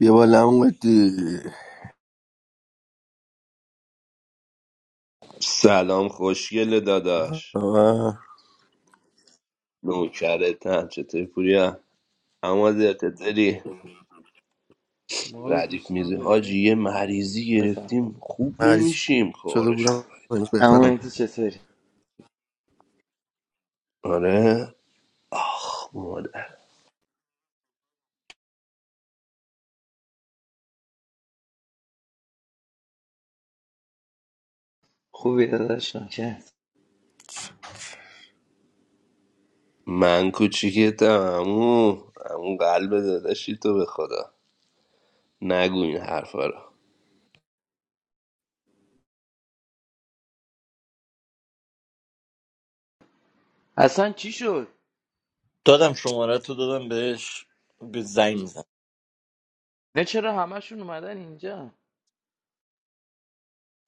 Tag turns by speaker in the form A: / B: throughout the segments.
A: بیا بالا اومدی
B: سلام خوشگل داداش
A: آه،
B: نوکرتن چطوری پوریا اما چطوری
C: Molo, you
B: ردیف میزه
C: started the
B: حاجی یه
C: meeting, now.
B: مریضی
D: بزن
B: گرفتیم خوب
A: مریض
B: نمیشیم
A: شده
B: کارشو
A: بودم امروز
B: گایدم
D: اما
A: بهترم
D: مهدی چطوری
B: آره خب مادر.
D: خوبی داداش نکرد
B: من کوچیکتم امو امو قلب داداشی تو به خدا نگو این حرفا رو
D: اصلا چی شد
E: دادم شماره تو دادم بهش به زنگ میزن
D: نه چرا همشون اومدن اینجا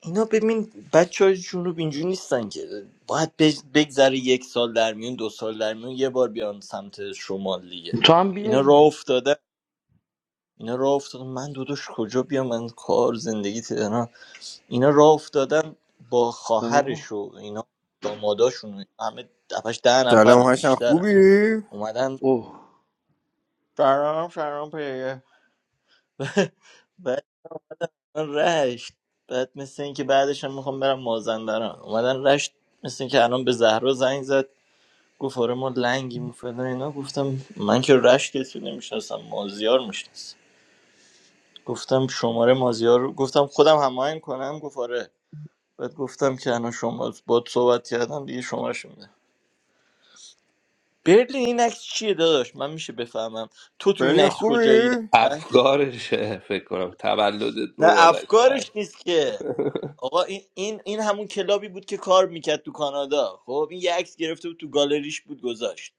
E: اینا ببین بچه های جنوب اینجوری نیستن که باید بج- بگذره یک سال در میون دو سال در میون یه بار بیان سمت شمال دیگه
D: تو هم
E: اینا
D: بیا
E: راه
D: دیگه.
E: افتاده اینا راه افتادن من داداش کجا بیام من کار زندگی تهران اینا راه افتادن با خواهرش
D: آه.
E: و اینا داماداشون و اینا، همه دفعش ده
A: سلام
E: نفرم
A: هاشم
E: بیشترم
A: خوبی؟
E: اومدن
D: اوه
E: فرام فرام پیگه من رشت بعد مثل اینکه بعدش هم میخوام برم مازندران اومدن رشت مثل اینکه الان به زهرا زنگ زد گفت آره ما لنگیم و فلان اینا گفتم من که رشت کسی نمیشناسم مازیار میشناسم گفتم شماره مازیار رو گفتم خودم هماهنگ کنم گفت آره بعد گفتم که الان شما با صحبت کردم دیگه شمارش میده برلین این عکس چیه داداش من میشه بفهمم تو تو این
A: برلین
E: عکس
A: خوبی؟
E: کجایی دقیقاً؟
B: افکارشه فکر کنم تولدت
E: نه
B: مبارک بر
E: افکارش نیست که آقا این این این همون کلابی بود که کار میکرد تو کانادا خب این یه عکس گرفته بود تو گالریش بود گذاشت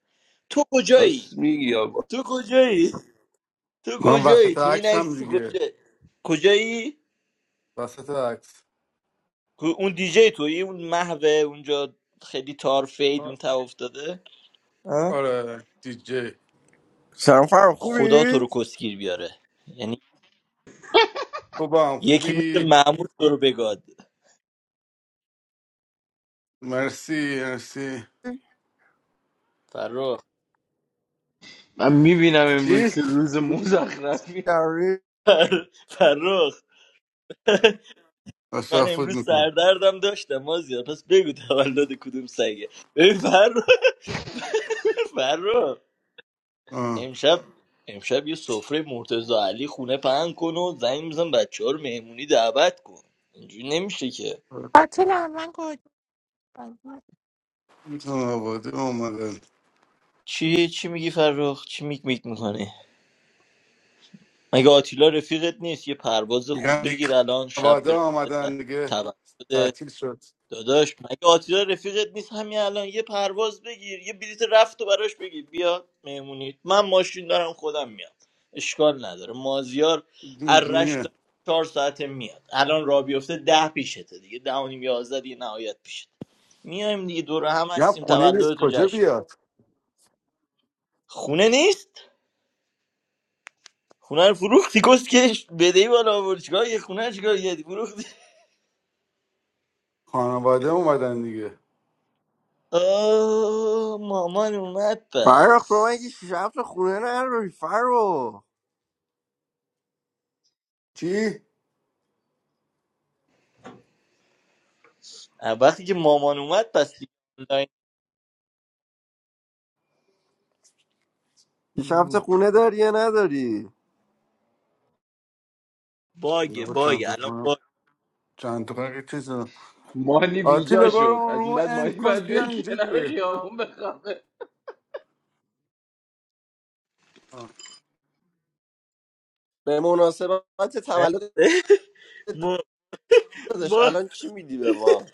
E: تو
B: راست
E: کجایی
B: میگی
E: تو کجایی تو
F: من
E: کجایی
F: وسط
E: تو این
F: عکسم
E: عکس تو
F: دیگه
E: کجایی کجایی
F: وسط عکس
E: کو- اون دیجی تویی اون محوه اونجا خیلی تار فید
F: آ-
E: اون تا افتاده اه؟
F: آره دیجی
A: سلام فرق
E: خدا تو رو
A: خوبی؟
E: کسگیر بیاره یعنی
F: خوبم
E: یکی مثل
F: خوبی
E: محمود تو رو بگاد
F: مرسی مرسی
E: فرخ
D: من میبینم
F: چی؟
D: امروز که روز مزخرفی
A: داری؟
E: فر- فرخ من
F: تشفت
E: امروز
F: میکنم
E: سردردم داشتم مازیار پس بگو تولد کدوم سگه ببین فرخ فرخ
F: آه
E: امشب امشب یه سفره مرتضا علی خونه پهن کن و زنگ میزن بچه ها رو مهمونی دعوت کن اینجوری نمیشه که
G: I'll take the mango juice.
F: خانواده اومدن
E: چی چی میگی فرخ چی میک میک میکنی مگه آتیلا رفیقت نیست یه پرواز خوب
F: میگن دیگه
E: بگیر الان شب
F: خانواده
E: بره ت-
F: آمدن دیگه
E: تولد
F: تعطیل شد
E: داداش مگه آتیلا رفیقت نیست همین الان یه پرواز بگیر یه بلیت رفت و براش بگیر بیا مهمونی من ماشین دارم خودم میام اشکال نداره مازیار ارش
F: جونجونیه
E: چهار ساعته میاد الان را بیفته ده پیشته دیگه ده و نیم یازده دیگه نهایت پیشته میایم دیگه دور هم
F: یا
E: هستیم
F: خونه نیست
E: تولد تو
F: کجا
E: جشن
F: بیاد
E: خونه نیست خونه رو فروختی کسکش بدهی بالا آورد چیکار یه خونه رو چیکار یه فروختی
F: خانواده اومدن دیگه
E: آه مامان اومد
A: فرق تو
E: پس
A: مگه شیش هفت خونه نداری فرق
F: چی؟
E: وقتی که مامان اومد پس دیگه آنلاین
A: شیش هفت خونه داری یا نداری؟
E: باگه
F: آقا چند
E: باگه
F: تا
E: الان باگ
F: خونه چند تا خونه که چیز دارم.
D: مانی بیجا
F: آتیلا برو
D: شد
F: اون
D: از این
F: رو
D: بعد
F: اند
D: مانی
F: کن
D: باید
F: بیا
D: بری
F: اینجا
D: کنار
F: دیگه
D: خیابون بخوابه
A: به مناسبت
E: نه
A: تولد
E: ما,
A: داداش
E: ما
A: الان چی میدی به ما؟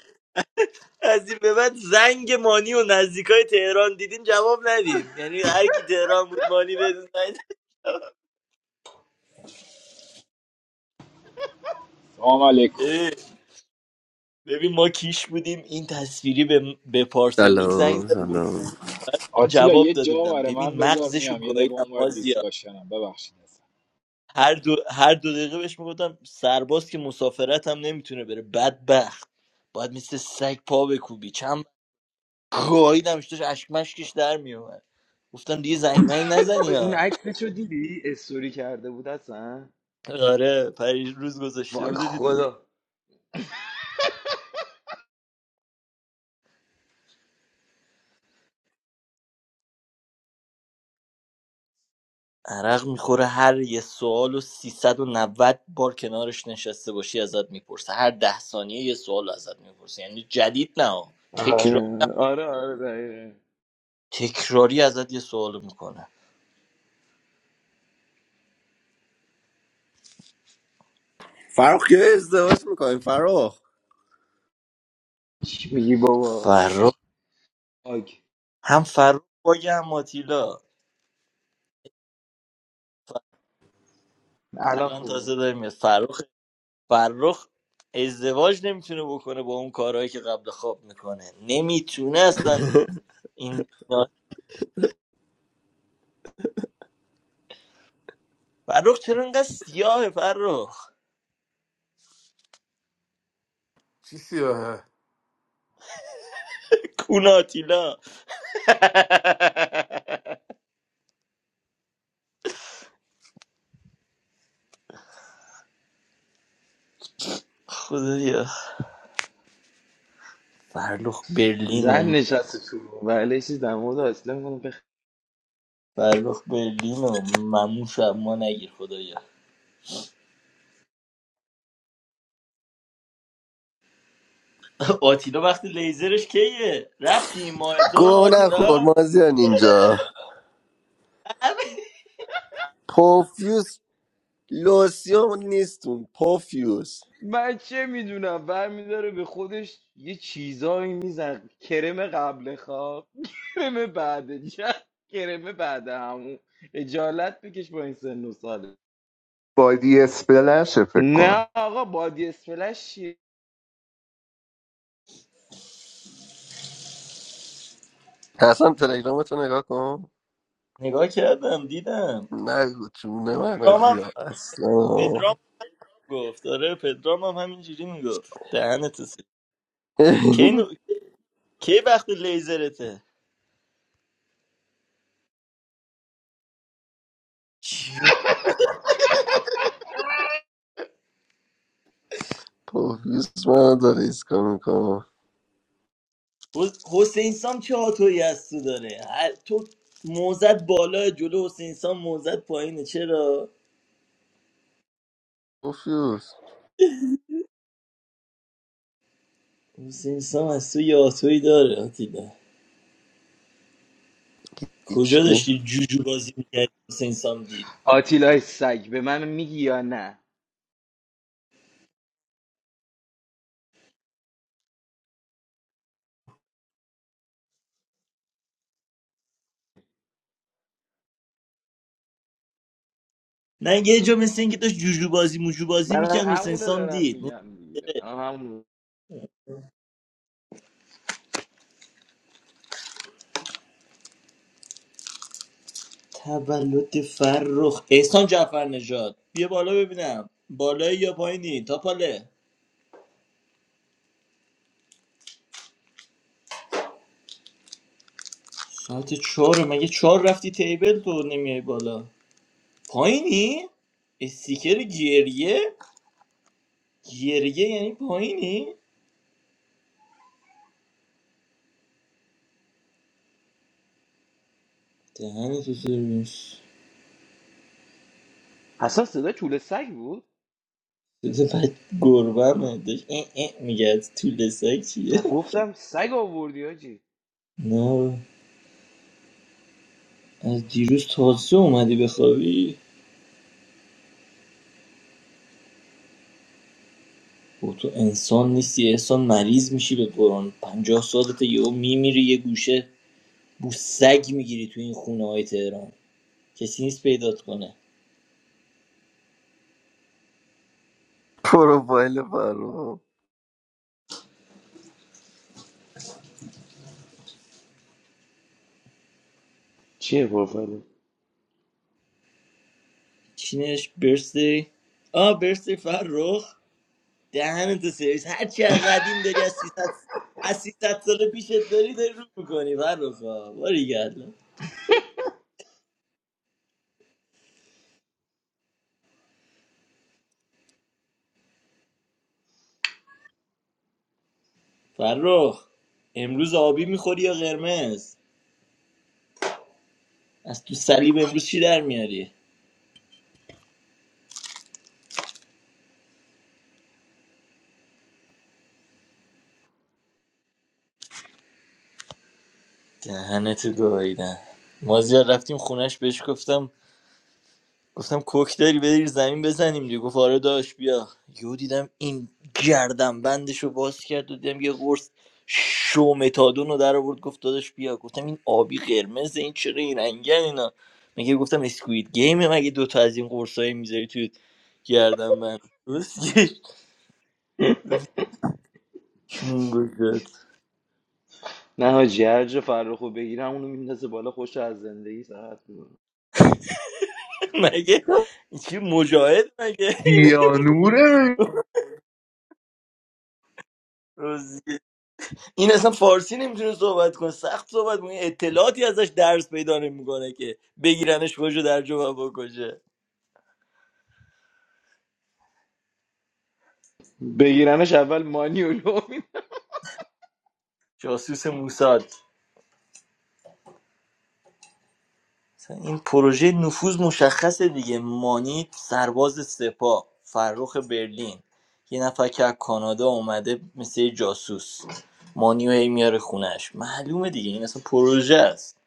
E: از این به بعد زنگ مانی و نزدیکای تهران دیدین جواب ندین یعنی هر کی تهران بود مانی بدون زنگ
H: Amaalik,
E: اه، ببین ما کیش بودیم این تصویری به, به پارسانیک زنگ
A: سلام سلام
E: زدن
H: Atilla,
E: جواب داده بودم
H: one
E: ببین
H: answer. I'm
E: مغزشو
H: going to go. You're the one
E: گاهیدم
H: who gave
E: مازیا هر دو هر دو دقیقه بهش میگفتم سرباز که مسافرت هم نمیتونه بره بدبخت باید مثل سگ پا بکوبی چند خواهیدمش داشت اشک مشکش در میومد گفتم دیگه زنگمنگ نزنی
D: وای، اون
E: ها
D: عکسش رو دیدی استوری کرده بود اصلا
E: آره پریش روز گذاشته
D: وای
E: بوده دید.
D: خدا
E: عرق میخوره هر یه سوال و 390 بار کنارش نشسته باشی ازت میپرسه هر ده ثانیه یه سوال ازت میپرسه یعنی جدید نه تکرار
D: آره آره آره دقیقاً.
E: تکراری ازت یه سوال میکنه
A: فرق که ازدواج میکنی فرق
D: چی میگی بابا
E: فرخ
D: آگ
E: هم فرخ باگه هم ماتیلا
D: الان
E: الان
D: خوبه
E: تازه داریم میاد فرخ فرخ ازدواج نمیتونه بکنه با اون کارهایی که قبل خواب میکنه نمیتونه اصلا این فرخ چرا اینقدر سیاهه فرخ
F: چی سیاهه
E: کوناتیلا خدا یا فرخ برلین
D: زن
E: و
D: نشسته تو و علیشی در مورد اصلا میکنه بخ...
E: فرخ برلین و مموش و ما نگیر خدایا آتیلا وقتی لیزرش کیه رفتی این ماه تو
A: گوه نخور
E: آتیلا
A: مازیان اینجا پوفیوس لوسیوم نیستون پوفیوس
D: من چه میدونم برمیداره به خودش یه چیزایی میزن کرم قبل خواب کرم بعد جد کرم بعد همون اجالت بکش با این سن و ساله
I: با دی اس بلشه فکر کنم
D: نه آقا بادی اسفلش چیه
A: حسن تلگرامتو نگاه کن
E: نگاه کردم دیدم
A: نگو چونه من آجی
E: پدرامم
A: ها اصلا
E: پدرام گفت آره پدرام هم همینجوری میگفت دهنت سرویس. کی نو... کی وقت لیزرته
A: پوفیوس منو داره ایسکا میکنم
E: حس- حسین سام چه هاتویی از تو داره هر- تو موزت بالا جلو حسین سام موزت پایینه چرا
A: پوفیوس
E: حسین سام از تو یه هاتویی داره آتیلا کجا
A: هیچی
E: داشتی جوجو بازی میکرد حسین سام دید
D: آتیلای سگ به من میگی یا نه
E: نه یه جا مثل اینکه داشت جوجو بازی موجو بازی
D: من
E: میکرد حسین
D: همونو
E: سام
D: دارم
E: دید
D: میگم دیگه من همونو
E: تولد فرخ احسان جعفر نژاد بیا بالا ببینم بالایی یا پایینی تا پاله ساعت چهار مگه چهار رفتی تیبل تو نمیای بالا پایینی؟ استیکر گریه؟ گریه یعنی پایینی؟ دهن تو سرویس
D: اصلا صدا چوله سگ بود
E: بده بعد گربه همه داشت اه اه میگه از تو لسک چیه
D: گفتم سگ آوردی آجی
E: نه از دیروز تازه اومدی بخوابی با تو انسان نیستی احسان مریض میشی به قرآن پنجاه سالت یهو میمیری یه گوشه بو سگ میگیری تو این خونه های تهران کسی نیست پیدات کنه
A: پروفایل فرو
D: چیه پروفایل
E: چی چینش برسه آ برسه فرخ دهن تو سرویس هر چی از قدیم داری از 300 از 300 سال پیشت داری داری رو میکنی فرخ باریگلا فرخ امروز آبی میخوری یا قرمز از تو صلیب امروز چی در میاری دهنتو گاییدن مازیار رفتیم خونش بهش گفتم گفتم کوکتل بری زمین بزنیم دیگه گفت آره داش بیا یهو دیدم این گردن بندش رو باز کرد و دیدم یه قرص شومتادون رو در آورد گفت داداش بیا گفتم این آبی قرمز این چرا این رنگن اینا مگه گفتم اسکوید گیمه مگه دوتا از این قرصایی میذاری توی گردن بند درست چون گذاشت.
D: نه حاجی هر جا فرخو بگیرم اونو میندازه بالا خوش از زندگی ساعت می‌کنه.
E: مگه چی مجاهد مگه
I: دیانوره
E: مگه این اصلا فارسی نمیتونه صحبت کنه سخت صحبت کنه اطلاعاتی ازش درس پیدا نمیکنه که بگیرنش کجا در جواب بکشه
D: بگیرنش اول مانیولو می‌ندازه.
E: جاسوس موساد مثلا این پروژه نفوذ مشخصه دیگه مانی سرباز سپاه فرخ برلین یه نفر که از کانادا اومده مثل یه جاسوس مانی و هی میاره خونش معلومه دیگه این اصلا پروژه است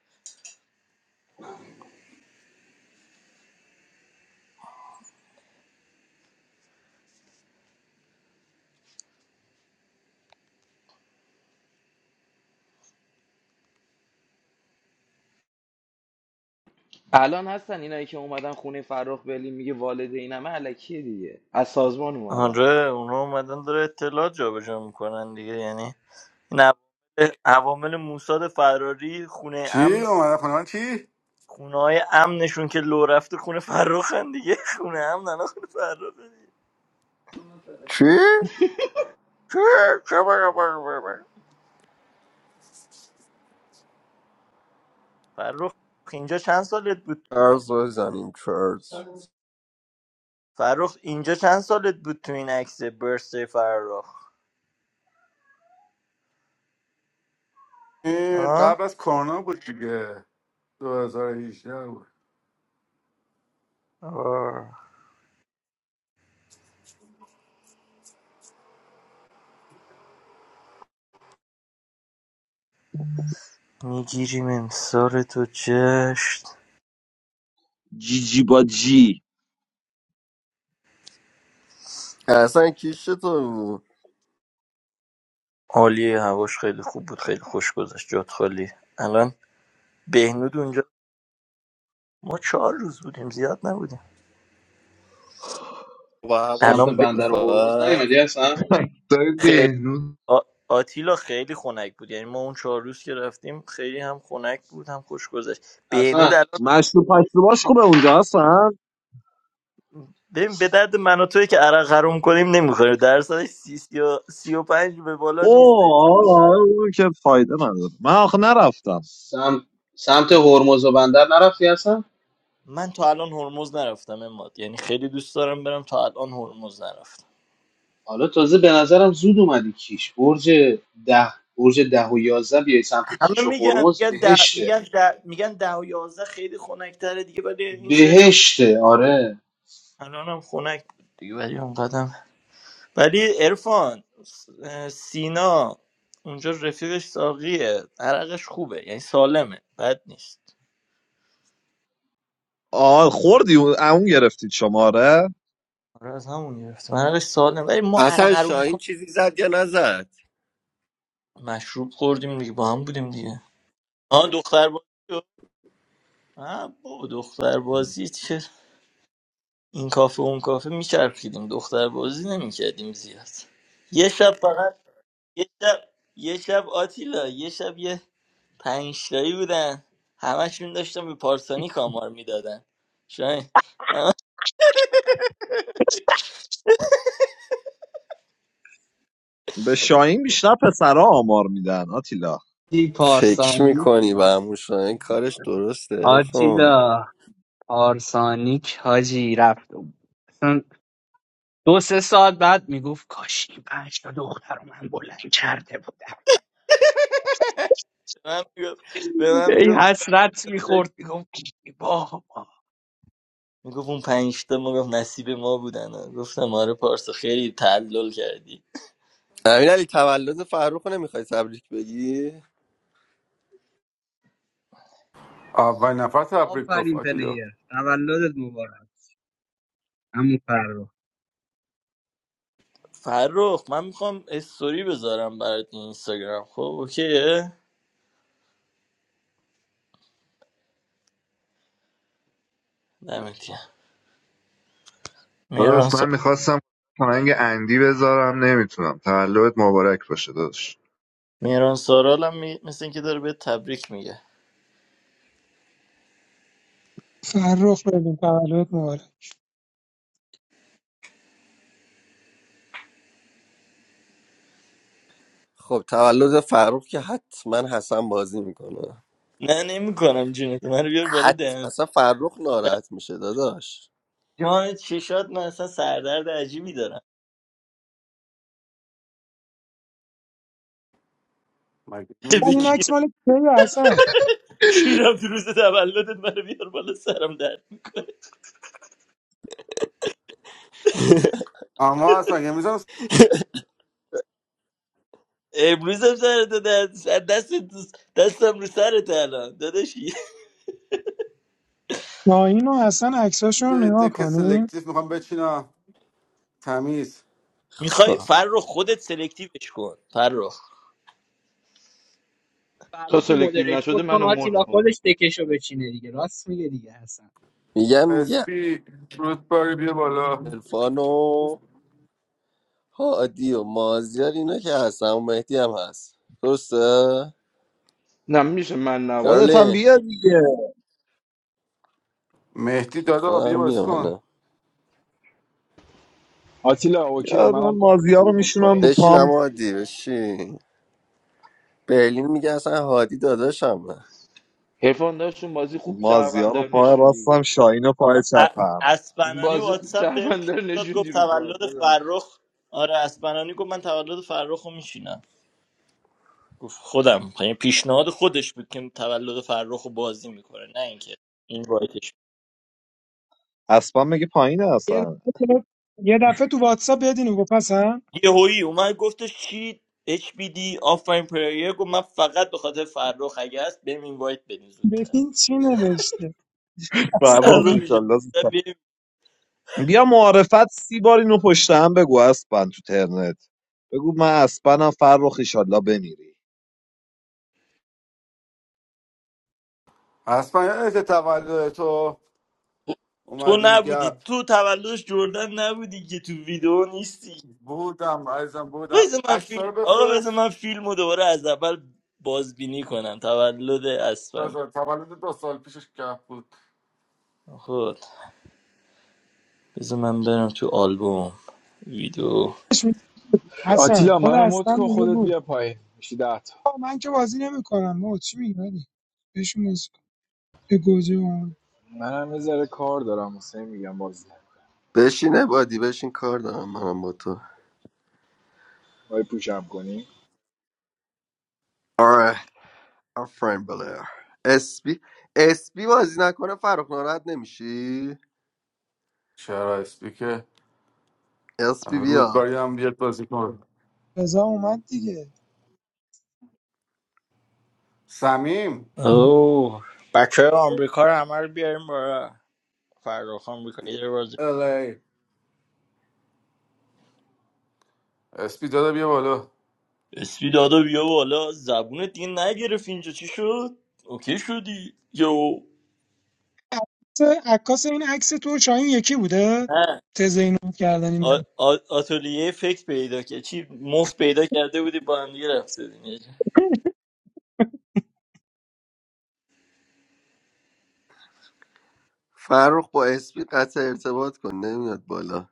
D: الان هستن اینایی که اومدن خونه فرخ بلی میگه والدینمه علکیه دیگه از سازمان اومدن
E: آره اونا اومدن داره اطلاعات جابجا میکنن دیگه یعنی این عوامل عوامل موساد فراری خونه
F: چی
E: امن
F: اومده خونه من چی
E: خونه‌های امنشون که لو رفته خونه فرخن دیگه خونه امن الان خونه فرخه دیگه
A: چی؟
E: فرخ اینجا چند سالت بود
A: ارزای زمین چرز
E: فرخ اینجا چند سالت بود تو این عکس برسه فرخ
F: این
E: ها
F: قبل از کرونا بود دیگه 2018 بود
E: میگیریم امسال تو چشت
J: جی جی با جی
A: اصلا کیش تو بود
E: عالیه هواش خیلی خوب بود خیلی خوش گذشت جات خالی الان بهنود اونجا ما چهار روز بودیم زیاد نبودیم
A: و
K: سمت
A: هواش
E: الان
A: خوب بود
K: بندر هرمز
A: فقط
K: نیومدی هستن
I: دای
E: به...
I: بهنود
E: آ- آتیلا خیلی خنک بود یعنی ما اون چهار روز که رفتیم خیلی هم خنک بود هم خوش گذشت بهنود
K: حسن
E: الان
J: مشروب پشروباش خوبه اونجا هستن
E: ببین به درد من و توی که عرق حروم کنیم نمیخوره درصدش سی, سی, و... سی و پنج به بالا
J: اوه
E: نیستش
J: آه، آه، اون که فایده نداره من آخه نرفتم
K: سمت سمت هرمز و بندر نرفتی هستن
E: من تا الان هرمز نرفتم اماد یعنی خیلی دوست دارم برم تا الان هرمز نرفتم
K: حالا تازه به نظرم زود اومدی کیش برج ده برج ده و یازده بیای سمت کیش
E: همه
K: و
E: میگن
K: هرمز
E: میگن ده
K: بهشته
E: میگن ده میگن ده و یازده خیلی خنک‌تره دیگه ولی این سری هم
K: بهشته آره
E: الان هم خنک بود دیگه ولی اونقدر ولی ارفان سینا اونجا رفیقش ساقیه عرقش خوبه یعنی سالمه بد نیست
J: آه خوردی اون اون گرفتید شماره
E: آره از همون گرفتم عرقش سالمه ولی ما عرق
A: اصلا
E: حروم کن
A: شاهین چیزی زد یا نزد
E: مشروب خوردیم دیگه با هم بودیم دیگه آه دختر بازی رو- آه با دختر بازی که این کافه اون کافه میچرخیدیم دختر بازی نمیکردیم زیاد یه شب فقط یه شب یه شب آتیلا یه شب یه پنج تایی بودن همشون داشتن به پارسانی کامار میدادن شاید
J: به شاهین بیشتر پسرا آمار میدن آتیلا
L: دی
A: فکر
L: پارسانی
A: میکنی به همون شاهین کارش درسته ارفان
L: آتیلا پارسانیک حاجی رفت و اصلا دو سه ساعت بعد میگفت کاش این پنج تا دختر رو من بلند کرده بودم
E: به من میگفت به من
L: ای
E: میگفت
L: حسرت میخورد میگفت بابا
E: میگفت اون پنج تا ما گفت نصیب ما بودن گفتم آره پارسا خیلی تعلل کردی
A: امین علی تولد فرخ رو نمیخوای تبریک بگی
F: اول نفر تبریک گفت
L: آفرین
F: آتیلا
L: پلیر تولدت مبارک همون فرخ
E: فرخ من میخوام استوری بذارم برات اینستاگرام خب اوکیه دمت گرم. مهران
I: داداش من
E: سا...
I: میخواستم تنگ اندی بذارم نمیتونم تولدت مبارک باشه داداش
E: مهران سارال می... مثل اینکه داره به تبریک میگه
M: فرخ ببین تولد مبارک
A: خب تولد فرخ که حتما حسن بازی میکنه
E: نه نمیکنم جونت من رو بیار بالا
A: حت
E: دهن
A: اصلا فرخ ناراحت میشه داداش
E: جان چشات من اصلا سردرد عجیبی دارم
F: مگه
M: اصلا
E: به
M: این
F: میشه
E: کی
M: عکس مال کیه حسن
E: شیرم تو روز تولدت منو بیار بالا سرم در
F: اما اصلا مگه میزن
E: امروزم سرت در سر دست دستم رو سرت الان داداشی
M: ناهین و حسن عکساشون رو نگاه
F: دک
M: کنیم
F: سلکتیف میخوام بچینم تمیز
E: میخوای
A: خب
E: فرخ خودت سلکتیوش کن فرخ
D: تا
L: فرخ و
D: سلکتیو نشده
L: مدریتور کن
D: منو مد
L: آتیلا
D: کن
L: خودش دکشو بچینه دیگه راست میگه دیگه حسن
A: میگم دیگه
F: اسپی رود باری بیا بالا
A: عرفان و هادی و مازیار اینا که هستن و مهدی هم هست درسته
D: نه میشه من
J: خودت هم
D: نباشم
A: دارلی
J: بیا دیگه
F: مهدی دادا بیا
A: خودم
F: بازی
A: میام
F: کن
A: الان.
H: it to me. Come on, Atilla. Okay, I
J: بیا
H: can
J: من مازیا
H: do
J: رو میشونم
H: it.
J: رو
A: بشین
J: پام
A: اما هادی بشین برلین میگه اصلا هادی داداشمه
D: حرفان داشتون بازی خوب
J: مازیا رو
D: شهروندار
J: پای
D: نشوندی
J: راستم شاهین رو پای
E: آقا ا-
J: چپم
E: اسپنانی
D: بازی خوب
E: واتساپ بهم پی
D: شهروندار
E: داد گفت
D: نشوندی رو
E: تولد
D: پاد داداش
E: فرخ آره اسپنانی گفت من تولد فرخ رو میشینم گفت خودم یعنی پیشنهاد خودش بود که تولد فرخ رو بازی میکنه نه اینکه این وایتش
J: اسبم مگه پایین
M: یه
J: هستن
M: دفعه یه دفعه تو واتساپ بدین گفت حسن
E: یهویی اومد گفتش چی اچ بی دی آفرین پلیر گفت من فقط به خاطر فرخ اگه هست بهم اینوایت بدین زودتر
M: ببین چی نوشته
J: فرخ
E: فرخ
M: حسن
E: ایجاد
J: ایشالله
E: کرد بهم.
J: بیا معارفت سی بار اینو پشت هم بگو اسپن تو ترنت بگو من اسپنم فرخ ایشالله بمیری
F: اصلا یادت تولد تو
E: تو
F: اومدیم
E: نبودی
F: گپ
E: تو تولدش جردن نبودی که تو ویدیو نیستی
F: بودم عزیزم بودم
E: بذار من
F: عکس
E: فیلم
F: رو
E: آقا بذار
F: بفرست
E: من فیلم رو دوباره از اول بازبینی کنم تولد اسفن
F: بذار تولد دو سال پیشش گپ بود
E: خود بذار من برم تو آلبوم ویدیو
M: حسن
H: Atilla, I'm
M: خود
H: going to
M: حسن
H: do
M: میگه
H: it
M: بود
H: myself. It's done.
M: آه، من که بازی نمیکنم ما چی میگی ولی بهشون بازی کن. به گوجه اومد
H: I have a job to do. I'm going to
A: بشینه بادی بشین کار دارم منم با تو
H: go. What are you doing?
A: آره. آفرین بله اسپی اسپی بازی نکنه فرخ ناراحت نمیشی
F: چرا اسپی که.
A: اسپی بیا
F: رودباری هم بیاد بازی کن
M: رضا اومد دیگه
F: سمیم
E: اوه بچه آمریکا رو همه رو بیاریم برا فرخ آمریکا
F: الی اسپی دادا بیا بالا
E: اسپی دادا بیا بالا زبونت دیگه نگرف اینجا چی شد اوکی شدی یو
M: عکس- عکاس این عکس تو شاهین یکی بوده
E: نه
M: تز اینو کردن این
E: آ-
M: رفتی
E: آ- آتلیه فکر پیدا کرد چی مفت پیدا کرده بودی با هم دیگه رفته دیگه.
A: فرخ با اسپی قطع ارتباط کن نمیاد بالا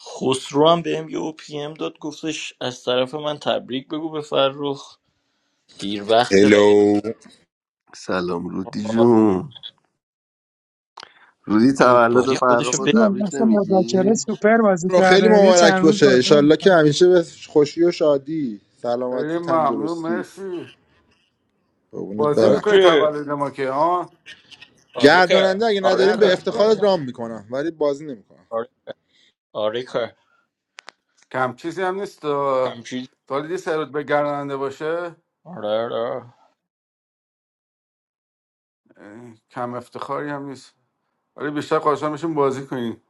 E: خسرو هم بهم یه او پی ام داد گفتش از طرف من تبریک بگو به فرخ دیر وقته وگر
N: هلو
A: سلام رودی جون رودی تولد
E: رودباری
A: فرخ
E: خودشو
A: رو
E: به
M: با
A: تبریک
M: نقش مذاکره
A: نمیگی
M: سوپر بازی
N: رو خیلی
M: کرده یه
N: مبارک
M: چند روز
N: باشه
M: بازی
N: انشالله که
M: نمی‌کنه.
N: همیشه به خوشی و شادی
F: خیلی
N: سلامتی
F: ممنون
N: تندرستی
F: مرسی
N: قربونت
F: بازی
N: برم
F: میکنی
E: آره
F: تولد ما که ها
E: آره که
N: گرداننده اگه
E: آره
N: ندارین به
E: که
N: افتخارت رام میکنم ولی بازی نمیکنم
E: آره آره که
F: کم چیزی هم نیست
E: همچین
F: تا دیدی سرود به گردنده باشه
E: آره آره
F: اه، کم افتخاری هم نیست ولی بیشتر خواهشان میشیم بازی کنیم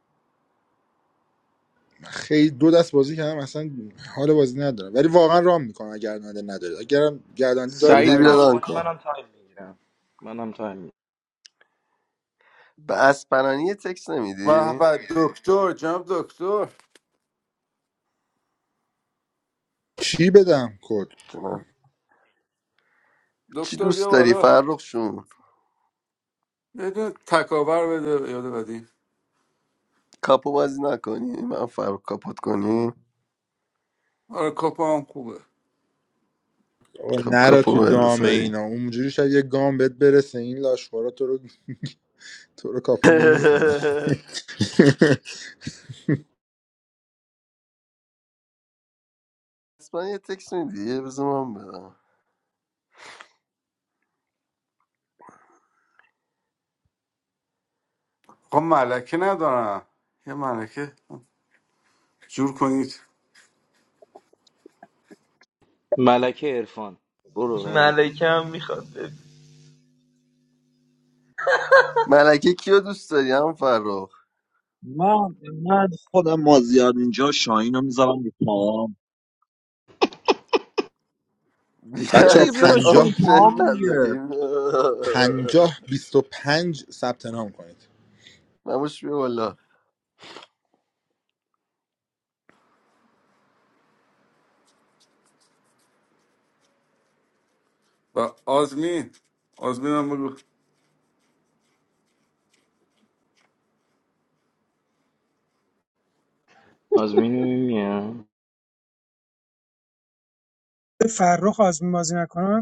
N: خیلی دو دست بازی کردم اصلا حال بازی ندارم ولی واقعا رام میکنم اگه گرداننده ندارید اگرم گرداننده دارید
A: رودی
D: سعید
N: من
A: بیا
N: مش
D: ران
A: ران
D: کنه
A: کن
D: منم تایم میگیرم منم تایم میگیرم
A: به اسپنانی یه تکس
F: و
A: نمیدی
F: بعد دکتر جناب دکتر
N: چی بدم کد
A: جونم. چی
F: دکتر
A: دوست
F: بیا
A: داری
F: بالا
A: فرخ شون
F: بدون تکاور بده به یاد بدی
A: کاپو بازی نکنی من فرخ کاپوت کنی
F: آره کپا هم خوبه
N: آقا
A: خب
N: نرا
A: کاپو
N: تو
A: بده
N: دام
A: سعی
N: اینا اونجوری شاید یه گام بهت برسه این لاشخورا تو رو تو رو کاپو نمیکنه
A: اسپانیا یه تکس میدی بذار من برم
F: خب ملکه ندارم یه ملکه جور کنید
D: ملکه عرفان برو نمی‌خوام.
O: ملکه هم میخواد ببین
A: ملکه کیو دوست داری هم فرخ
J: من من خودم مازیار اینجا شاهین رو میذارم رو پام
A: دیگه
J: بیا
N: بچه
J: دیگه بیا
A: اصلا
J: بشین
N: ها
J: رو
A: آپشن
J: پام دیگه
A: نداریم
N: پنجاه بیست و پنج ثبت نام کنید
A: نموش بیا بالا
F: و آزمین آزمین هم بگو
D: آزمین میام
M: فرخ آزمین بازی نکنه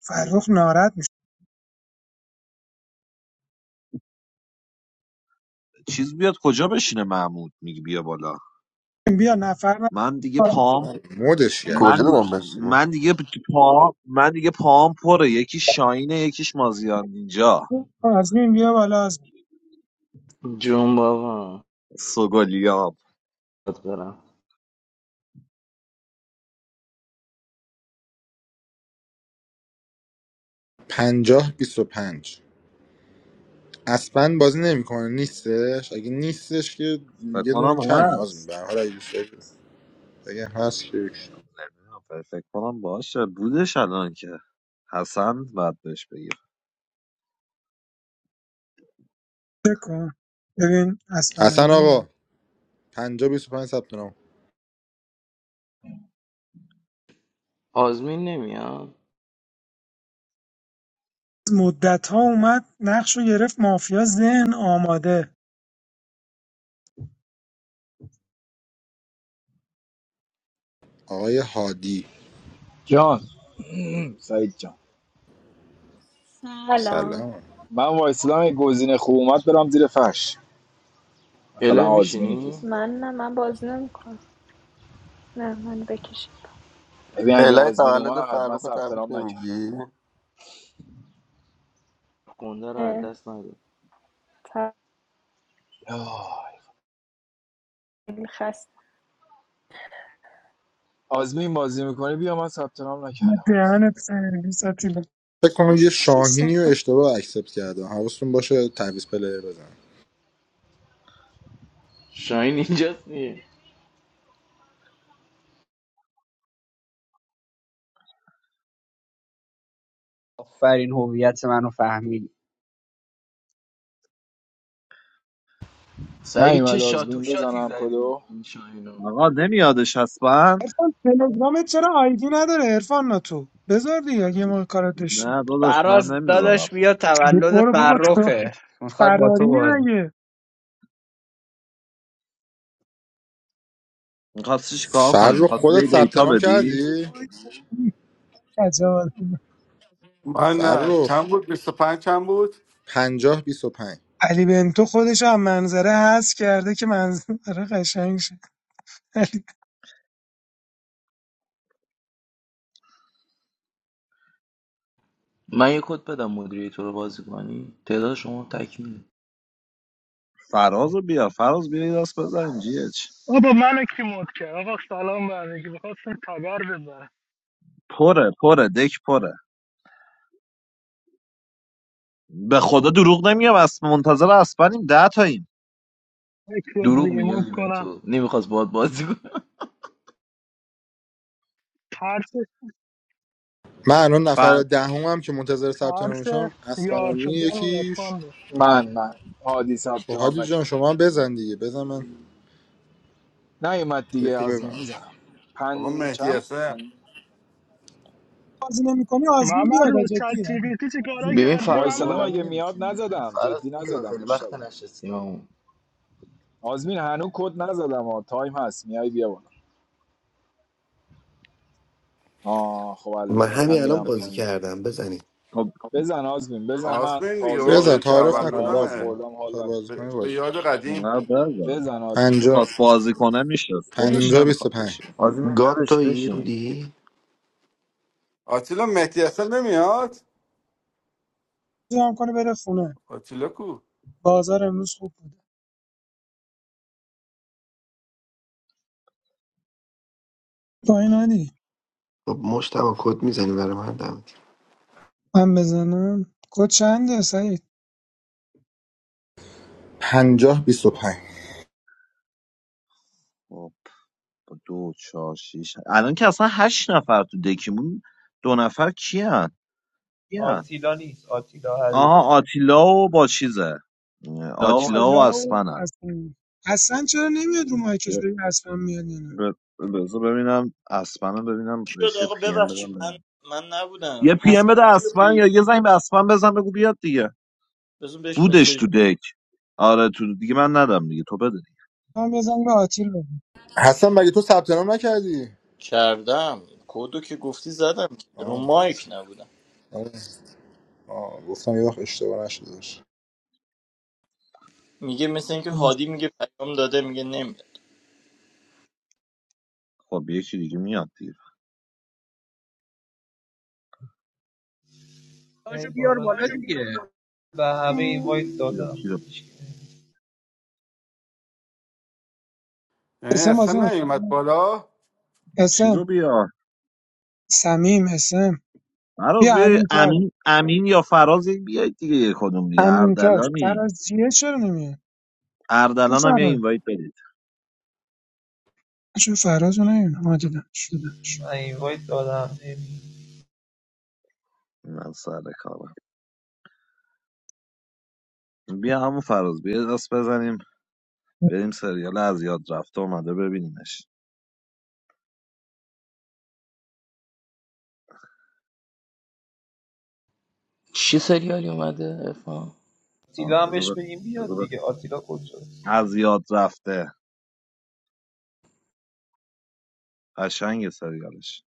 M: فرخ ناراحت میشه
J: چیز بیاد کجا بشینه محمود میگی بیا بالا
M: بیا نفر
J: من دیگه
M: نفر
J: پام
N: آه، مودش کرد
J: من
A: کجا دارم بشیم
J: من دیگه پام من دیگه پام پره یکی شاینه یکیش مازیار اینجا
M: آزمین بیا بالا آزمین
D: جون بابا
J: سوگلیام
D: بد برم
N: پنجاه بیست و پنج اسپن بازی نمیکنه نیستش اگه نیستش که
J: فکر
N: یه دونه
J: کنم
N: کمی آز
J: هست
N: به هر حال اگه دوست دارید. اگه هست که یک.
J: آفر، فکر کنم باشه بودش الان که حسن بعد بهش بگیر
M: چک کن ببین اسفنانی
N: حسن
M: میاد
N: آقا پنجاه بیست و پنج ثبت نام
D: آزمین نمیاد
M: مدت ها اومد نقش رو گرفت مافیا ذهن آماده
N: آقای هادی
H: John. Say it, John.
P: Hello.
N: سلام
H: I'm going to Islam. I'm going to go to the mosque. For
D: الهی
H: example, Azmin, what is it?
D: میشینی
P: Man, I'm a boss. No, no, I'm a kid.
H: This is Azmin.
A: الهی
H: I'm not
A: تولد
H: going to do
A: فرخ رو تبریک
H: it.
A: نمیگی؟
D: خونده رو از
P: I'm
D: دست نده
P: a
H: Oh,
P: child.
H: Azmin is going to do it. I'm not going to do
M: دهنت سرویس آتیلا
N: فکر کنم یه شاهینی رو
M: کثافت.
N: اشتباه اکسپت کردم حواستون باشه تعویض پلیر بزن
D: شاین اینجاست نیه
L: آفرین هویت منو فهمیدی
H: it. No, I'm
D: سعید
H: not
D: چه
H: going to
D: شاتو شاتی زدی
H: do it.
D: این شاینو
J: آقا نمیادش حتما
M: عرفان تلگرامت چرا آیدی نداره عرفان ناتو بذار دیگه اگه ما کارات داشتیم
J: نه داداش من
L: فراز
J: نمیذارم
L: داداش بیا تولد
M: برو بابا تو
L: فرخه میخواد با
M: فراری
L: تو بازی
M: مگه
J: میخواستی چی کار کنی
N: فرخ
J: میخواستی
N: خودت
J: به
N: ثبت
J: دیتا
N: نام
J: بدی
N: کردی
M: وای، عجب.
F: من نه
N: فرخ
F: چند بود 25 چند بود
N: پنجاه بیست و پنج
M: علی بنتو خودش هم منظره هست کرده که منظره قشنگ شه علی
D: من یه کد بدم مدیره رو بازی کنی تعداد شما تکمیله
J: فراز رو بیا فراز بیا یه دست بزنیم جیهچ
Q: بابا منو کی مود کرد آقا سلام به همگی میخواستم تبر بزنم
J: پره پره دک پره به خدا دروغ نمیگم اس منتظر اسپنیم ده تاییم
Q: یکی رو
D: دروغ
Q: ریموو
D: میگردی به
Q: کنم
D: تو نمیخواست باید بازی کنم
Q: ترس
N: من الان نفر
J: فر
N: دهمم که منتظر ثبت
Q: ترس
N: نامشم
Q: یار
N: اسپنانی
Q: شدن و
N: یکیش
Q: عرفان بود
H: من من هادی
N: خب
H: ثبت نام
N: هادی جان
H: نکرد
N: شما هم بزن دیگه بزن من
H: نیومد دیگه
N: یکی بزن
H: آزمین میزنم
F: آقا مهدی
H: پنچم
F: حسن
H: پن...
M: بازی نمیکنی آزمین
Q: ممر
M: بیاد
Q: با
M: آ، جدی
Q: چت جی پی
M: علی
Q: تی چی کارا
M: جدی.
D: ببین
Q: کردی
D: فراز
H: وایسادم
Q: ممر
D: غلامی
H: اگه میاد
D: نمیشینه
H: نزدم جدی
D: فراز بیا
H: نزدم
D: خیلی وقت
H: مشتبه
D: نشستیم همون
H: آزمین هنو کد نزدم ها تایم هست میای بیا بالا آه خب الله
R: من
H: من
R: همین الان
H: میرم
R: بازی
H: پایین
R: کردم بزنید
J: خب
H: بزن آزمین بزن من
F: آزمین دیگه
H: تازه
F: آقا
N: بزن
F: به
H: بازی
N: تعارف
H: کردم
N: نکن
H: نهارم
N: باز
F: تولدمه
H: خوردم حال
N: میخوای
H: ندارم
N: بازی
F: به,
N: کنی
F: به
N: بازی کن.
F: یاد قدیم
J: نه بزن
H: بزن
N: پنجاه
J: میخواست بازی کنه میشه خودش
N: پنجاه
M: بازی
N: بیست و
J: نمیخواد
N: پنج
J: بشه
D: آزمین
R: گاد
D: نداشت
R: تویی
D: بشین
R: رودی
F: آتیلا مهدی حسن نمیاد
M: هم کنه بره خونه
F: آتیلا کو
M: بازار امروز خوب بوده با این علی
R: خب مشتبه کد میزنی برای من دمت
M: من بزنم کد چنده سعید
N: پنجاه بیست و پنج
J: خب. با دو چهار شیش الان که اصلا هشت نفر تو دکیمون دو نفر کیان
O: آتیلا نیست آتیلا
J: آها
O: حریره
J: آتیلا و با چیزه
O: داغ
J: آتیلا و
M: آتیلا
O: هستن
M: و
J: اسپنن
M: حسن حسن چرا نمیاد رو مایکش
J: ب-
M: ببین اصلا میاد یا نه
J: ب- بذار ببینم اسپنم ببینم
E: چی شد
J: بشه
E: آقا
J: پی ام بدم
E: ببخشید من
J: ببینم.
E: من نبودم
J: یه پی ام بده اسپن
E: اسپرانی
J: یا یه زنگ به اسپن بزن بگو بیاد دیگه
E: بزن بهش
J: بودش
E: مسیج
J: تو دک آره تو دیگه من ندم دیگه تو بده دیگه.
M: من بزنم به آتیل بزنم
N: حسن مگه تو ثبت نام نکردی
E: کردم کدو که گفتی زدم که رو
N: آه
E: مایک نبودم
N: آره. آه گفتم یه وقت اشتباه نشده باشه
E: میگه مثل اینکه هادی میگه پیام داده میگه نمیاد
J: خب یکی دیگه میاد دیگه
O: یعنی
L: تاشو بیار
O: باران
L: بالا دیگه
O: به همه اینوایت دادم
J: چیزو
O: هیچ کی-
F: یعنی
M: اسم بازی
F: اصلا نیومد
M: نمی‌کنه.
F: بالا
M: اسم
J: چیزو بیار
M: سمیم اسم
J: فراز
M: بیا
J: بیای
M: امین تاج
J: امین امین یا فراز یک بیایید دیگه یه کدوم دیگه
M: امین تاج
J: اردلانی
M: فرازیه چرا نمیاد کو
J: اردلان هم یه
M: فراز؟
J: اینوایت بدید
M: من چون فراز رو نیدونم ها دیدمش
O: من اینوایت دادم
J: من سر کارم بیا همون فراز بیا دست بزنیم بریم سریال از یاد رفته اومده ببینیمش
D: چی سریالی اومده افا
O: آتیلا هم بهش
J: بذار ب-
O: بگیم بیاد دیگه آتیلا کجاست
J: از یاد رفته قشنگ سریالش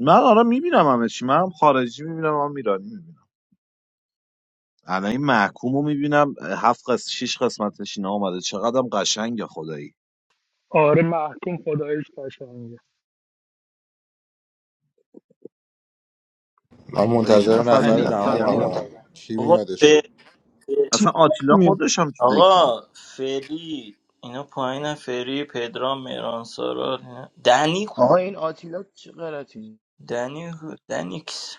J: من آره میبینم همه چی من هم خارجی میبینم هم ایرانی میبینم الان این محکوم رو میبینم هفت قسمت شیش قسمتش اینا آمده چقدرم قشنگه خدایی
Q: آره محکوم خداییش قشنگه
N: من
J: آقا یه
N: منتظر
J: نفر
O: ولی علی
N: نفر
O: نفر
J: بیاد
O: بیا
N: دهمم
J: دیگه
N: اما
O: بیاد
N: کی
E: بابا ف...
N: میادش
J: اصلا
M: تیم
J: آتیلا
M: نمیاد
J: خودش هم تو دک نیست.
E: آقا فری اینا پایین فری پدرام مهران سارا اینا. دنی کو-
D: آقا این آتیلا چه غلطی
E: دنی کو- دنیکس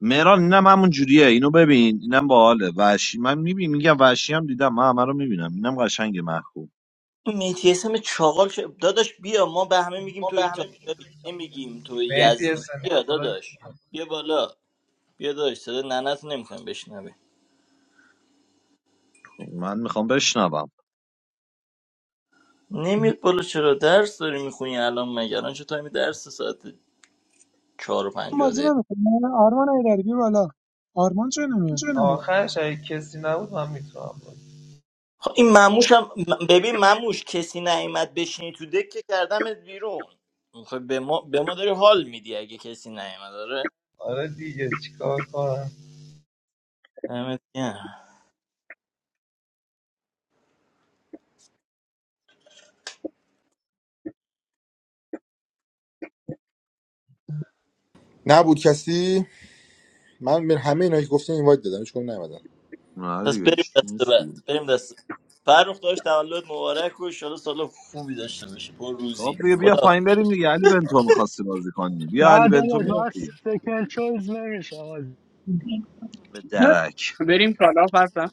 J: مهران اینم همون جوریه اینو ببین اینم باحاله وحشی من میبینم میگم وحشی هم دیدم من همه رو میبینم اینم قشنگ محکوم
E: این متیسم چاقال که داداش بیا ما به همه میگیم تو ایتالیا نمیگیم تو
O: مهدی
E: یزدی
O: حسن
E: بیا داداش بیا بالا بیا داداش صدا ننت نمیکنم
J: خب، من میخوام بشنوم
E: نمیاد بالا چرا درس داری میخونی الان مگر الان چه تایمی درس ساعت چهار و
M: من
E: پنجاه
M: بازی
E: دقیقه
M: نمیکنه آرمان ایدری بی بالا آرمان چرا نمیاد
O: آخرش اگه کسی نبود من میتونم بود
E: خب این مموش هم ببین مموش کسی نیومد بشینی تو دکه کردمت بیرون خب به ما به ما داری حال میدی اگه کسی نیومد آره
O: آره دیگه چیکار کنم
E: دمت گرم.
N: نبود کسی من به همه اینا که گفتم اینوایت دادم هیچ کدوم نیومدن
J: نه
E: پس
J: دیگه هیچ
E: بریم
J: چی
E: دست
J: نیست
E: بعد
J: دیگه
E: بریم دست بعد. فرخ داشت تولد مبارک و ان سال خوبی داشته باشی پر
J: خب
E: روزی
J: بیا بیا
E: خدا
J: پایین بریم دیگه علی بنتو میخواستی بازی کنی بیا
Q: نه
J: علی بنتو
Q: داداش
J: میاد
Q: من
J: دیگه
Q: سکن چویز نمیشم
J: به درک
L: بریم کالا فردا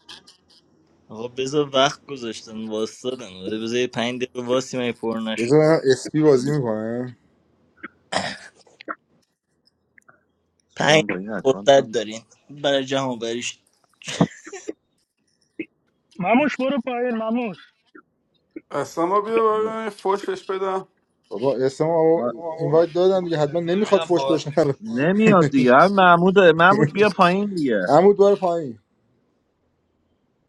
E: خب بذار وقت گذاشتن واسدادن آره بذار یه پنج دقیقه واسی من پر نشد
N: بذار ببینم اسپی بازی
J: ب-
N: میکنه
E: پنج
J: من با این
E: فرصت
J: اکانتم
E: دارین برای جمع
Q: مموش برو پایین مموش
F: اصلا ما بیا بالا، یه فوش بهش بدم
N: بابا اسم آقا
J: آ،
N: اینوایت دادم دیگه
O: بذار
N: حتما نمیخواد
O: ببینم
N: فوش
O: بازی
N: بشنوه
O: میتونم کد
J: نمیاد دیگه هم محمود محمود بیا پایین دیگه
N: عمود بار پایین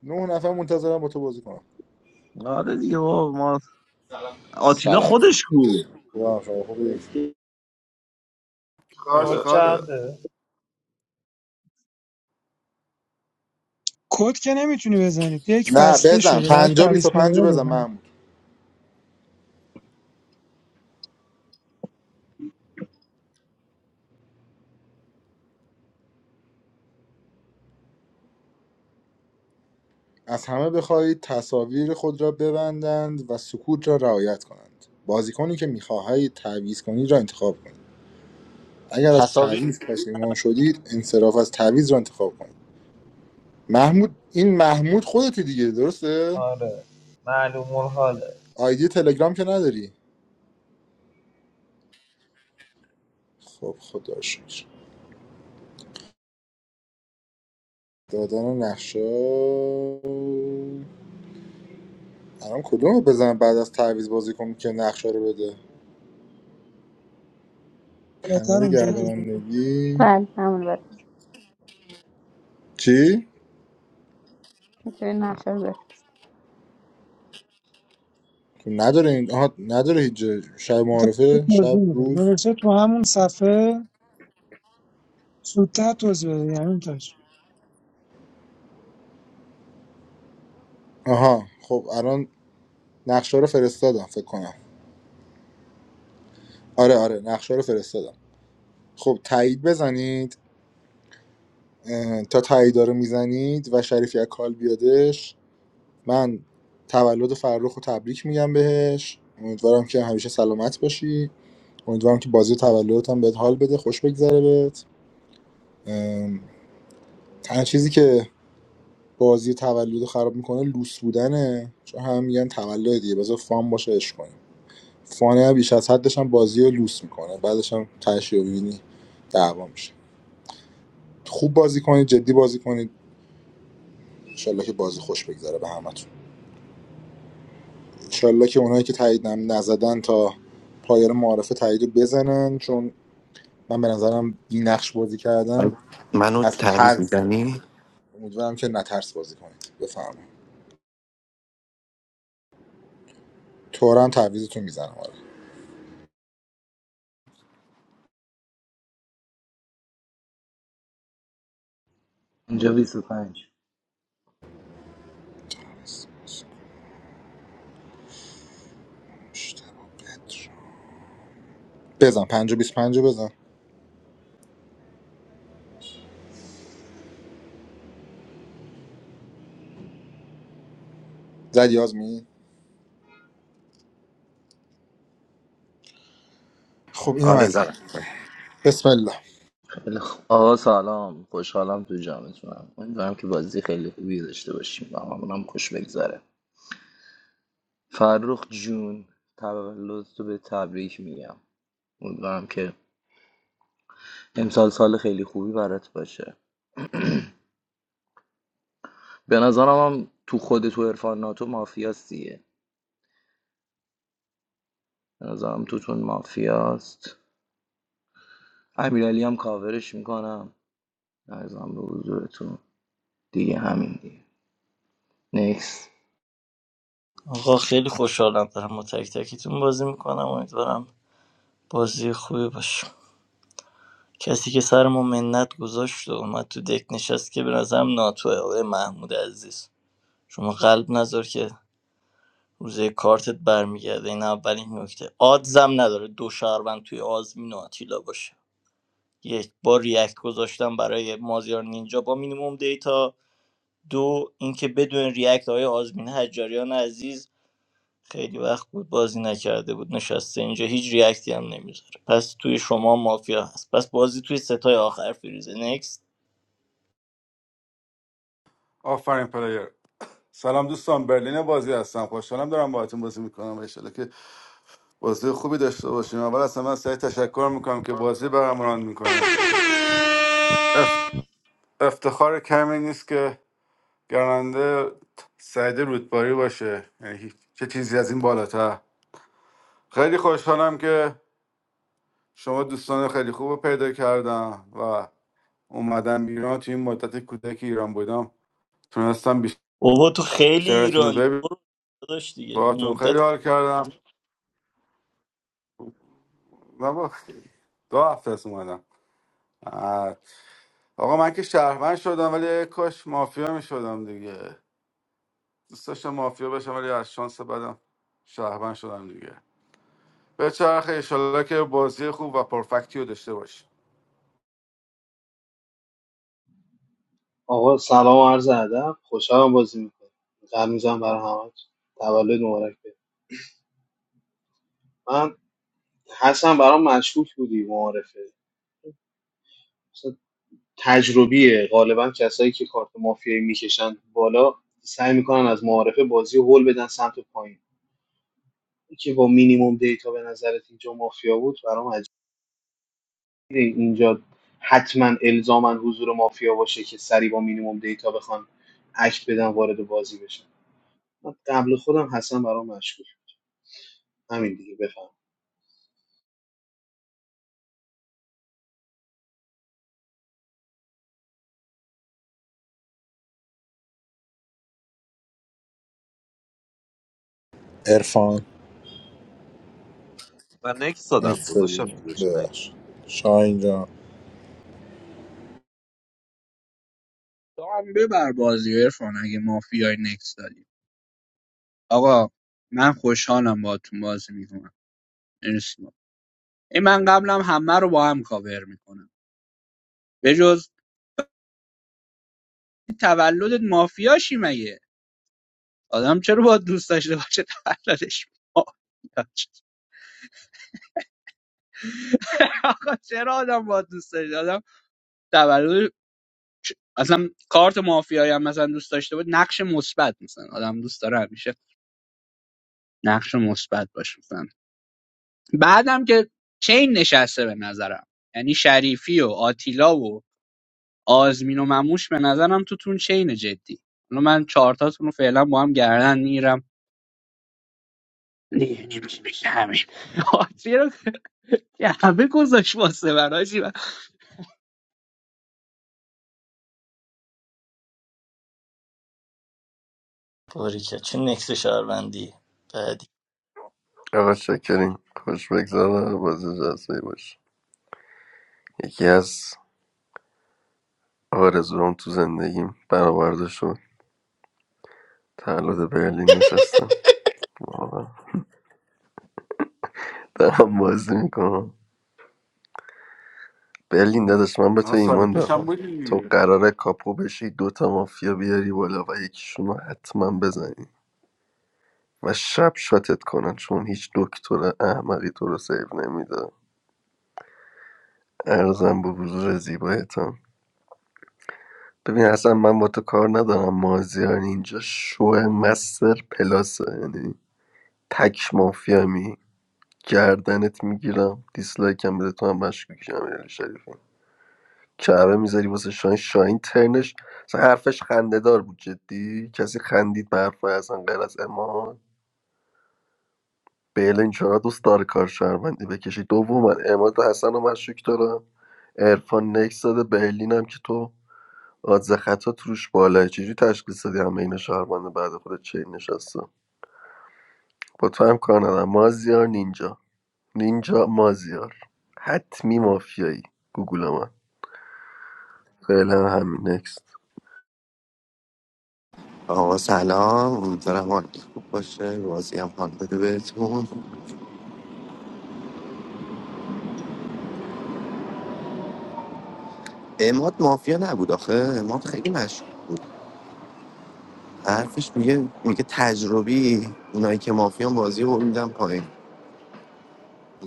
N: نه نفر منتظرم با تو بازی کنم
J: آره دیگه بابا ما آتیلا
N: سلام
J: خودش کو
N: خوبم، شما خوبی
F: اشغاله
O: چنده
M: کد که نمیتونی بزنی یک
N: نه
M: بسته
N: بزن
M: شده باید
N: پنجا بیست
M: تعویض
N: و پنج رو
M: پلیر
N: بزن
M: بزنی
N: محمود از همه بخواهید تصاویر خود را ببندند و سکوت را رعایت کنند بازیکنی که میخواهید تعویض کنید را انتخاب کنید اگر از
E: تصاویر
N: تعویض پشیمان شدید انصراف از تعویض را انتخاب کنید محمود این محمود خودتی دیگه درسته
O: آره معلوم الحاله
N: آیدی تلگرام که نداری خب خدا شکر دادن نقشه الان کدوم رو بزنم بعد از تعویض بازی کنم که نقشه رو بده
M: بالاتر
N: پنل
M: اونجایی که زد.
N: گردانندگی
S: بله همون برم
N: چی
S: میتونی نقشه رو بفرست
N: خب نداره این آها نداره هیچ جای. شب
M: تا
N: معارفه
M: توضیح
N: شب
M: میده
N: روز
M: نوشته تو همون صفحه سودتر توضیح بده یعنی تاش
N: آها خب الان نقشه رو فرستادم فکر کنم آره آره نقشه رو فرستادم خب تایید بزنید اه، تا تایید رو میزنید و شریفی از کال بیادش من تولد فرخ رو تبریک میگم بهش امیدوارم که همیشه سلامت باشی امیدوارم که بازی تولدت هم بهت حال بده خوش بگذره بهت تنها چیزی که بازی تولد خراب میکنه لوس بودنه چون هم میگن تولد بذار فان باشه عشق کنیم فانه بیش از حدش هم بازی رو لوس میکنه بعدش هم تهش رو می‌بینی دعوا میشه خوب بازی کنید جدی بازی کنید انشالله که بازی خوش بگذره به همتون انشالله که اونایی که تایید هم نزدن تا پایان معارفه تایید رو بزنن چون من به نظرم بی نقش بازی کردن
R: گرم. منو
N: از
R: تعویض
N: ترسه
R: میزنی
N: امیدوارم که نترس بازی کنید بفرمایید تورم تعویزتون میزنم آره
D: اینجا 25
N: بزن 5 و 25 رو بزن زدی آزمین خب اینم
R: آره
N: از این
R: برم
N: بسم الله
D: خیلی خ- آقا سلام خوشحالم تو جمعتونم امیدوارم که بازی خیلی خوبی داشته باشیم و همونم خوش بگذره فرخ جون تولد تو به تبریک میگم امیدوارم که امسال سال خیلی خوبی برات باشه به نظرم هم تو خود تو عرفان ناتو مافیاست دیگه به نظرم توتون مافیاست امیرعلی هم کاورش میکنم ارزم به حضورتون دیگه همین دیگه نیکس
E: آقا خیلی خوشحالم دارم با تک تکیتون بازی میکنم امیدوارم بازی خوبی باشه کسی که سر ما منت گذاشت و اومد تو دک نشست که به نظرم ناتوه آقای محمود عزیز شما قلب نذار که روزه کارتت برمیگرده این اولین نکته آدزم نداره دو شهروند توی آزمین و آتیلا باشه یک با ریاکت گذاشتم برای مازیار نینجا با مینیموم دیتا دو اینکه بدون ریاکت های آزمین حجاریان عزیز خیلی وقت بود بازی نکرده بود نشسته اینجا هیچ ریاکتی هم نمیذاره پس توی شما مافیا هست پس بازی توی ستای آخر فریزه نکست
F: آفرین پلیر سلام دوستان برلین بازی هستم خوشحالم دارم باهاتون بازی میکنم انشالله که بازی خوبی داشته باشیم اول اصلا من سعی تشکر میکنم که بازی برامون میکنه افتخار کمی نیست که گرانده سعید رودباری باشه یعنی هیچ- چه چیزی از این بالاتر خیلی خوشحالم که شما دوستان خیلی خوب رو پیدا کردم و اومدم ایران تو این مدت کوتاهی که ایران بودم تونستم
E: بابا تو خیلی
F: بیشترتون رو
E: ایرانی
F: ببینم
E: برو داداش دیگه
F: باهاتون خیلی
E: مدت
F: حال کردم من با دو هفته است اومدم آه. آقا من که شهروند شدم ولی کاش مافیا می شدم دیگه دوست داشتم مافیا بشم ولی از شانس بدم شهروند شدم دیگه به چرخه ایشالله که بازی خوب و پرفکتی رو داشته باشی
K: آقا سلام و عرض ادب خوشحالم بازی میکنم قلب میزنم برای همه تولد مبارک بده من حسن برام مشکوک بودی معارفه تجربیه غالبا کسایی که کارت مافیایی میکشن بالا سعی میکنن از معارفه بازی رو هول بدن سمت پایین که با مینیموم دیتا به نظرت اینجا مافیا بود برام عجیبه اینجا حتما الزاما حضور مافیا باشه که سری با مینیموم دیتا بخوان اکت بدن وارد بازی بشن من قبل خودم حسن برام مشکوک همین دیگه بفهم
N: عرفان
J: و نکس دادم گذاشتم
N: مرسی.
J: تو
N: ببخش شاهین جان
L: تو هم ببر بازی ارفان اگه مافیای نکس دادی آقا من خوشحالم باهاتون بازی میکنم مرسی ای من قبلم همه رو با هم کاور میکنم بجز تولدت مافیاشی مگه آدم چرا با دوست داشته باشه تولدش مافیاش آقا چرا آدم با دوست داشته آدم تولد اصلا کارت مافیایی هم مثلا دوست داشته بود نقش مثبت مثلا آدم دوست داره همیشه نقش مثبت باشه بعدم که چین نشسته به نظرم یعنی شریفی و آتیلا و آزمین و مموش به نظرم توتون چین جدی حالا من چهارتاتون رو فعلا با هم گردن میگیرم دیگه نمیشه بشه همین آتیه رو که همه گذاشت واسه من حاجی. من
E: باریکه چه نکس شهروندی بعدی
A: آقا شکرین خوش بگذار بازی جزایی باش یکی از آرزوام تو زندگیم برآورده شد تولد برلین نشستم واقعا دارم بازی میکنم برلین داداش من به تو
F: نه سال
A: ایمان
F: پیشم
A: دارم تو
F: بودی
A: قراره کاپو بشی دوتا مافیا بیاری بالا و یکیشون رو حتما بزنی و شب شاتت کنن چون هیچ دکتر احمقی تو رو سیو نمیده ارزم به حضور زیبایتم ببین اصلا من با تو کار ندارم مازیار اینجا شو مستر پلاسه یعنی تک مافیا می گردنت میگیرم دیسلایکم بده تو هم مشکوکی امیرعلی شریفی کعبه میذاری واسه شاهین شاهین ترنش اصلا حرفش خندهدار بود جدی کسی خندید به حرف اصلا غیر از امان بله این چرا دوست داره کار شهروندی بکشی دوم من اماد حسن و مشکوک دارم ارفان نکس داده برلین هم که تو آدز خطا توش بالاه چجوری تشخیص دادی همه اینا شهروند بعد خودت چه نشسته با تو هم کار ندارم مازیار نینجا نینجا مازیار حتمی مافیایی گوگل من فعلا همین نکس
R: آقا سلام امیدوارم حالتون خوب باشه بازی هم حال بده بهتون اماد مافیا نبود آخه اماد خیلی مشهور بود حرفش میگه میگه تجربی اونایی که مافیان بازی رو میدم پایین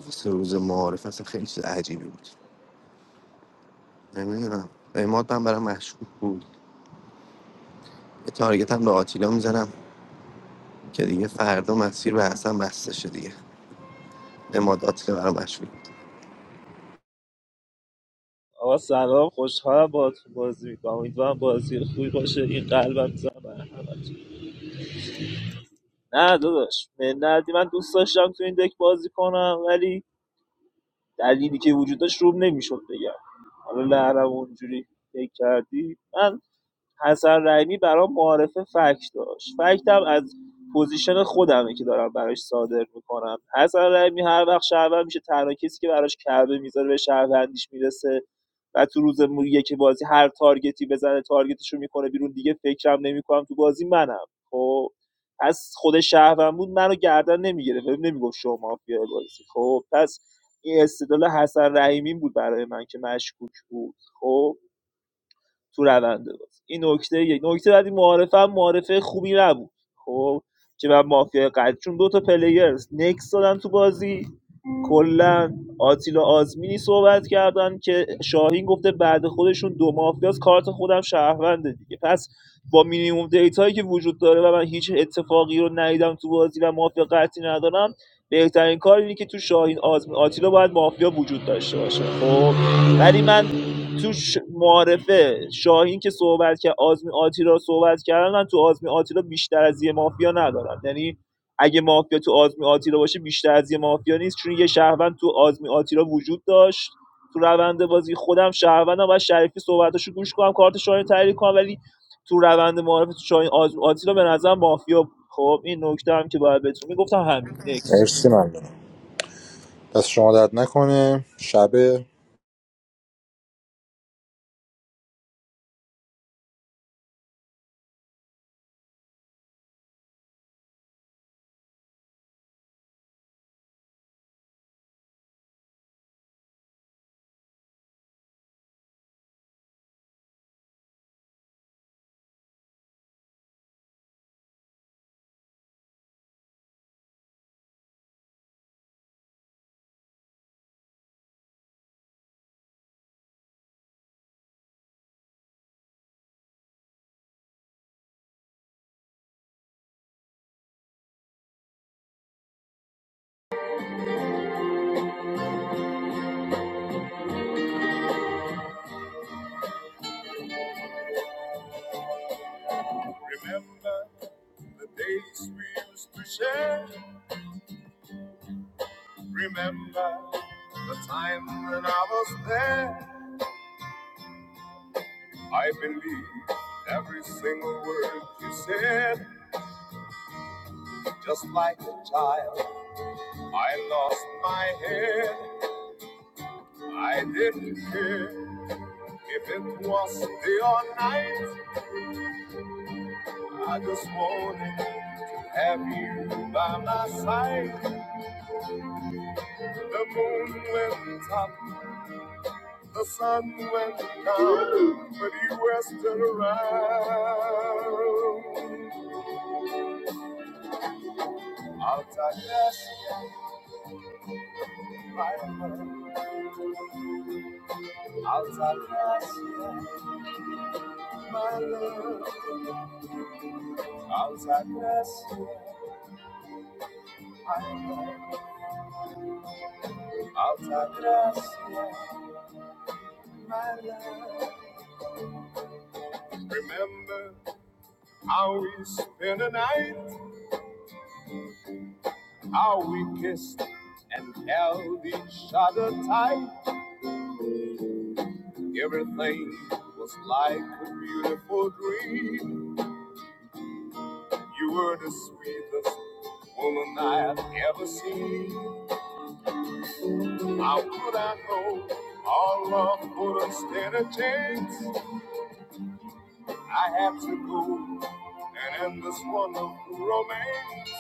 R: سه روز معارف اصلا خیلی چیز عجیبی بود نمیدونم اماد من برام مشکوک بود یه تارگت هم به آتیلا میزنم که دیگه فردا مسیر به حسن بسته شه دیگه اماد آتیلا برام مشغول
O: آقا سلام خوشحالم با بازی میکنم امیدوارم بازی خوبی باشه این قلبم میزنم برای همتون. نه داداش منتی من دوست داشتم تو این دک بازی کنم ولی دلیلی که وجود داشت روم نمیشد بگم حالا لهرم اونجوری فکر کردی من حسن رحیمی برام معارفه فکت داشت فکتم از پوزیشن خودمه که دارم براش صادر میکنم حسن رحیمی هر وقت شهروند میشه تنها کسی که براش کعبه میذاره به شهروندیش میرسه و تو روز مو- بازی هر تارگتی بزنه تارگتشو میکنه بیرون دیگه فکرم نمیکنم تو بازی منم خب از خود شهروند بود منو گردن نمیگیره بهم نمیگفت شما مافیا بازی خب پس این استدلال حسن رحیمی بود برای من که مشکوک بود خب تو روند بازی این نکته یک نکته بعدی معارفه هم معارفه خوبی نبود خب که من مافیا قد چون دو تا پلیر نکس دادن تو بازی کلا آتیلا آزمینی صحبت کردن که شاهین گفته بعد خودشون دو مافیاس کارت خودم شهرونده دیگه پس با مینیموم دیتایی که وجود داره و من هیچ اتفاقی رو ندیدم تو بازی و مافیا قطعی ندارم بهترین کار اینه که تو شاهین آزمین آتیلا باید مافیا وجود داشته باشه خب ولی من تو ش... معارفه شاهین که صحبت کرد آزمین آتیلا صحبت کردن من تو آزمین آتیلا بیشتر از یه مافیا ندارم یعنی اگه مافیا تو آزمی آتیلا باشه بیشتر از یه مافیا نیست چون یه شهروند تو آزمی آتیلا وجود داشت تو روند بازی خودم شهروندم و شریفی صحبتاشو گوش کنم کارت شاهین تحلیل کنم ولی تو روند معارف تو شاهین آزمی آتیلا به نظر مافیا بود. خب این نکته هم که باید بهتون میگفتم همین نکس
N: مرسی ممنونم دست شما درد نکنه شبه
S: The days we used to share. Remember the time when I was there. I believe every single word you said, just like a child. I lost my head. I didn't care if it was day or night. I just wanted to have you by my side. The moon went up The sun went down, but he rested around. Altagracia, my love. Altagracia, my love. Altagracia, my love. Altagracia, my love. Remember how we spent the night, how we kissed and held each other tight. Everything was like a beautiful dream. You were the sweetest woman I have ever seen. How could I know our love wouldn't stand a chance? I had to go and end this wonderful romance.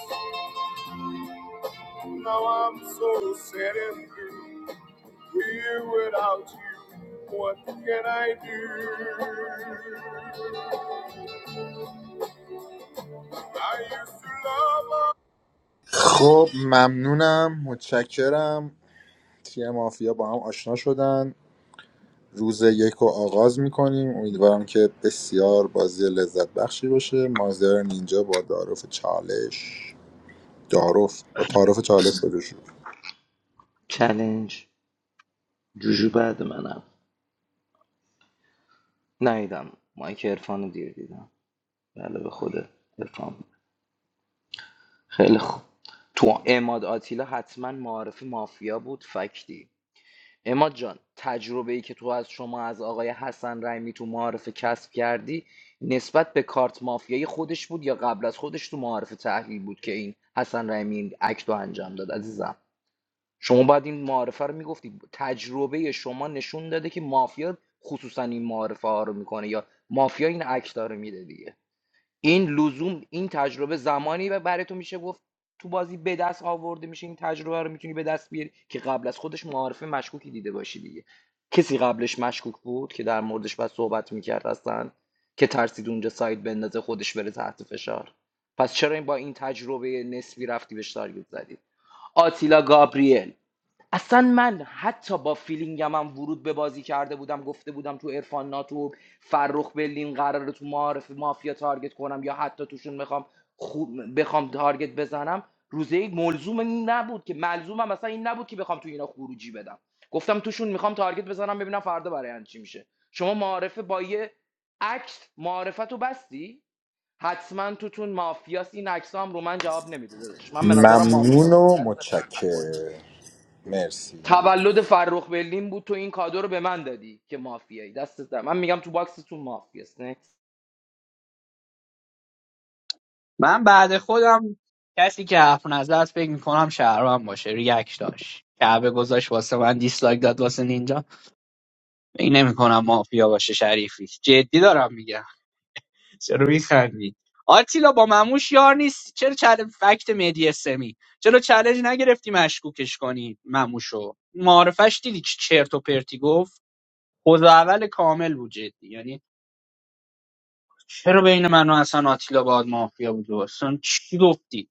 S: Now I'm so sad and blue. Here without you, what can I do? I used to love her.
N: خب ممنونم متشکرم تیم مافیا با هم آشنا شدن روز یک رو آغاز میکنیم امیدوارم که بسیار بازی لذت بخشی باشه مازیار نینجا با تعارف چالش تعارف با تعارف چالش بده شروع
D: چلنج جوجو بعد منم نیدم مایک عرفان رو دیر دیدم بله به خود بفهم خیلی خوب تو اماد آتیلا حتما معارف مافیا بود فکتی اماد جان تجربه ای که تو از شما از آقای حسن رحیمی تو معارف کسب کردی نسبت به کارت مافیایی خودش بود یا قبل از خودش تو معارف تحلیل بود که این حسن رحیمی این اکت رو انجام داد عزیزم شما باید این معارفه رو میگفتی تجربه شما نشون داده که مافیا خصوصا این معارفه ها رو میکنه یا مافیا این اکت ها رو میده دیگه این لزوم این تجربه زمانی و برای تو میشه گفت تو بازی به دست آورده میشه این تجربه رو میتونی به دست بیاری که قبل از خودش معارفه مشکوکی دیده باشی دیگه کسی قبلش مشکوک بود که در موردش بعد صحبت میکرد هستن که ترسید اونجا سایت بندازه خودش بره تحت فشار پس چرا این با این تجربه نسبی رفتی بهش تارگت زدی آتیلا گابریل اصلا من حتی با فیلینگم هم ورود به بازی کرده بودم گفته بودم تو ارفان ناتو فرخ بلین قراره تو معارف مافیا تارگت کنم یا حتی توشون میخوام خوب بخوام تارگت بزنم روزه یک ملزوم این نبود که ملزومم مثلا این نبود که بخوام تو اینا خروجی بدم گفتم توشون میخوام تارگت بزنم ببینم فردا برای هم چی میشه شما معارفه با یه عکس معارفتو بستی حتما توتون مافیاست این عکس رو من جواب نمیده داداش من به نظرم مافیا
N: ممنون
D: بودی
N: و
D: دست در نکن
N: متشکر مرسی
D: تولد فرخ برلین بود تو این کادو رو به من دادی که مافیایی دستت در من میگم تو باکستون مافیاست نه
L: من بعد خودم کسی که حرف نزد است فکر میکنم شهرام باشه ریاکش داشت کعبه گذاشت واسه من دیسلایک داد واسه نینجا فکر نمیکنم مافیا باشه شریفی جدی دارم میگم چرا میخندی آتیلا با مموش یار نیست چرا چل... فکت مهدی سمی چرا چالش نگرفتی مشکوکش کنی مموشو معارفش دیدی چه چرت و پرتی گفت خود اول کامل بود جدی یعنی چرا بین من و اصلا آتیلا باید مافیا بود اصلا چی گفتی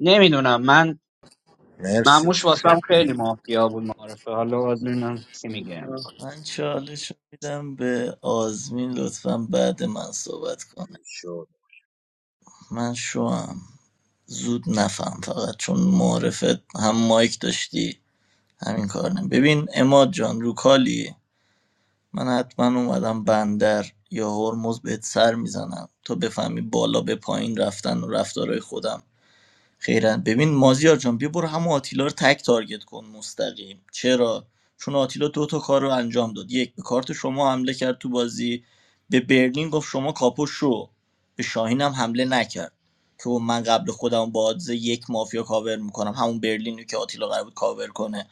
L: نمیدونم من
N: مرسی
L: مموش واسم خیلی مافیا بود معارفه حالا باید ببینم چی میگم
J: نمی‌دونم.
E: من چالش رو میدم به آزمین لطفا بعد من صحبت کنه
J: شد
E: من شوام زود نفهم فقط چون معرفت هم مایک داشتی همین کار نه ببین اماد جان رو کالی من حتما اومدم بندر یا هرمز بهت سر میزنم تا بفهمی بالا به پایین رفتن و رفتارهای خودم خیرن ببین مازیار جان بیا برو همون آتیلا رو تک تارگت کن مستقیم چرا چون آتیلا دو تا کار رو انجام داد یک به کارت شما حمله کرد تو بازی به برلین گفت شما کاپو شو به شاهین هم حمله نکرد که من قبل خودم با آدز یک مافیا کاور میکنم همون برلینی که آتیلا قرار بود کاور کنه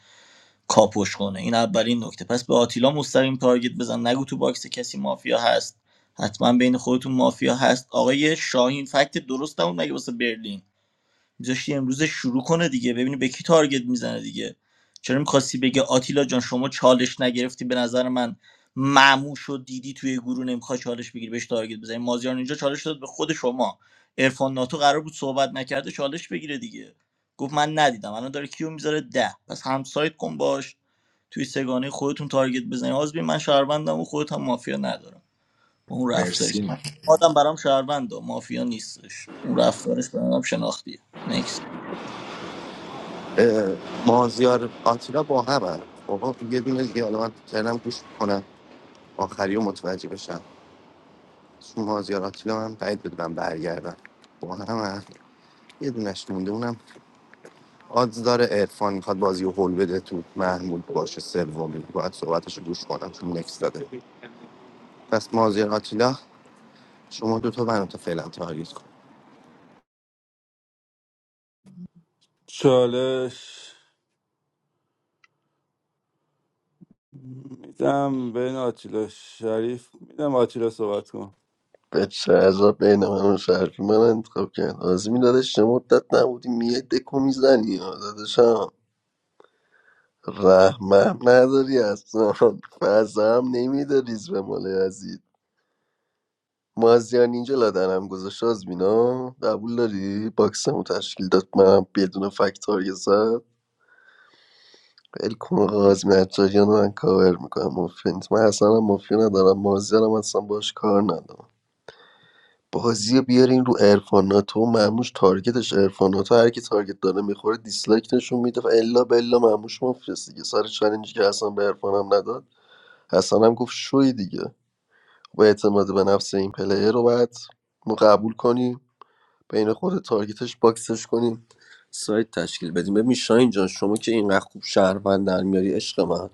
E: کاپوش کنه این اولین نکته پس به آتیلا مستقیم تارگت بزن نگو تو باکس کسی مافیا هست حتما بین خودتون مافیا هست آقای شاهین فکت درست نبود مگه واسه برلین میذاشتی امروز شروع کنه دیگه ببینی به کی تارگت میزنه دیگه چرا میخواستی بگه آتیلا جان شما چالش نگرفتی به نظر من معموش و دیدی توی گروه نمیخواد چالش بگیری بهش تارگت بزنی مازیار اینجا چالش داد به خود شما عرفان ناتو قرار بود صحبت نکرده چالش بگیره دیگه گفت من ندیدم الان داره کیو میذاره ده پس همسایت کن باش توی سگانه خودتون تارگت بزنی آزبین من شهروندم و خودت هم مافیا ندارم اون رفتاری که
N: مرسی من
E: آدم برام شهرونده مافیا نیستش اون رفتارش برام شناختیه Next.
R: مازیار آتیلا با هم هم خب یه دونه دیگه حالا من دارم گوش کنم آخری و متوجه بشم چون مازیار آتیلا من بعید بدونم برگردم با هم هم. یه دونش مونده اونم آدز داره عرفان میخواد بازی رو هول بده تو محمود باشه سومی باید صحبتش رو گوش کنم چون نکس داده پس مازیار آتیلا شما دو تا منو تا فعلا تارگت کن
F: چالش میدم بین آتیلا شریف میدم آتیلا صحبت کن
A: به چه عجب بین من و شهرکی من انتخاب کرد آزمین دادش چه مدت نبودی میای دکو میزنی دادشم رحمم نداری اصلا فضم نمیده ریز به ماله عزیز مازیان اینجا لادنم گذاشت آزمینا قبول داری باکسمو تشکیل داد من بدون فکتاری زد بل کن آقا آزمین حجاریان رو من کاور میکنم مفید نیست. من اصلا هم مفید ندارم مازیانم اصلا باش کار ندارم بازی رو بیارین رو عرفاناتو مموش تارگتش عرفاناتو هر کی تارگت داره میخوره دیسلایک نشون میده و الا بلا مموش مفلس دیگه سر چالنجی که حسن به عرفانم نداد حسن هم گفت شوی دیگه و اعتماد به نفس این پلیر رو باید ما قبول کنیم بین خود تارگتش باکسش کنیم سایت تشکیل بدیم ببین شاین جان شما که اینقدر خوب شهروند در میاری عشق من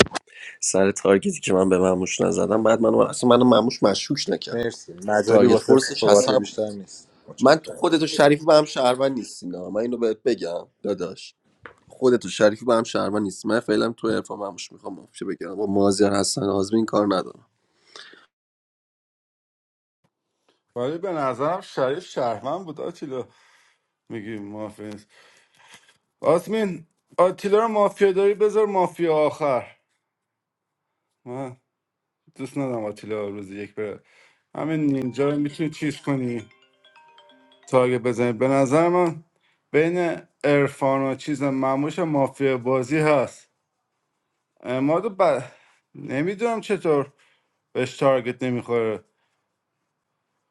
A: سر تارگتی که من به مموش نزدم بعد من اصلا من مموش مشکوک نکرد
N: مرسی مجالی
A: تارگت
N: واسه
A: فورسش
N: صحبت
A: حسن
N: بیشتر نیست
A: من
N: متشکرم
A: تو خودتو شریفی با هم شهروند نیستیم نه. من اینو بهت بگم داداش خودتو شریفی با هم شهروند نیست من فعلا تو عرفان مموش میخوام مافشه بگم با مازیار حسن آزمین این کار ندارم
F: ولی به نظرم شریف شهرمن بود آتیلا میگی مافیا نیست آسمین آتیلا رو مافیا داری بذار مافیا آخر من دوست ندارم آتیلا روزی یک بره همین نینجا رو میتونی چیز کنی تارگت بزنید به نظر من بین عرفان و چیز مموش مافیا بازی هست اماد ب... نمیدونم چطور بهش تارگت نمیخوره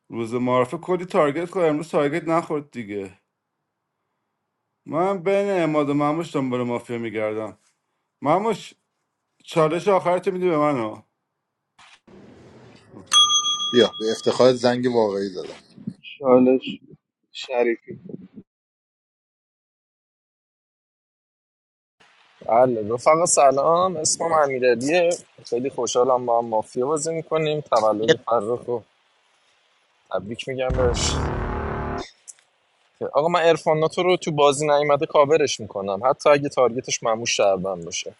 F: روز معرفه کلی تارگت خورد امروز تارگت نخورد دیگه من بین اماد و مموش دنبال مافیا میگردم مموش چالش آخرتو میدی به من ها.
N: بیا به افتخار زنگ واقعی زدم
K: چالش شریفی
T: بله رفقا سلام اسمم امیرعلیه خیلی خوشحالم با هم مافیا بازی میکنیم
E: یه
T: تولد
E: لحظه
T: فرخ رو تبریک میگم بهش آقا من ارفان ناتو رو تو بازی نیومده کاورش میکنم حتی اگه تارگتش معموش شهروند باشه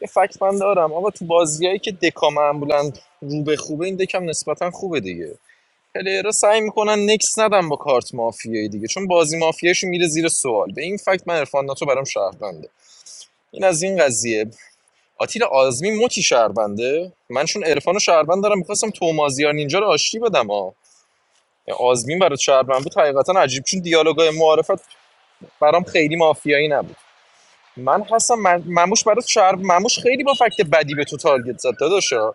T: یه فکت من دارم آقا تو بازیایی که دکا معمولا رو به خوبه این دکم نسبتا خوبه دیگه پلیرها سعی میکنن نکس ندن با کارت مافیایی دیگه چون بازی مافیاشون میره زیر سوال به این فکت من ارفان ناتو برام شهرونده این از این قضیه آتیلا آزمی موتی شهربنده من چون عرفان و شهربند دارم میخواستم تومازیار نینجا رو آشتی بدم ها آزمین برای شهربند بود حقیقتا عجیب چون دیالوگای معارفت برام خیلی مافیایی نبود من هستم من- مموش برای شهر مموش خیلی با فکت بدی به تو تارگت زد داداشا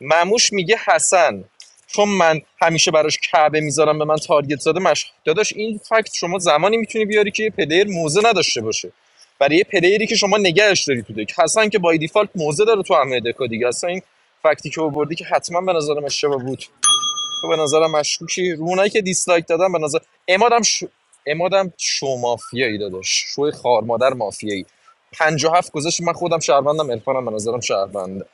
T: مموش میگه حسن چون من همیشه براش کعبه میذارم به من تارگت زده مش داداش این فکت شما زمانی میتونی بیاری که یه پلیر موزه نداشته باشه برای یه پلیری که شما نگهش داری تو دک حسن که بای دیفالت موزه داره تو همه دکا دیگه اصلا این فکتی که آوردی که حتما به نظرم اشتباه بود تو به نظرم مشکوکی رو اونایی که دیسلایک دادن به نظر امادم ش... امادم شو مافیایی داداش شو خار مادر مافیایی 57 گذاشت من خودم شهروندم الفانم به نظرم شهرونده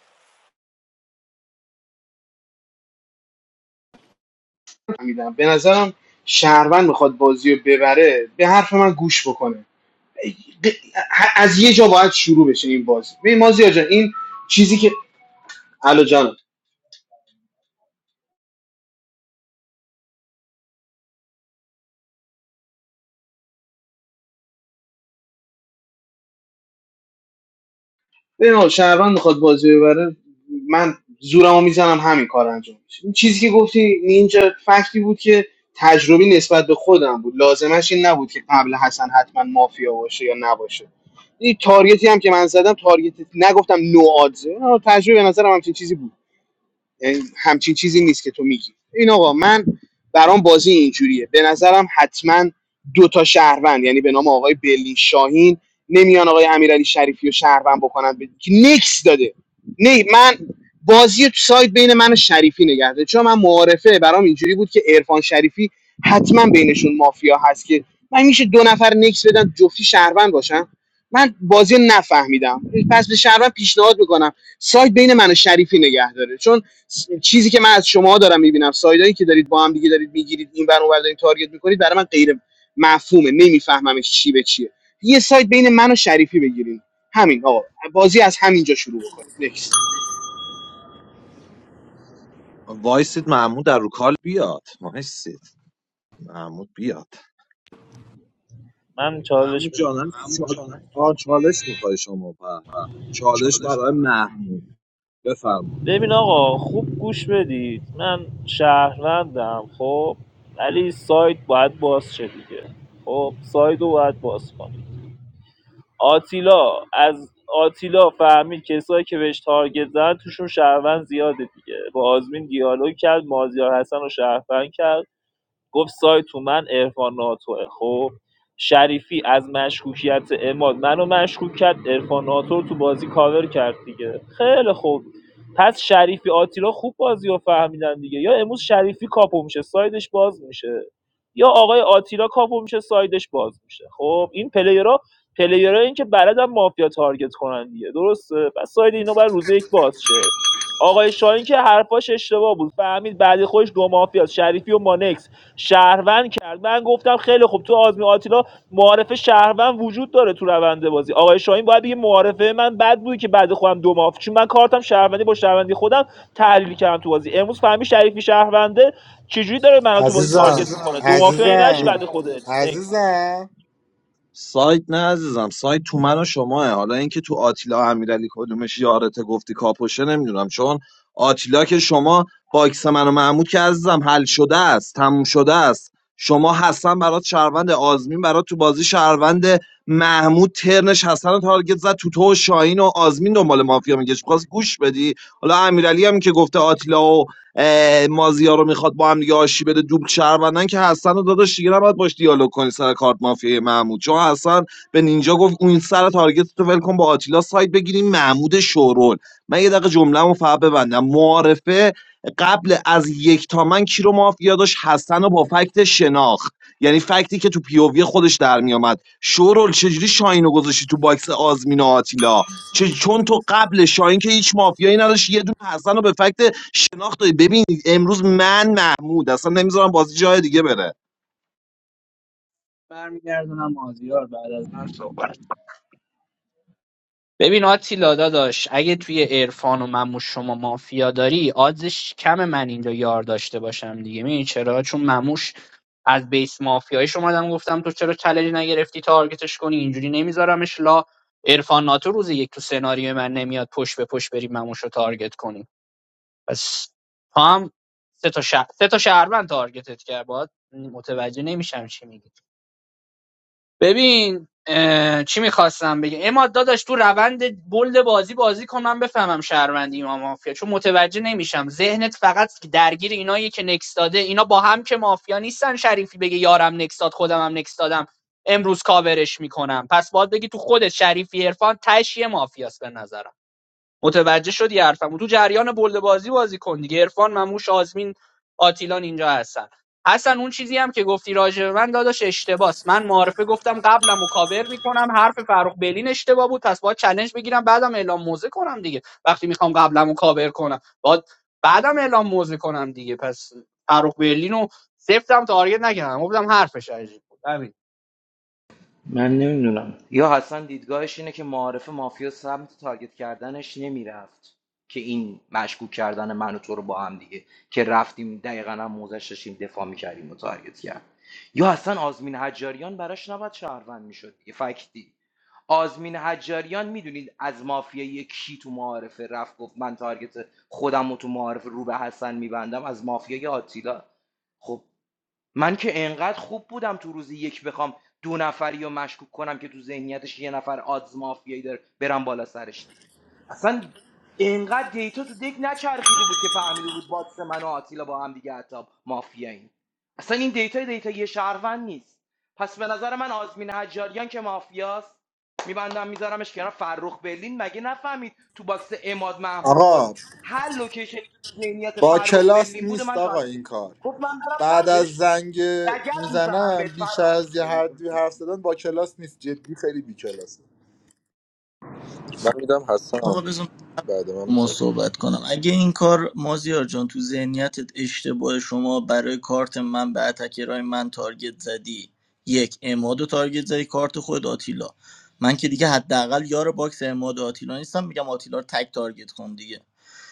K: میدم به نظرم شهروند میخواد بازی رو ببره به حرف من گوش بکنه از یه جا باید شروع بشه این بازی ببین مازیار جان این چیزی که علا جانم ببین شهروند میخواد بازی ببره من زورمو میزنم همین کار انجام بشه این چیزی که گفتی اینجا فکتی بود که تجربی نسبت به خودم بود لازمش این نبود که قبل حسن حتما مافیا باشه یا نباشه این تارگتی هم که من زدم تارگت نگفتم نو آدزه تجربه به نظرم همچین چیزی بود یعنی همچین چیزی نیست که تو میگی این آقا من برام بازی اینجوریه به نظرم حتما دو تا شهروند یعنی به نام آقای بلی شاهین نمیان آقای امیرعلی شریفی و شهروند بکنن به- که نکس داده نه من بازی رو تو سایت بین من و شریفی نگه داره. چون من معارفه برام اینجوری بود که عرفان شریفی حتما بینشون مافیا هست که من میشه دو نفر نکس بدن جفتی شهروند باشن من بازی رو نفهمیدم پس به شهروند پیشنهاد میکنم سایت بین من و شریفی نگه داره چون چیزی که من از شما دارم میبینم سایدایی که دارید با هم دیگه دارید میگیرید این ور اون ور دارید تارگت میکنید برای من غیر مفهومه نمیفهممش چی به چیه یه سایت بین من و شریفی بگیریم همین آقا بازی از همینجا شروع بکنید نکس
J: وایسید محمود در رو کال بیاد وایسید محمود بیاد
O: من چالش
J: محمود
O: میخوام
J: جانم چال... آه، چالش میخوای شما پر چالش برای محمود بفرما
O: ببین آقا خوب گوش بدید من شهروندم خب ولی سایت باید باز شه دیگه خب سایت رو باید باز کنید آتیلا از آتیلا فهمید کسایی که بهش تارگت زدن توشون شهروند زیاده دیگه با آزمین دیالوگ کرد مازیار حسن رو شهروند کرد گفت سایت تو من عرفان ناتوه خب شریفی از مشکوکیت اماد منو مشکوک کرد عرفان ناتو رو تو بازی کاور کرد دیگه خیلی خوب پس شریفی آتیلا خوب بازی رو فهمیدن دیگه یا امروز شریفی کاپو میشه سایدش باز میشه یا آقای آتیلا کاپو میشه سایدش باز میشه خب این پلیرها پلیرها این که بلدن مافیا تارگت کنن دیگه درسته پس ساید اینا باید روز یک باز شه آقای شاهین که حرفاش اشتباه بود فهمید بعد خودش دو مافیا شریفی و مانکس شهروند کرد من گفتم خیلی خوب تو آزمی آتیلا معارف شهروند وجود داره تو روند بازی آقای شاهین باید بگه معارفه من بد بود که بعد خودم دو ماف چون من کارتم شهروندی با شهروندی خودم تحلیل کردم تو بازی امروز فهمی شریفی شهرونده چجوری داره منو تو بازی تارگت
N: عزیزم
O: میکنه دو مافیا این نشی
N: عزیزم
O: بعد خودت نکس بده
N: عزیزم
J: سایت نه عزیزم سایت تو من و شماه حالا اینکه تو آتیلا امیرعلی کدومش یارته گفتی کاپوشه نمیدونم چون آتیلا که شما باکس من و محمود که عزیزم حل شده است تموم شده است شما حسن برات شهروند آزمین برات تو بازی شهروند محمود ترنش حسن رو تارگت زد تو تو و شاهین و آزمین دنبال مافیا میگشت خواست گوش بدی حالا امیرعلی هم که گفته آتیلا و مازیا رو میخواد با هم دیگه آشی بده دوبل شهروندن که حسن رو داداش دیگه نباید باش دیالوگ کنی سر کارت مافیای محمود چون حسن به نینجا گفت اون سر تارگت تو ول کن با آتیلا سایت بگیریم محمود شورول من یه دقیقه جمله‌مو فقط ببندم معارفه قبل از یک تا من کی رو مافیا داشت حسن رو با فکت شناخت یعنی فکتی که تو پیووی خودش در میامد شورول چجوری شاینو گذاشتی تو باکس آزمین و آتیلا چه- چون تو قبل شاهین که هیچ مافیایی نداشت یه دونه حسن رو به فکت شناخت داری ببین امروز من محمود اصلا نمیذارم بازی جای دیگه بره
L: برمیگردونم مازیار بعد از من صحبت ببین آتیلا داداش اگه توی عرفان و من و شما مافیا داری آدزش کم من اینجا یار داشته باشم دیگه می‌دونی چرا چون مموش از بیس مافیایش اومدم گفتم تو چرا چالش نگرفتی تارگتش کنی اینجوری نمیذارمش لا عرفان ناتو روز یک تو سناریو من نمیاد پشت به پشت بریم مموش رو تارگت کنیم پس تو هم سه تا شهر سه تا شهروند تارگتت کرد باید متوجه نمیشم چی میگی ببین چی میخواستم بگم اما داداش تو روند بلد بازی بازی کن من بفهمم شهروندی ما مافیا چون متوجه نمیشم ذهنت فقط درگیر اینایی که نکس داده اینا با هم که مافیا نیستن شریفی بگه یارم نکس داد خودم هم نکس دادم امروز کاورش میکنم پس باید بگی تو خودت شریفی عرفان تش یه مافیاست به نظرم متوجه شدی حرفمو تو جریان بلده بازی بازی کن دیگه عرفان مموش آزمین آتیلان اینجا هستن حسن اون چیزی هم که گفتی راجع به من داداش اشتباس من معارفه گفتم قبلم کاور میکنم حرف فرخ بلین اشتباه بود پس باید چلنج بگیرم بعدم اعلام موزه کنم دیگه وقتی میخوام قبلم کاور کنم باید بعدم اعلام موزه کنم دیگه پس فرخ برلین رو سفتم تارگت نکردم گفتم حرفش عجیب بود همین
D: من نمیدونم یا حسن دیدگاهش اینه که معارف مافیا سمت تارگت کردنش نمیرفت که این مشکوک کردن من و تو رو با هم دیگه که رفتیم دقیقا هم موزش داشتیم دفاع میکردیم و تارگت کرد یا اصلا آزمین حجاریان براش نباید شهروند میشد دیگه فکتی آزمین حجاریان میدونید از مافیای کی تو معارفه رفت گفت من تارگت خودم و تو معارفه رو به حسن میبندم از مافیای آتیلا خب من که انقدر خوب بودم تو روز یک بخوام دو نفری رو مشکوک کنم که تو ذهنیتش یه نفر آدز مافیایی داره برم بالا سرش دیگه اصلا انقدر دیتا تو دک نچرخیده بود که فهمیده بود باکس من و آتیلا با هم دیگه حتی مافیاییم اصلا این دیتا دیتا یه شهروند نیست پس به نظر من آزمین حجاریان که مافیاست میبندم میذارمش کنار فرخ برلین مگه نفهمید تو باکس اماد محمود تو بازی
N: آقا
D: هر لوکیشنی که تو ذهنیت
N: با
D: فرخ
N: کلاس
D: برلین بوده
N: نیست
D: من
N: آقا
D: تازه
N: این کار
D: گفت من برم
N: بعد از
D: سمتش
N: زنگ
D: رگب میزنم بهت
N: میزنم بیش
D: فرام
N: از یه هر
D: میکنم
N: دوی حرف زدن با کلاس نیست جدی خیلی بی کلاسه
T: من میدم حسن
E: آقا بذار من
T: بعد من
E: با ما
T: میخوام
E: صحبت کنم اگه این کار مازیار جان تو ذهنیتت اشتباه شما برای کارت من به اتکرای من تارگت زدی یک اماد و تارگت زدی کارت خود آتیلا من که دیگه حداقل یار باکس اماد و آتیلا نیستم میگم آتیلا رو تک تارگت کن دیگه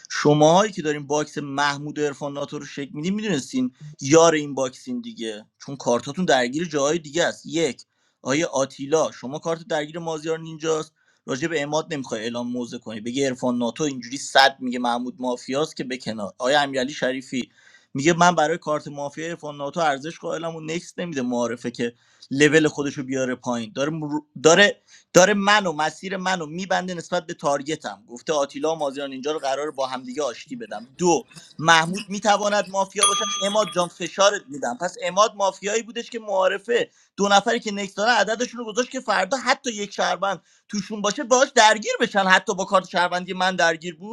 E: شماهایی که دارین باکس محمود و عرفان ناتو رو شک میدین میدونستین یار این باکسین دیگه چون کارتاتون درگیر جاهای دیگه است یک آیا آتیلا شما کارت درگیر مازیار نینجاست راجع به اماد نمیخوای اعلام موضع کنی بگه عرفان ناتو اینجوری صد میگه محمود مافیاست که به کنار آیا امیرعلی شریفی میگه من برای کارت مافیا عرفان ناتو ارزش قائلم و نکس نمیده معارفه که لول خودشو بیاره پایین داره مرو- داره داره منو مسیر منو میبنده نسبت به تارگتم گفته آتیلا و مازیان اینجا رو قرار با همدیگه آشتی بدم دو محمود میتواند مافیا باشد اماد جان فشارت میدم پس اماد مافیایی بودش که معارفه دو نفری که نکس دارن عددشون رو گذاشت که فردا حتی یک شهروند توشون باشه باش درگیر بشن حتی با کارت شهروندی من درگیر بود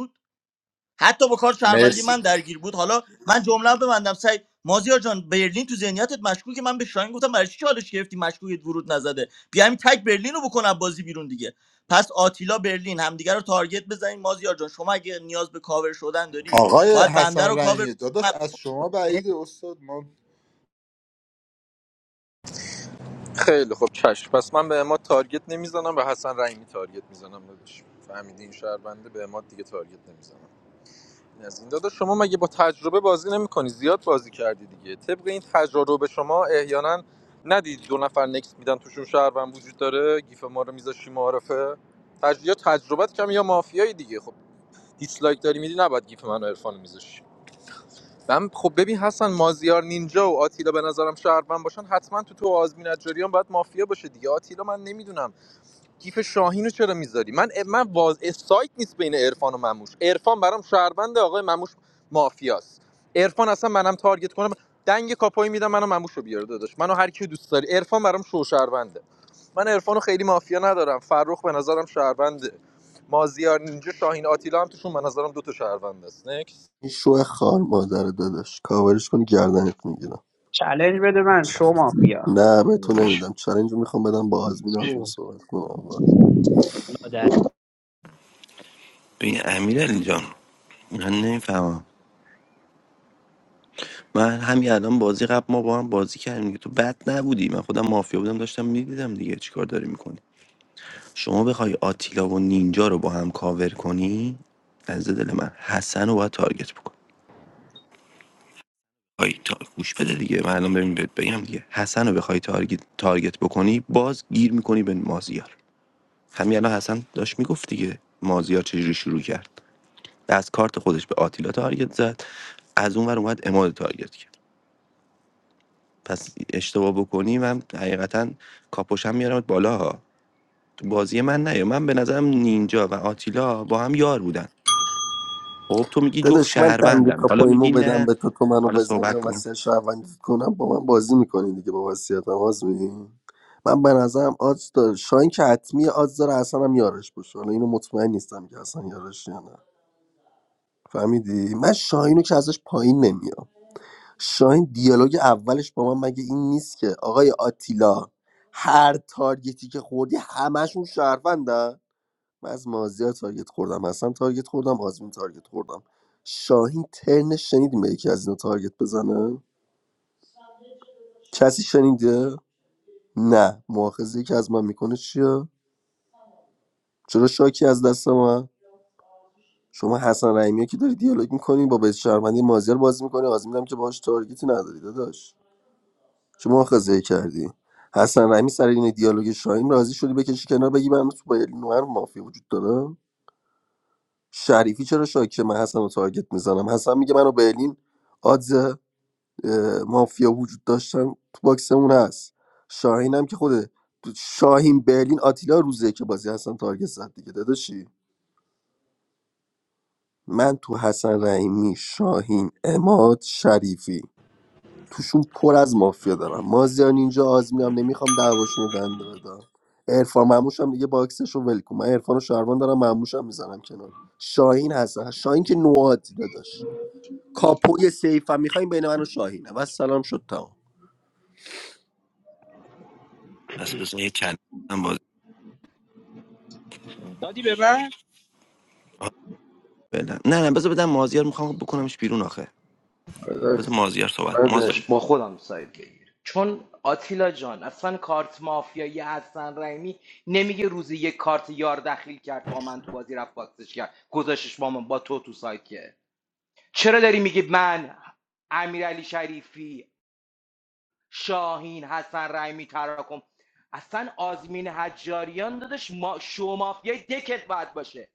E: حتی با کار شهروندی
N: مرسی
E: من درگیر بود حالا من جمله ببندم سعی مازیار جان برلین تو ذهنیتت مشکوکه من به شاهین گفتم برای چی چالش گرفتی مشکوکت ورود نزده بیا همین تک برلین رو بکنم بازی بیرون دیگه پس آتیلا برلین همدیگه رو تارگت بزنین مازیار جان شما اگه نیاز به کاور شدن داری
N: آقای
E: باید بنده رو
N: حسن
E: کاور
N: رحیمی داداش از شما
E: کنی.
N: بعید استاد ما
T: خیلی خوب چشم پس من به اماد تارگت نمیزنم به حسن رحیمی تارگت میزنم داداش فهمیدی این شهر به اماد دیگه تارگت نمیزنم از این دادا شما مگه با تجربه بازی نمیکنی زیاد بازی کردی دیگه طبق این تجربه شما احیانا ندید دو نفر نکس میدن توشون شهروند وجود داره گیف ما رو میذاشی معارفه تج... یا تجربت کم یا مافیایی دیگه خب دیسلایک داری میدی نباید گیف منو عرفان میذاشی من خب ببین حسن مازیار نینجا و آتیلا به نظرم شهروند باشن حتما تو تو آزمین اجاریان باید مافیا باشه دیگه آتیلا من نمیدونم گیف شاهین رو چرا میذاری من من واز سایت نیست بین عرفان و مموش عرفان برام شهروند آقای مموش مافیاست عرفان اصلا منم تارگت کنم دنگ کاپوی میدم منو مموش رو بیاره داداش منو هر کی دوست داری عرفان برام شو شهرونده من عرفان خیلی مافیا ندارم فرخ به نظرم شهرونده مازیار اینجا شاهین آتیلا هم توشون به نظرم دو تا شهروند است نکس
A: این شو خار مادر داداش کاورش کنی گردنت میگیرم
L: چلنج بده من شو مافیا
A: نه به تو نمیدم چالنج میخوام بدم با آزمین آزمین
L: سو
A: صحبت کنم
L: لادر
R: ببین امیر علی جان من نمیفهمم من همین الان بازی قبل ما با هم بازی کردیم دیگه. تو بد نبودی من خودم مافیا بودم داشتم میدیدم دیگه چیکار داری میکنی شما بخوای آتیلا و نینجا رو با هم کاور کنی از دل من حسن رو باید تارگت بکن آی تا گوش بده دیگه من الان ببین بهت بگم دیگه حسن رو بخوای تارگت تارگت بکنی باز گیر میکنی به مازیار همین الان حسن داشت میگفت دیگه مازیار چجوری شروع کرد از کارت خودش به آتیلا تارگت زد از اون ور اومد اماد تارگت کرد پس اشتباه بکنی من حقیقتا کاپوشم میارمت بالا ها تو بازی من نیا من به نظرم نینجا و آتیلا با هم یار بودن خب تو میگی جفت
A: داداش من دنگ
R: شهروندن حالا
A: کاپویمو
R: میگی
A: بدم
R: نه
A: به تو تو منو
R: حالا
A: بزنی
R: صحبت
A: و
R: کن
A: وصیت شهروندی کنم با من بازی میکنی دیگه با وصیتم آز میدین من به نظرم آدز داره شاین که حتمی آدز داره اصلا هم یارش باشه حالا اینو مطمئن نیستم که اصلا یارش یا نه فهمیدی من شاهینو که ازش پایین نمیام شاهین دیالوگ اولش با من مگه این نیست که آقای آتیلا هر تارگتی که خوردی همشون شهروندن من از مازیار تارگت خوردم حسن تارگت خوردم آزمین تارگت خوردم شاهین ترنش شنیدیم به یکی از اینا تارگت بزنه کسی شنیده نه مؤاخذه که از من میکنه چیه چرا شاکی از دست من شما حسن رحیمی که داری دیالوگ میکنی با بیت شهروندی مازیار بازی میکنی آزمینم که باهاش تارگتی نداری داداش چه مؤاخذه کردی حسن رحیمی سر این دیالوگ شاهین راضی شدی بکشی کنار بگی من تو با نوهر مافیا وجود داره شریفی چرا شاکی من حسن رو تارگت میزنم حسن میگه منو برلین آدز اه، مافیا وجود داشتن تو باکسمون هست شاهین هم که خوده شاهین برلین آتیلا روزه که بازی حسن تارگت زد دیگه داداشی من تو حسن رحیمی شاهین اماد شریفی توشون پر از مافیا دارم مازیان اینجا آزمینم نمیخوام دعواشون رو دنده بدم عرفان مموش هم دیگه باکسش رو ول کن من عرفان و شهروان دارم مموش هم میزنم کنار شاهین هستن شاهین که نوادی داداش کاپوی سیف هم میخوایم بین من و شاهینه و سلام شد تمام
R: پس بذار یه چند هم باز
L: دادی به من
R: آه، فعلا. نه نه بذار بدم مازیار میخوام بکنمش بیرون آخه
D: داداش
R: بذار مازیار صحبت مازیار
D: داداش، با خودم ساید بگیر چون آتیلا جان اصلا کارت مافیایی حسن رحیمی نمیگه روزی یک کارت یار دخیل کرد با من تو بازی رفت باکسش کرد گذاشتش با من با تو تو سایت که چرا داری میگی من امیرعلی شریفی شاهین حسن رحیمی تراکم اصلا آزمین حجاریان دادش ما شو مافیای دکت باید باشه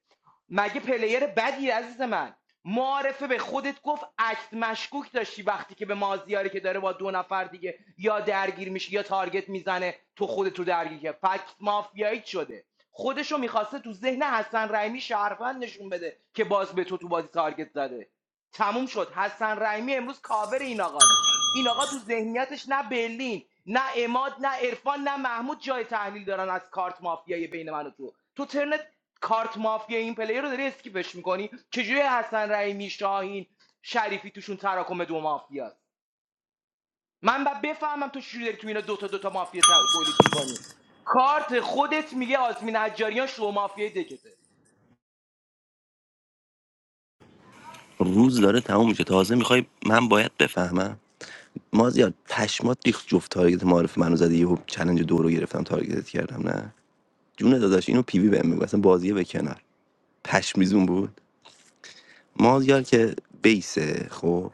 D: مگه پلیر بدی عزیز من معارفه به خودت گفت عکس مشکوک داشتی وقتی که به مازیاری که داره با دو نفر دیگه یا درگیر میشه یا تارگت میزنه تو خودت رو درگیر که فکت مافیایی شده خودشو میخواسته تو ذهن حسن رحیمی شهروند نشون بده که باز به تو تو بازی تارگت زده تموم شد حسن رحیمی امروز کاور این آقاست این آقا تو ذهنیتش نه برلین نه اماد نه عرفان نه محمود جای تحلیل دارن از کارت مافیایی بین من و تو تو ترنت کارت مافیا این پلیر رو داری اسکیپش میکنی چجوری حسن رحیمی شاهین شریفی توشون تراکم دو مافیاست من باید بفهمم تو چجوری داری تو اینا دوتا دوتا مافیا تا- مافیا تولید میکنی کارت خودت میگه آزمین حجاریان شو مافیای دکته
R: روز داره تموم میشه تازه میخوای من باید بفهمم مازیار پشمات ریخت جفت تارگت معرف منو زدی یهو چلنج دو رو گرفتم تارگتت کردم نه جون داداش اینو پیوی بهم میگه اصلا بازیه به کنار پشمیزون بود مازیار که بیسه خب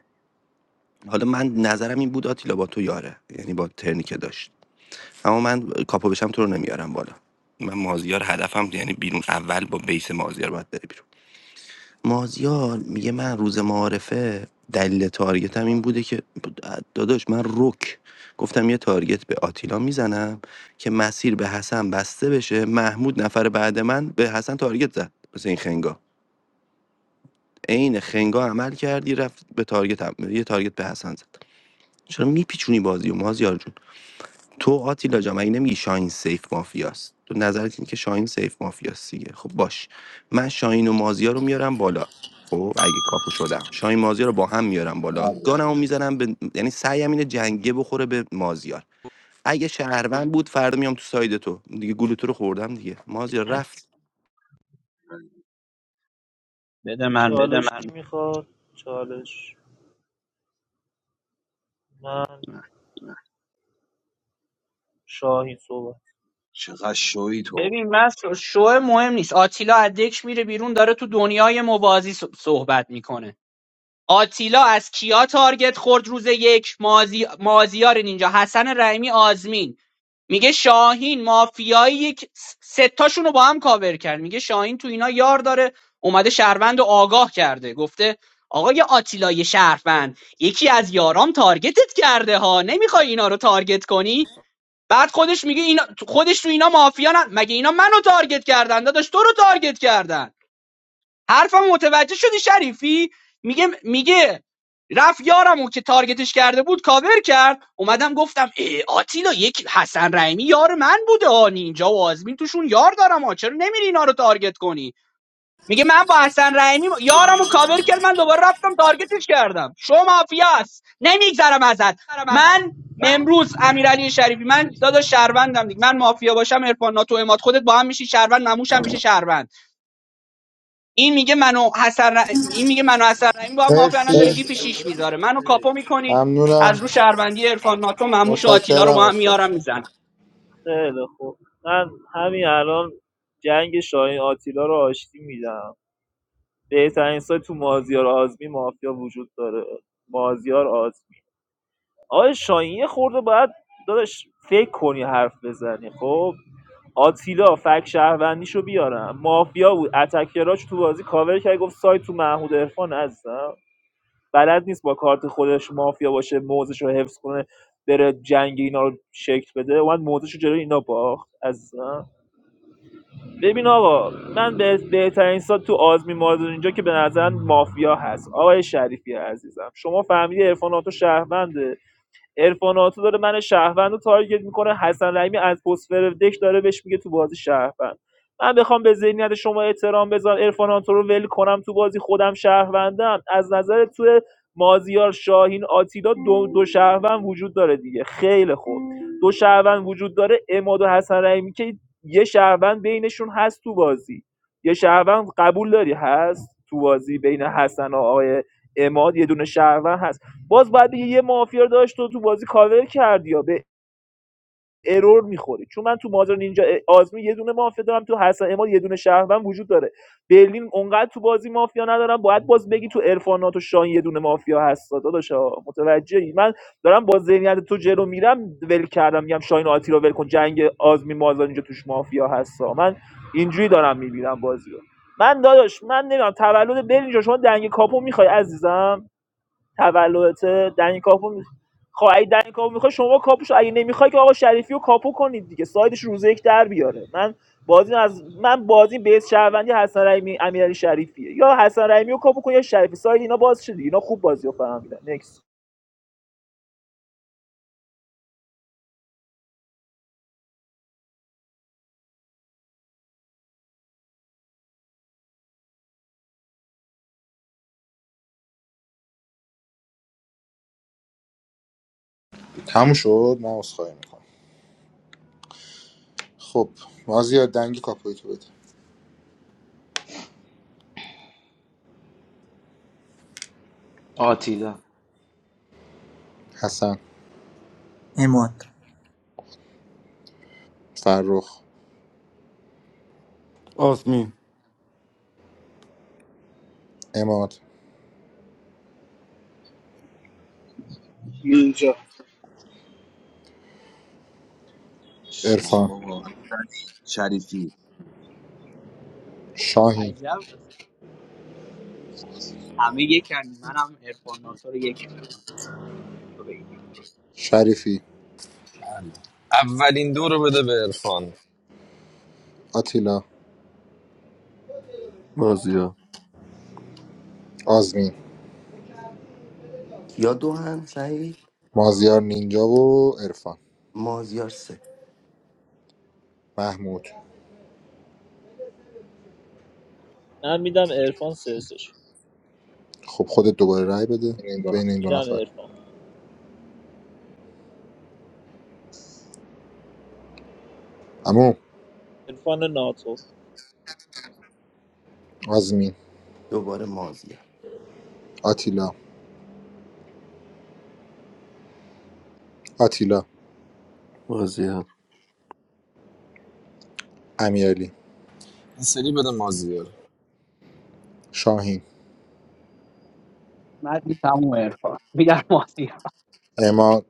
R: حالا من نظرم این بود آتیلا با تو یاره یعنی با ترنی که داشت اما من کاپو بشم تو رو نمیارم بالا من مازیار هدفم یعنی بیرون اول با بیس مازیار باید بره بیرون مازیار میگه من روز معارفه دلیل تارگتم این بوده که داداش من رک گفتم یه تارگت به آتیلا میزنم که مسیر به حسن بسته بشه محمود نفر بعد من به حسن تارگت زد مثل این خنگا. عین خنگا عمل کردی رفت به تارگت هم. یه تارگت به حسن زد چرا میپیچونی بازی مازیار جون تو آتیلا جا مگه نمیگی شاهین سیف مافیاست تو نظرت اینه که شاهین سیف مافیاست دیگه خب باش من شاهین و مازیار رو میارم بالا خب اگه کاپو شدم شاهین مازیار رو با هم میارم بالا گانمو میزنم به یعنی سعیم اینه جنگه بخوره به مازیار اگه شهروند بود فردا میام تو ساید تو دیگه گلوتو رو خوردم دیگه مازیار رفت
L: بده من
O: چالش کی میخواد چالش من شاهین صحبت
J: چقدر شوی تو
L: ببین من شو مهم نیست آتیلا از دکش میره بیرون داره تو دنیای موازی ص- صحبت میکنه آتیلا از کیا تارگت خورد روز یک مازی... مازیار اینجا حسن رحیمی آزمین میگه شاهین مافیایی یک س- ستاشون رو با هم کاور کرد میگه شاهین تو اینا یار داره اومده شهروند رو آگاه کرده گفته آقای آتیلا یه شهروند یکی از یارام تارگتت کرده ها نمیخوای اینا رو تارگت کنی بعد خودش میگه اینا خودش تو اینا مافیا نه مگه اینا منو تارگت کردن داداش تو رو تارگت کردن حرفم متوجه شدی شریفی میگه میگه رفت یارمو که تارگتش کرده بود کاور کرد اومدم گفتم ای آتیلا یک حسن رحیمی یار من بوده ها نینجا و آزمین توشون یار دارم ها چرا نمیری اینا رو تارگت کنی میگه من با حسن رحیمی یارمو کاور کرد من دوباره رفتم تارگتش کردم شو مافیاست نمیگذرم ازت من
O: من
L: امروز امیرعلی شریفی من دادا شهروندم دیگه من مافیا باشم عرفان ناتو اماد خودت با هم میشی شهروند نموشم میشه شهروند این میگه منو حسن ر- این میگه منو حسن رحیمی با هم مافیا
N: مرسی
L: الان داره گیف شیش میذاره منو کاپو میکنید
N: ممنونم
L: از رو شهروندی عرفان ناتو مموش و آتیلا رو
N: متشکرم
L: با هم
N: استاد
L: میارم میزنم
O: خیلی خوب من همین الان جنگ شاهین آتیلا رو آشتی میدم بهترین سایت تو مازیار آزمی مافیا وجود داره مازیار آزمی آقای شاهین یه خورده باید داداش فکر کنی حرف بزنی خب آتیلا فک شهروندیشو بیارم مافیا بود اتکراش تو بازی کاور کرد گفت سایت تو محمود عرفان عزیزم بلد نیست با کارت خودش مافیا باشه موزش رو حفظ کنه بره جنگ اینا رو شکل بده اومد موزش رو جلوی اینا باخت عزیزم ببین آقا من به بهترین سال تو آزمی مازون اینجا که به نظر مافیا هست آقای شریفی عزیزم شما فهمیدی عرفان آتو شهرونده عرفاناتو داره من شهروند رو تارگت میکنه حسن رحیمی از پسفر دک داره بهش میگه تو بازی شهروند من بخوام به ذهنیت شما احترام بذارم عرفاناتو رو ول کنم تو بازی خودم شهروندم از نظر تو مازیار شاهین آتیلا دو, دو شهروند وجود داره دیگه خیلی خوب دو شهروند وجود داره اماد و حسن رحیمی که یه شهروند بینشون هست تو بازی یه شهروند قبول داری هست تو بازی بین حسن و آقای اماد یه دونه شهروند هست باز باید بگی یه مافیا داشت و تو بازی کاور کردی یا به ارور میخوری چون من تو مازر نینجا آزمی یه دونه مافیا دارم تو حسن اماد یه دونه شهروند وجود داره برلین اونقدر تو بازی مافیا ندارم باید باز بگی تو عرفانات و شاهین یه دونه مافیا هست داداشا متوجهی من دارم با ذهنیت تو جلو میرم ول کردم میگم شاهین آتی رو ول کن جنگ آزمی مازر اینجا توش مافیا هستا من اینجوری دارم میبینم بازی رو من داداش من نمیدونم تولد برلین جان، شما دنگ کاپو میخوای عزیزم تولدته دنی کاپو می... خب اگه دنی کاپو میخوای شما کاپوش اگه نمیخوای که آقا شریفی رو کاپو کنید دیگه سایدش روز یک در بیاره من بازی از من بازی بیس شهروندی حسن رحیمی امیرعلی شریفیه یا حسن رحیمی رو کاپو کن یا شریفی ساید اینا باز شد دیگه اینا خوب بازی فهمیدن نکس
N: تموم شد من عذرخواهی میکنم خب مازیار دنگی کاپوی تو بده
D: آتیلا
N: حسن
E: اماد
N: فرخ
F: آزمین
N: اماد
K: اینجا
J: اسمان
N: عرفان
J: بابا شریفی
N: شاهین
L: عجب همه یکن منم عرفان ناتو رو یک میکنم
N: شریفی
T: اولین دو رو بده به عرفان
N: آتیلا
A: مازیا
N: آزمین
R: یا دو هم سعید
N: مازیار نینجا و عرفان
R: مازیار سه
N: محمود
O: من میدم عرفان سرسش
N: خب خودت دوباره رأی بده بین این دو
O: میدم
N: نفر
O: عرفان
N: عمو
O: عرفان ناتو
N: آزمین
R: دوباره مازیار
N: آتیلا آتیلا
A: مازیا
N: امیرعلی
T: این سری بده مازیار
N: شاهین اماد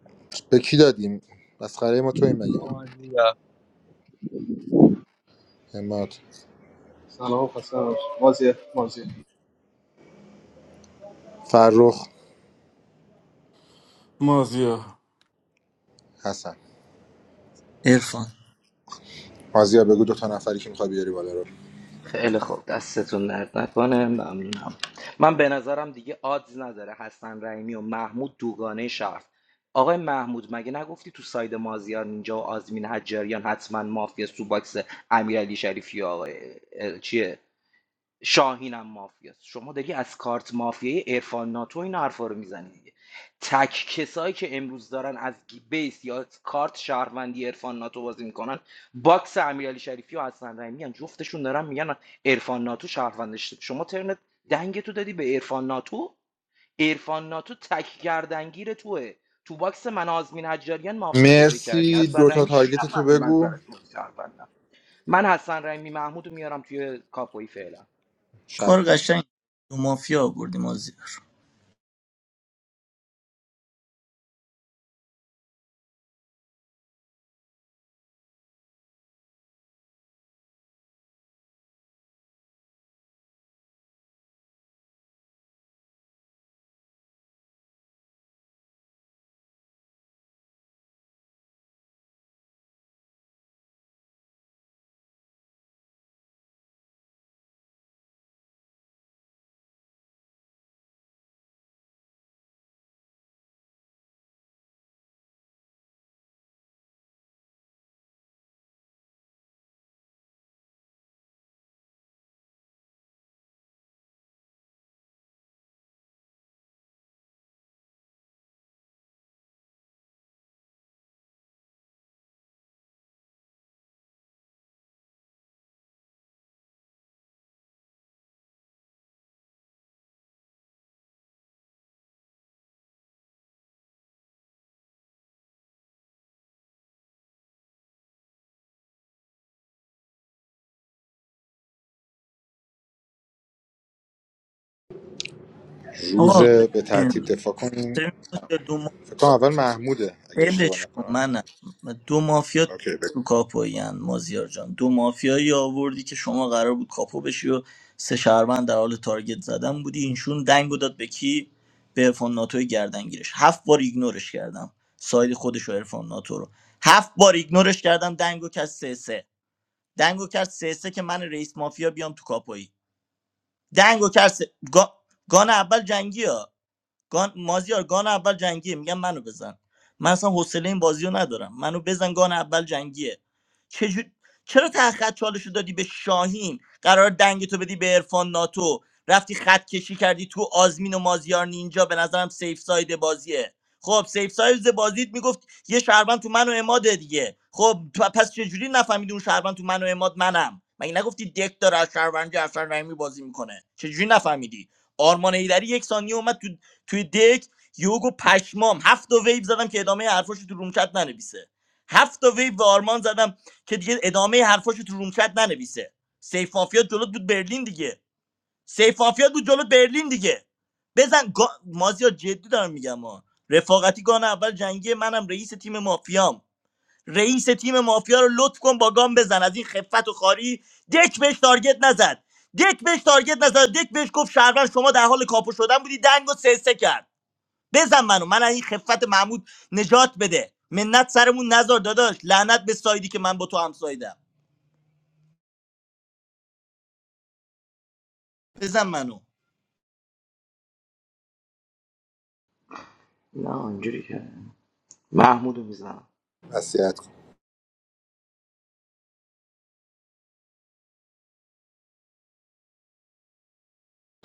N: به کی دادیم مسخره ما تو این مگه ما اماد
K: سلام خسته نباشید. بازی بازی
N: فرخ
F: مازیا
N: حسن
E: عرفان
N: مازیار بگو دو تا نفری که میخوای بیاری بالا رو
D: خیلی خوب دستتون درد نکنه ممنونم من به نظرم دیگه آدز نداره حسن رحیمی و محمود دوگانه شهر آقای محمود مگه نگفتی تو ساید مازیار نینجا و آزمین حجاریان حتما مافیا سوباکس امیرعلی شریفی و آقای اه، چیه شاهینم مافیاست شما داری از کارت مافیای عرفان ناتو این حرفا رو میزنی دیگه تک کسایی که امروز دارن از گی- بیس یا از کارت شهروندی عرفان ناتو بازی میکنن باکس امیرعلی شریفی و حسن رحیمی میگن جفتشون دارن میگن عرفان ناتو شهروندش شما ترنت دنگ تو دادی به عرفان ناتو عرفان ناتو تک گردنگیر توه تو باکس من و آزمین حجاریان مافیا پیدا کردی
N: مرسی دو
D: حسن
N: تا
D: رحیمی چجوری
N: تارگت تو
D: نفهمید من
N: بگو
D: براش بازی شهروندم من حسن رحیمی محمود رو میارم توی کاپوی فعلا
N: شب
E: کار قشنگ دو مافیا آوردی مازیار
N: روز
E: آقا
N: به ترتیب
E: ببین
N: دفاع کنیم
E: ببین مازیار، دو
N: فکر کنم اول محموده اگه اشتباه
E: ولش کن
N: نکنم
E: منم دو مافیا
N: اوکی بگو
E: تو کاپوی هن. مازیار جان دو مافیایی آوردی که شما قرار بود کاپو بشی و سه شهروند در حال تارگت زدن بودی اینشون دنگو داد به کی به عرفان ناتوی گردنگیرش هفت بار ایگنورش کردم ساید خودش و عرفان ناتو رو هفت بار ایگنورش کردم دنگو کرد سه سه دنگو کرد سه سه که من رئیس مافیا بیام تو کاپویی دنگو کرد سه... گا... گان اول جنگی گان مازیار گان اول جنگیه میگم منو بزن من اصلا حوصله این بازی رو ندارم منو بزن گان اول جنگیه چجور... چرا ته خط چالش رو دادی به شاهین قرار دنگ تو بدی به عرفان ناتو رفتی خط کشی کردی تو آزمین و مازیار نینجا به نظرم سیف ساید بازیه خب سیف ساید بازیت میگفت یه شهروند تو من و اماده دیگه خب پ- پس چجوری نفهمیدی اون شهروند تو من و اماد منم مگه نگفتی دک داره از شهروندی افشار رحیمی بازی میکنه چجوری نفهمیدی آرمان ایدری یک ثانیه اومد تو توی دک یوگو پشمام هفت تا ویو زدم که ادامه حرفاشو تو رومچت ننویسه هفت تا ویو به آرمان زدم که دیگه ادامه حرفاشو تو رومچت ننویسه سیف مافیا جلوت بود برلین دیگه سیف مافیا بود جلوت برلین دیگه بزن گا... مازیار جدی دارم میگم ما رفاقتی گان اول جنگی منم رئیس تیم مافیام رئیس تیم مافیا رو لطف کن با گام بزن از این خفت و خاری دک بهش تارگت نزد دک بهش تارگت نزد دک بهش گفت شهروند شما در حال کاپو شدن بودی دنگو سه سه کرد بزن منو من از این خفت محمود نجات بده منت سرمون نزار داداش لعنت به سایدی که من با تو هم سایدم بزن منو
D: نه اینجوری که محمودو میزنم
N: وصیت کن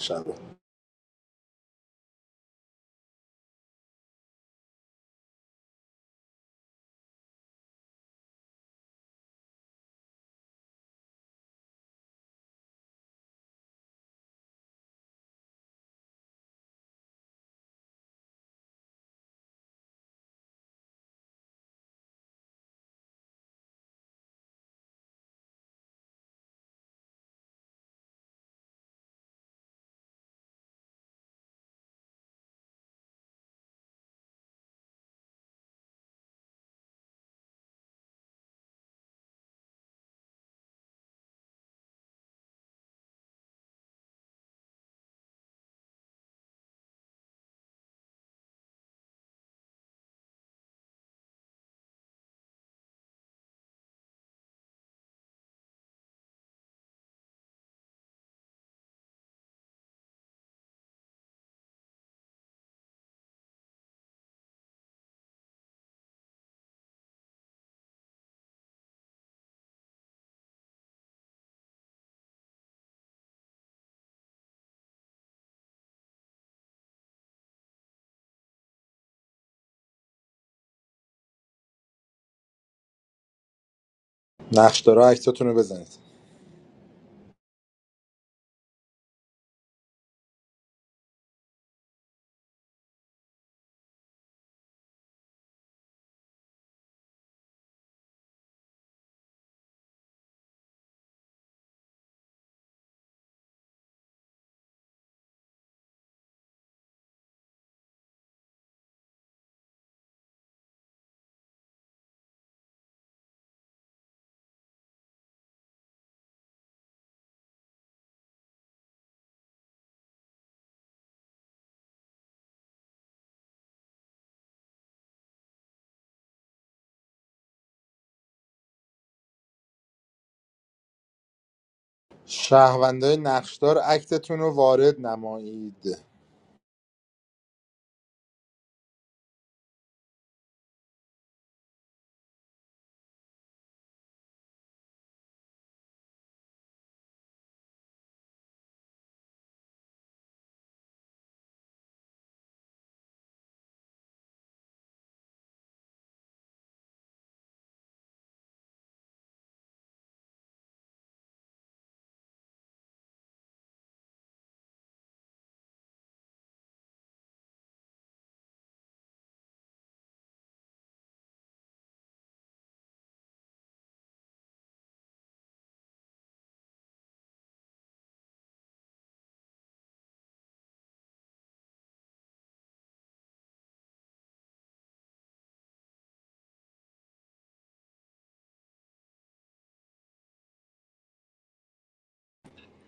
N: شب نقش داره عکساتون رو بزنید شهروندای نقشدار اکتتون رو وارد نمایید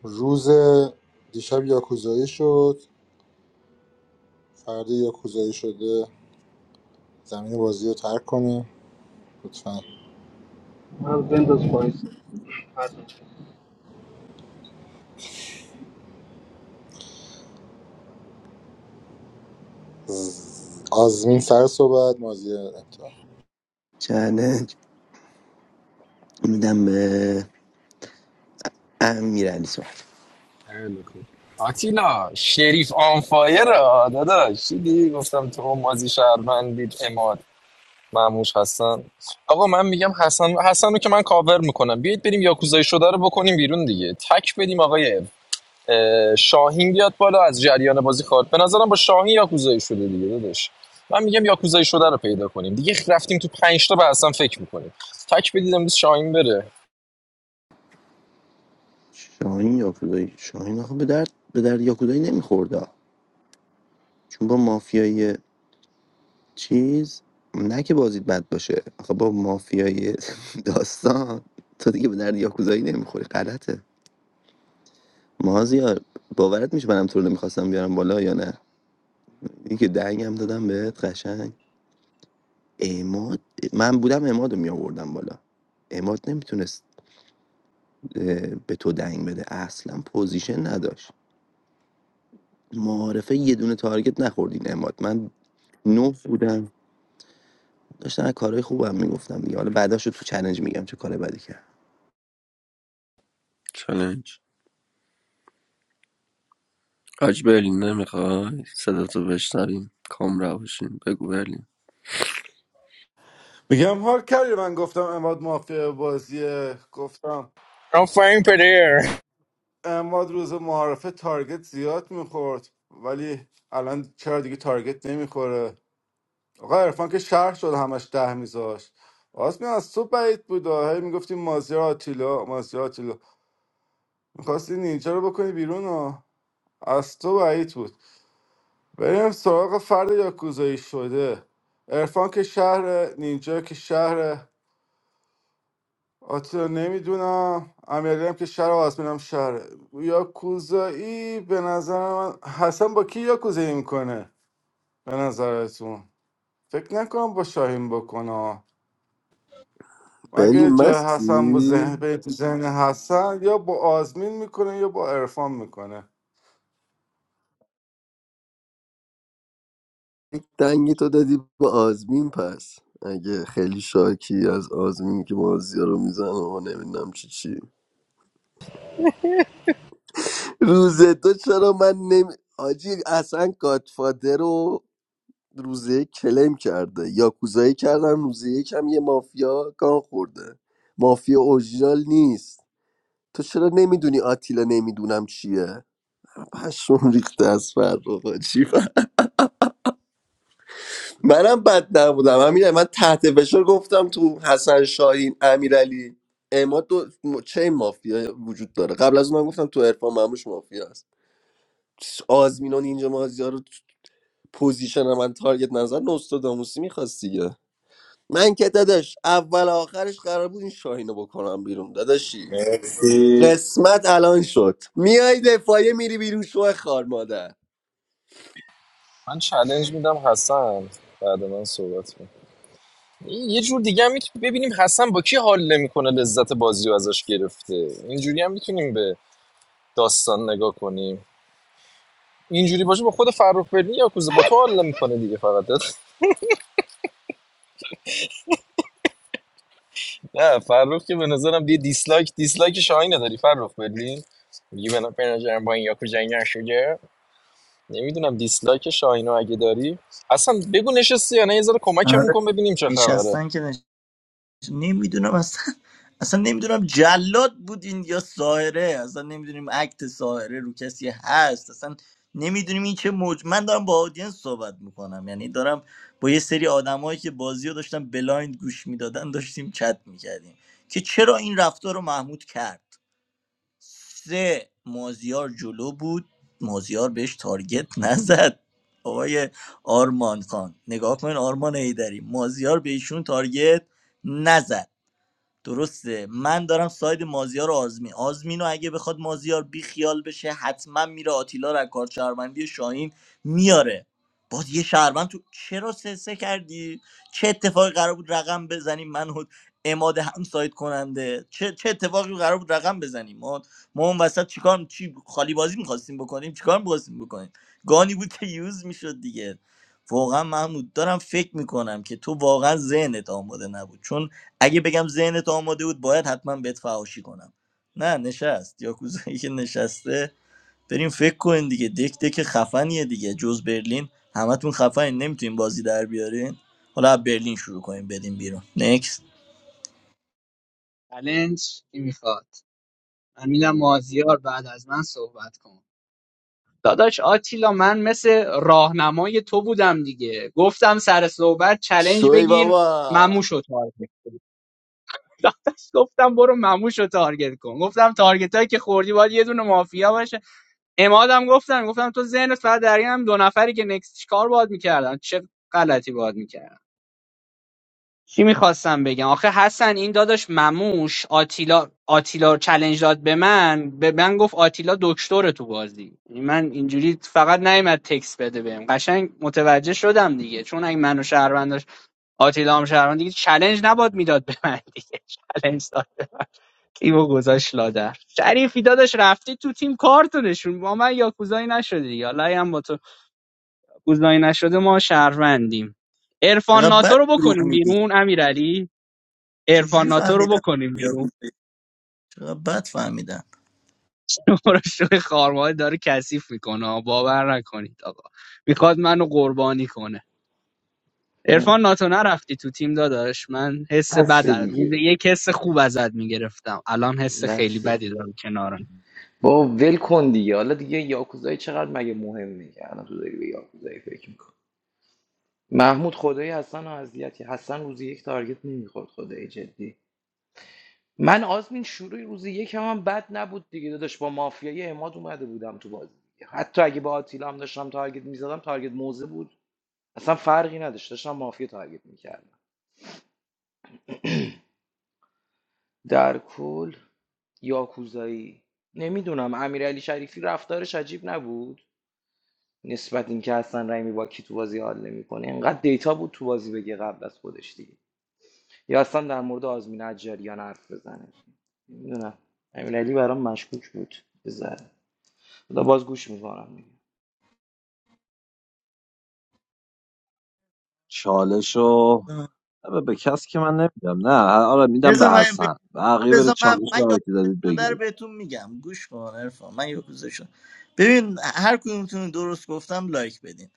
N: روز دیشب یاکوزایی شد فردا یاکوزایی شده زمین بازی رو ترک کنیم لطفا آزمین سر صحبت مازی انتها
R: میدم به امیر علی صحبت
T: خیلی خوب. آتیلا شریف آنفایر را داداش دیدی گفتم تو اون مازی شهروندید اماد معموش حسن آقا من میگم حسن حسن رو که من کاور میکنم بیایید بریم یاکوزای شده رو بکنیم بیرون دیگه تک بدیم آقای اه، شاهین بیاد بالا از جریان بازی خارج به نظرم با شاهین یاکوزایی شده دیگه داداش من میگم یاکوزایی شده رو پیدا کنیم دیگه رفتیم تو پنج تا به حسن فکر میکنیم تک بدید امروز شاهین بره
R: شاهین یاکودایی شاهین آخه به درد به درد یاکودایی نمیخورده چون با مافیای چیز نه که بازیت بد باشه آخه با مافیای داستان تو دیگه به درد یاکودایی نمیخوری غلطه مازیار باورت میشه منم تو رو نمیخواستم بیارم بالا یا نه این که دنگم دادم بهت قشنگ اماد من بودم اماد رو میآوردم بالا اماد نمیتونست به تو دنگ بده اصلا پوزیشن نداشت معارفه یه دونه تارگت نخوردین اماد من نه بودم داشتم از کارهای خوبم میگفتم دیگه حالا بعداشو تو چلنج میگم چه کار بدی کرد
A: چلنج حاج برلین نمیخوای صدا تو بشنویم کام روشیم بگو برلین
F: میگم حال کردی من گفتم اماد مافیا بازیه گفتم
T: I'm fine, player.
F: اماد روز معارفه تارگت زیاد میخورد ولی الان چرا دیگه تارگت نمیخوره آقا عرفان که شهر شد همش ده میذاشت آسمی از تو بعید بود آه. هی میگفتی مازیار آتیلا مازیار آتیلا میخواستی نینجا رو بکنی بیرون آه. از تو بعید بود بریم سراغ فرد یاکوزایی شده عرفان که شهر نینجا که شهر آتیا نمیدونم امیرعلی هم که شهر و آسمین هم شهر یاکوزایی به نظر من حسن با کی یاکوزایی میکنه به نظرتون فکر نکنم با شاهین بکنه
A: بلی
F: اگه جای حسن با
A: مستی
F: ذهن به ذهن حسن یا با آزمین میکنه یا با عرفان میکنه
A: یک دنگی تو دادی به آزمین پس اگه خیلی شاکی از آزمین که مازیا رو میزنه و نمیدونم چی چی روز تو چرا من نمی آجی اصلا گادفادر روزه یک کلیم کرده یاکوزایی کردن روزه یک هم یه مافیا گان خورده مافیا اورجینال نیست تو چرا نمیدونی آتیلا نمیدونم چیه پشم ریخته از فرق چی فرق؟ منم بد نبودم امیر من تحت فشار گفتم تو حسن شاهین امیرعلی اما دو م- چه مافیا وجود داره قبل از اون من گفتم تو عرفان مموش مافیا است آزمینان اینجا مازیار رو تو پوزیشن من تارگت نظر نوستاداموسی میخواست دیگه من که داداش اول آخرش قرار بود این شاهینو بکنم بیرون داداشی
N: مرسی
A: قسمت الان شد میای دفاعیه میری بیرون شو خار مادر
T: من چالش میدم حسن بعد من صحبت کنم. این یه جور دیگه هم میتونیم ببینیم حسن با کی حال نمیکنه لذت بازی رو ازش گرفته اینجوری هم میتونیم به داستان نگاه کنیم اینجوری باشه با خود فرخ برنی یا کوزه با تو حال میکنه دیگه فقط نه فرخ که به نظرم دیگه دیسلایک دیسلایک شاهی نداری فرخ برلین میگی به به نظرم با این یاکو جنگ نشده نمیدونم دیسلایک شاهینو اگه داری اصلا بگو نشستی یا نه یه ذره کمکمون
E: آره
T: کن ببینیم چه خبره
E: نشستن که نش... نمیدونم اصلا اصلا نمیدونم جلاد بودین یا ساهره اصلا نمیدونیم اکت ساهره رو کسی هست اصلا نمیدونیم این چه موج من دارم با آدینس صحبت میکنم یعنی دارم با یه سری آدمایی که بازی رو داشتن بلایند گوش میدادن داشتیم چت میکردیم که چرا این رفتار رو محمود کرد سه مازیار جلو بود مازیار بهش تارگت نزد آقای آرمان خان نگاه کن آرمان ایدری مازیار بهشون ایشون تارگت نزد درسته من دارم ساید مازیار و آزمین آزمینو اگه بخواد مازیار بی خیال بشه حتما میره آتیلا را کار شهروندی شاهین میاره باز یه شهروند تو چرا سسه کردی چه اتفاقی قرار بود رقم بزنیم من و اماد هم ساید کننده چه چه اتفاقی قرار بود رقم بزنیم ما ما اون وسط چیکار چی خالی بازی میخواستیم بکنیم چیکار میخواستیم بکنیم گانی بود که یوز میشد دیگه واقعا محمود دارم فکر میکنم که تو واقعا ذهنت آماده نبود چون اگه بگم ذهنت آماده بود باید حتما بهت فحاشی کنم نه نشست یاکوزایی که نشسته بریم فکر کنین دیگه دک دک خفنیه دیگه جز برلین همتون خفنین نمیتونین بازی در بیارین حالا از برلین شروع کنیم بدیم بیرون نکس
L: چلنج کی میخواد من میدم مازیار بعد از من صحبت کن داداش آتیلا من مثل راهنمای تو بودم دیگه گفتم سر صحبت چلنج
A: شوی
L: بگیر
A: بابا
L: مموشو تارگت کن داداش گفتم برو مموشو تارگت کن گفتم تارگت هایی که خوردی باید یه دونه مافیا باشه امادم گفتم گفتم تو ذهنت فقط در این هم دو نفری که نکس چیکار باید میکردن چه غلطی باید میکردن چی میخواستم بگم آخه حسن این داداش مموش آتیلا آتیلا چلنج داد به من به من گفت آتیلا دکتر تو بازی یعنی من اینجوری فقط نیومد تکس بده بهم قشنگ متوجه شدم دیگه چون اگه منو شهروند داشت آتیلا هم شهروند دیگه چلنج نباد میداد به من دیگه چلنج داد تیمو گذاشت لادر شریفی داداش رفتی تو تیم کارتو نشون با من یاکوزایی نشده دیگه حالا اگه هم با تو کوزایی نشده ما شهروندیم عرفان
E: چقدر
L: ناتو
E: بد
L: رو
E: دروغ
L: بکنیم
E: میگی
L: بیرون امیرعلی عرفان
E: چجوری
L: ناتو رو
E: فهمیدم
L: بکنیم بیرون
E: یاکوزایی چقدر بد فهمیدم
L: برو شوی خارماله داره کثیف میکنه باور نکنید آقا میخواد منو قربانی کنه عرفان ناتو نرفتی تو تیم داداش من حس
D: بس
L: بد از- روز
D: دیگه
L: یک حس خوب ازت میگرفتم الان حس خیلی
D: بس
L: بدی دارم کنارم
D: با ول کن دیگه حالا دیگه یاکوزایی چقدر مگه مهم میگه الان تو داری به یاکوزایی فکر میکن محمود خدایی حسن و اذیتی حسن روزی یک تارگت نمیخورد خدایی جدی من آزمین شروع روزی یک هم, هم بد نبود دیگه داداش با مافیای اماد اومده بودم تو بازی دیگه. حتی اگه با آتیلا هم داشتم تارگت میزدم تارگت موزه بود اصلا فرقی نداشت داشتم مافیا تارگت میکردم در کل یاکوزایی نمیدونم امیرعلی شریفی رفتارش عجیب نبود نسبت اینکه حسن رحیمی با کی تو بازی حال نمیکنه انقدر دیتا بود تو بازی بگه قبل از خودش دیگه یا اصلا در مورد آزمین اجریان حرف بزنه نمیدونم امیرعلی برام مشکوک بود بذار حالا باز گوش میکنم دیگه.
J: چالشو نه، به کسی که من نمیدم نه آره میدم
E: بذار
J: به
E: من بگم
J: حسن بقیه بره
E: بذار من
J: چالش
E: من
J: رو هر
E: یاکوزایی
J: کی دادید
E: شده رو
J: بگیرید
E: بهتون میگم گوش کن عرفان من یاکوزایی شده ببین هر کدومتون درست گفتم لایک بدین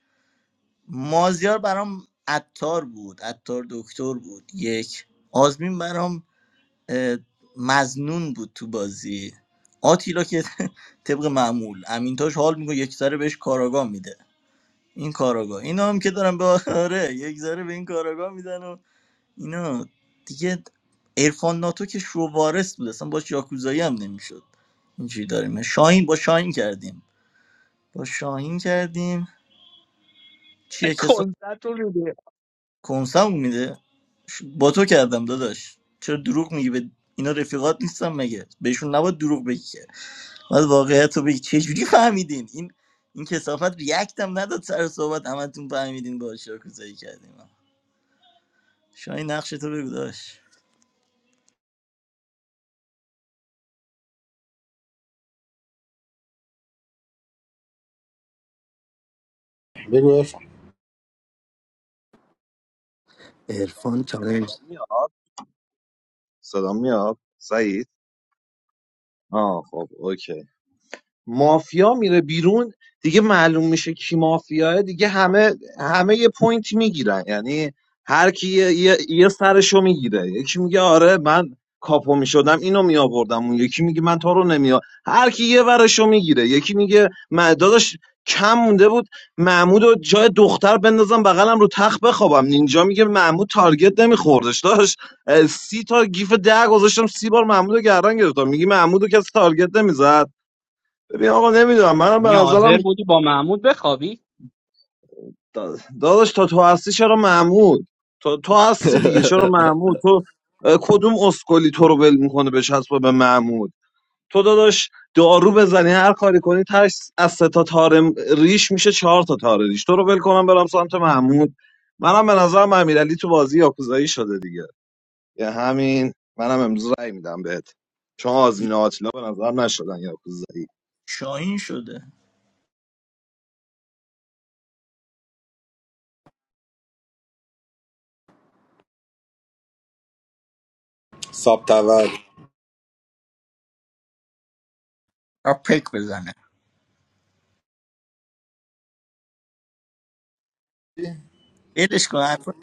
E: مازیار برام عطار بود عطار دکتر بود یک آزمین برام اه، مزنون بود تو بازی آتیلا که طبق معمول امینتاش حال میکنه یک ذره بهش کاراگاه میده این کاراگاه اینا هم که دارن به آره یک ذره به این کاراگاه میدن و اینا دیگه ارفان ناتو که شووارس بود اصلا باش یاکوزایی هم نمیشد اینجوری داریم شاهین با شاهین کردیم با شاهین کردیم چیه که
L: کنسرت رو میده
E: کنسم میده ش- با تو کردم داداش چرا دروغ میگی به اینا رفیقات نیستم مگه بهشون نباید دروغ بگی که باید واقعیت رو بگی چجوری فهمیدین این این کسافت ریاکت هم نداد سر صحبت همتون فهمیدین با شاکوزایی کردیم شاهین نقش تو بگو داش
N: بگو عرفان.
R: عرفان چالنج
J: صدا میاد صدا میاد؟ سعید آه خب اوکی مافیا میره بیرون دیگه معلوم میشه کی مافیاه دیگه همه همه یه پوینت میگیرن یعنی هر کی یه, یه, یه سرشو میگیره یکی میگه آره من کاپو میشدم اینو میآوردم اون یکی میگه من تو رو نمیآ هر کی یه ورشو میگیره یکی میگه من داداش کم مونده بود محمود و جای دختر بندازم بغلم رو تخت بخوابم نینجا میگه محمود تارگت نمیخوردش داشت سی تا گیف ده گذاشتم سی بار محمود رو گردن گرفتم میگی محمود رو کسی تارگت نمیزد ببین آقا نمیدونم منم به
L: یعنی
J: نظرم
L: حاضر بودی با محمود بخوابی
J: داداش تا تو هستی چرا محمود تا تو هستی دیگه چرا محمود تو اه، کدوم اسکلی تو رو ول میکنه به چسب به محمود تو داداش دارو بزنی هر کاری کنی تاش از سه تا تار ریش میشه چهار تا تار ریش تو رو ول کنم برم سمت محمود منم به نظرم امیرعلی تو بازی یاکوزایی شده دیگه یه همین منم امروز رأی میدم بهت چون آزمین
E: دی-
J: و آتیلا به نظرم نشدن یاکوزایی
E: شاهین شده
N: ساب تول
E: آ، پک بزنه ولش کن حرفا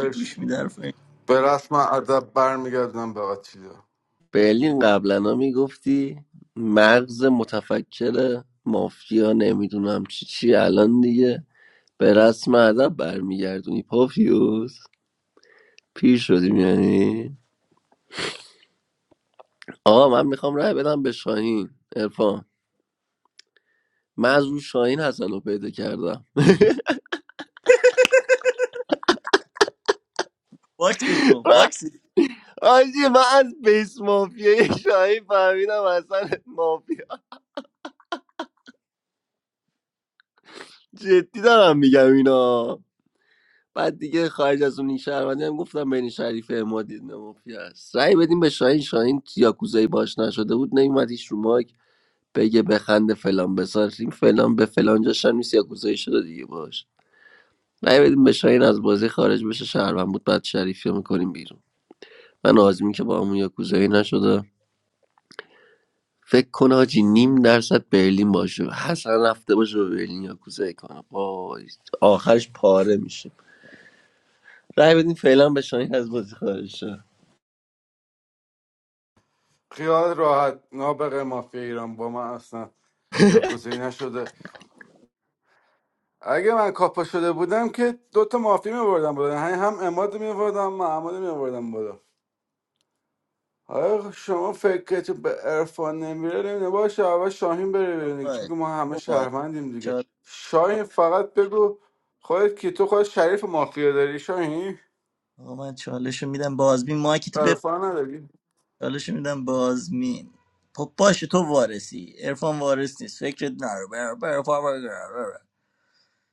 E: کی گوش میده حرفا این؟
F: به رسم ادب برمیگردم به آتیلا
A: برلین قبلا میگفتی مغز متفکر مافیا نمیدونم چی چی الان دیگه به رسم ادب برمیگردونی پافیوس پیر شدیم یعنی آقا من میخوام رای بدم به شاهین ارفان من از رو شاهین حسن رو پیدا کردم
E: باکسش کن باکس
A: آجی من از بیس مافیای شاهی فهمیدم اصلا مافیا جدی دارم میگم اینا بعد دیگه خارج از اون این شهروندی هم گفتم بین شریف امادی نه مافیا است رأی بدیم به شاهین شاهین یاکوزایی باش نشده بود نیومد هیچ رو ماک بگه بخنده فلان بسار این فلان به فلان جاش هم نیست یاکوزایی شده دیگه باش رأی بدیم به شاهین از بازی خارج بشه شهروند بود بعد شریفی رو میکنیم بیرون من آزمین که با همون یاکوزایی نشده فکر کن آجی نیم درصد برلین باشه حسن رفته باشه به برلین یا کوزه کنه وای آخرش پاره میشه رای بدین فعلا به شاهین از بازی خارج شه.
F: خیال راحت نابغه مافیا ایران با من اصلا یاکوزایی نشده اگه من کاپا شده بودم که دوتا مافیا میبردم بالا یعنی هم اماد میبردم هم محمد میبردم بالا آره شما فکر که به عرفان نمیره نمیده باشه اول شاهین بره بیرون دیگه. چون
E: بابا
F: که ما همه
E: تو بار
F: شهروندیم دیگه
E: چال
F: شاهین فقط بگو خودت که تو خود شریف مافیا داری شاهین
E: آقا من چالشو میدم به آزمین مایکی تو
F: عرفان نداری
E: چالش میدم بازمین خب باشه تو وارسی عرفان وارس نیست فکرت نرو بر- بر- بر- بر- بر- بر.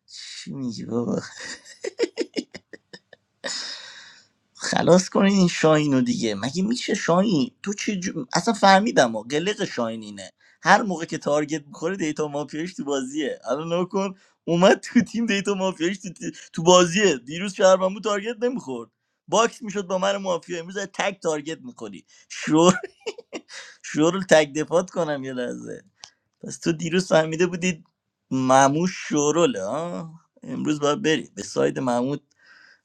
E: چی میگی بابا خلاص کنین این شاهینو دیگه مگه میشه شاهین تو چه جو... اصلا فهمیدم و قلق شاهین اینه هر موقع که تارگت میخوره دیتا مافیاش تو بازیه الان نگاه کن اومد تو تیم دیتا مافیاش تو, تی- تو بازیه دیروز شهرمن بود تارگت نمیخورد باکس میشد با من مافیا امروز از تک تارگت میخوری شور شور تک دفات کنم یه لحظه پس تو دیروز فهمیده بودی معموش شوروله ها امروز باید بری به ساید محمود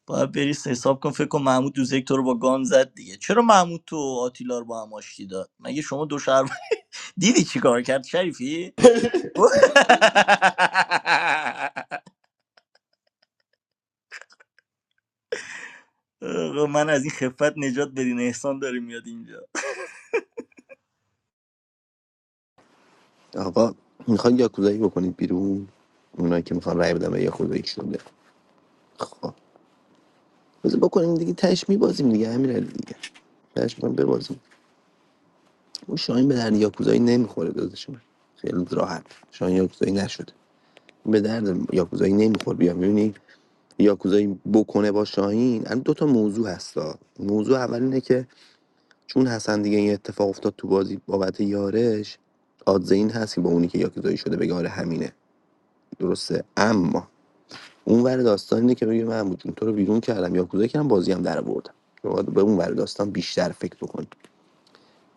E: باید بری حساب کن فکر کن محمود دوزک تو رو با گان زد دیگه چرا محمود تو آتیلا رو با هم آشتی داد مگه شما دو شهر دیدی چی کار کرد شریفی آقا، من از این خفت نجات بدین احسان داره میاد اینجا
R: آقا میخوان یاکوزایی بکنید بیرون اونایی که میخوان رای بدم به یاکوزایی شده خب بذار بکنیم دیگه تهش میبازیم دیگه همین دیگه تهش می‌کنم ببازیم اون شاهین به درد یاکوزایی نمیخوره داداش من خیلی راحت شاهین یاکوزایی نشده به درد یاکوزایی نمیخور بیا میبینی یاکوزایی بکنه با شاهین الان دو تا موضوع هستا موضوع اول اینه که چون حسن دیگه این اتفاق افتاد تو بازی بابت یارش آدزه این هست که با اونی که یاکوزایی شده بگه آره همینه درسته اما اون ور داستان اینه که بگه من جون تو رو بیرون کردم یاکوزایی کردم بازی هم در آوردم شما به اون ور داستان بیشتر فکر بکن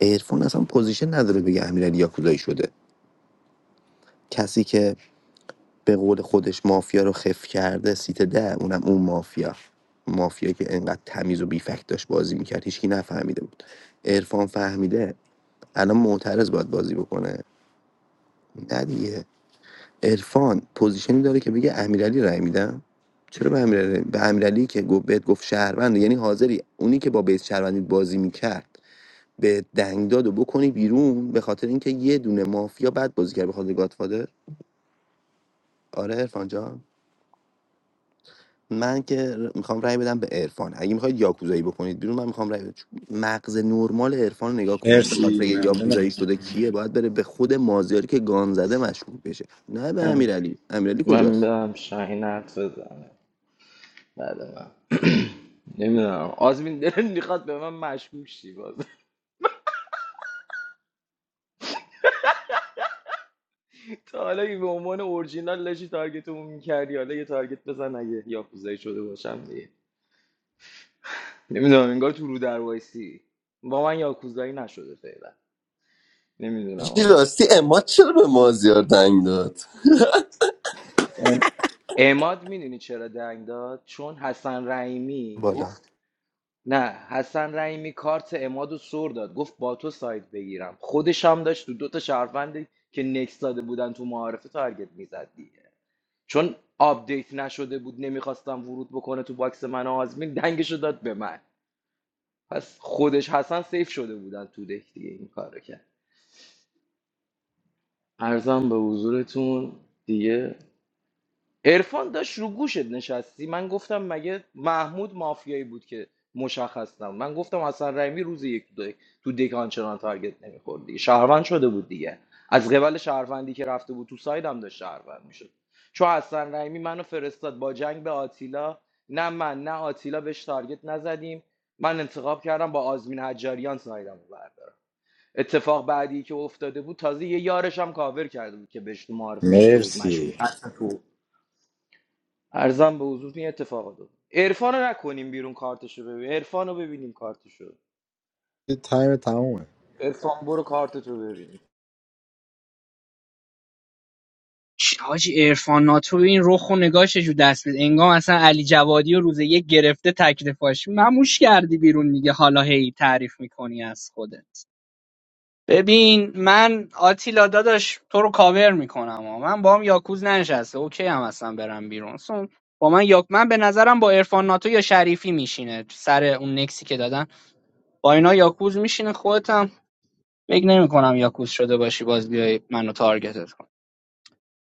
R: عرفان اصلا پوزیشن نداره بگه امیرعلی یاکوزایی شده کسی که به قول خودش مافیا رو خف کرده سیت ده اونم اون مافیا مافیا که انقدر تمیز و بیفکت داشت بازی میکرد هیچکی نفهمیده بود عرفان فهمیده الان معترض باید بازی بکنه نه دیگه عرفان پوزیشنی داره که بگه امیرعلی رای میدم چرا به امیرعلی به امیرعلی که گفت بهت گفت شهروند یعنی حاضری اونی که با بیس شهروندی بازی میکرد به دنگ داد بکنی بیرون به خاطر اینکه یه دونه مافیا بد بازی کرد به خاطر گاتفادر آره عرفان جان من که میخوام رأی بدم به عرفان اگه میخواید یاکوزایی بکنید بیرون من میخوام رأی بدم چون مغز نرمال عرفان رو نگاه کن بخواد
N: مرسی
R: بگه یاکوزایی
N: ممنونم
R: شده کیه باید بره به خود مازیاری که گان زده مشکوک بشه نه به
D: اه،
R: امیرعلی امیرعلی
D: من
R: کجاست
D: برم شاهین حرف بزنه بعد من نمیدونم آزمین دلم میخواد به من مشکوک شی باز تا حالا اگه به عنوان اورجینال لشی تارگتمون میکردی حالا یه تارگت بزن اگه یاکوزایی شده باشم دیگه نمیدونم انگار تو رو در وایسی با من یاکوزایی نشده فعلا نمیدونم
A: چی
D: حالا
A: راستی اما چرا به مازیار دنگ داد
D: ام، اعماد میدونی چرا دنگ داد چون حسن رحیمی
R: بالا
D: گفت نه حسن رحیمی کارت اماد رو سر داد گفت با تو ساید بگیرم خودش هم داشت تو دو تا شهروند که نکس داده بودن تو معارفه تارگت میزد دیگه. چون آپدیت نشده بود نمیخواستم ورود بکنه تو باکس من و آزمین دنگشو داد به من پس خودش حسن سیف شده بودن تو دک دیگه این کار رو کرد ارزم به حضورتون دیگه عرفان داشت رو گوشت نشستی من گفتم مگه محمود مافیایی بود که مشخص نبود من گفتم حسن رحیمی روز یک تو دک تو دک آنچنان تارگت نمیخورد دیگه شهروند شده بود دیگه از قبل شهروندی که رفته بود تو سایدم داشت شهروند میشد چون حسن رحیمی منو فرستاد با جنگ به آتیلا نه من نه آتیلا بهش تارگت نزدیم من انتخاب کردم با آزمین حجاریان سایدم رو بردارم اتفاق بعدی که افتاده بود تازه یه یارش هم کاور کرده بود که بهش تو معارفه گفته بود مشکوک
N: مرسی
D: حتی تو ارزم به حضور این اتفاق دو عرفان رو نکنیم بیرون کارتشو ببین عرفان رو ببینیم کارتشو
N: این تایم تمومه
D: عرفان برو کارتتو ببینیم
L: چی، حاجی عرفان ناتو این رخ و نگاهش جو دست بید انگام اصلا علی جوادی رو روز یک گرفته تکلیفاش مموش کردی بیرون دیگه حالا هی تعریف میکنی از خودت ببین من آتیلا داداش تو رو کاور میکنم من با هم یاکوز ننشسته اوکی هم هستم برم بیرون اصلا با من یاک من به نظرم با عرفان ناتو یا شریفی میشینه سر اون نکسی که دادن با اینا یاکوز میشینه خودت هم فکر نمیکنم یاکوز شده باشی باز بیای منو تارگتت کن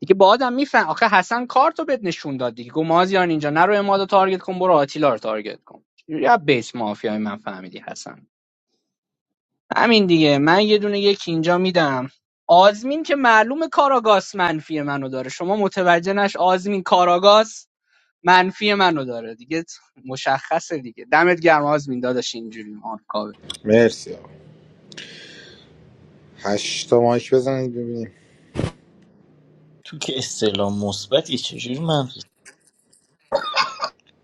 L: دیگه با آدم میفهم آخه حسن کارتو بد نشون داد دیگه گفت مازیار اینجا نرو امادو تارگت کن برو آتیلا رو تارگت کن یا بیس مافیای من فهمیدی حسن همین دیگه من یه دونه یک اینجا میدم آزمین که معلوم کاراگاس منفی منو داره شما متوجه نش آزمین کاراگاس منفی منو داره دیگه مشخصه دیگه دمت گرم آزمین داداش اینجوری آرکاوه
N: مرسی آقا هشت تا مایک بزنید ببینیم
E: تو که استعلام مثبتی چجوری منفی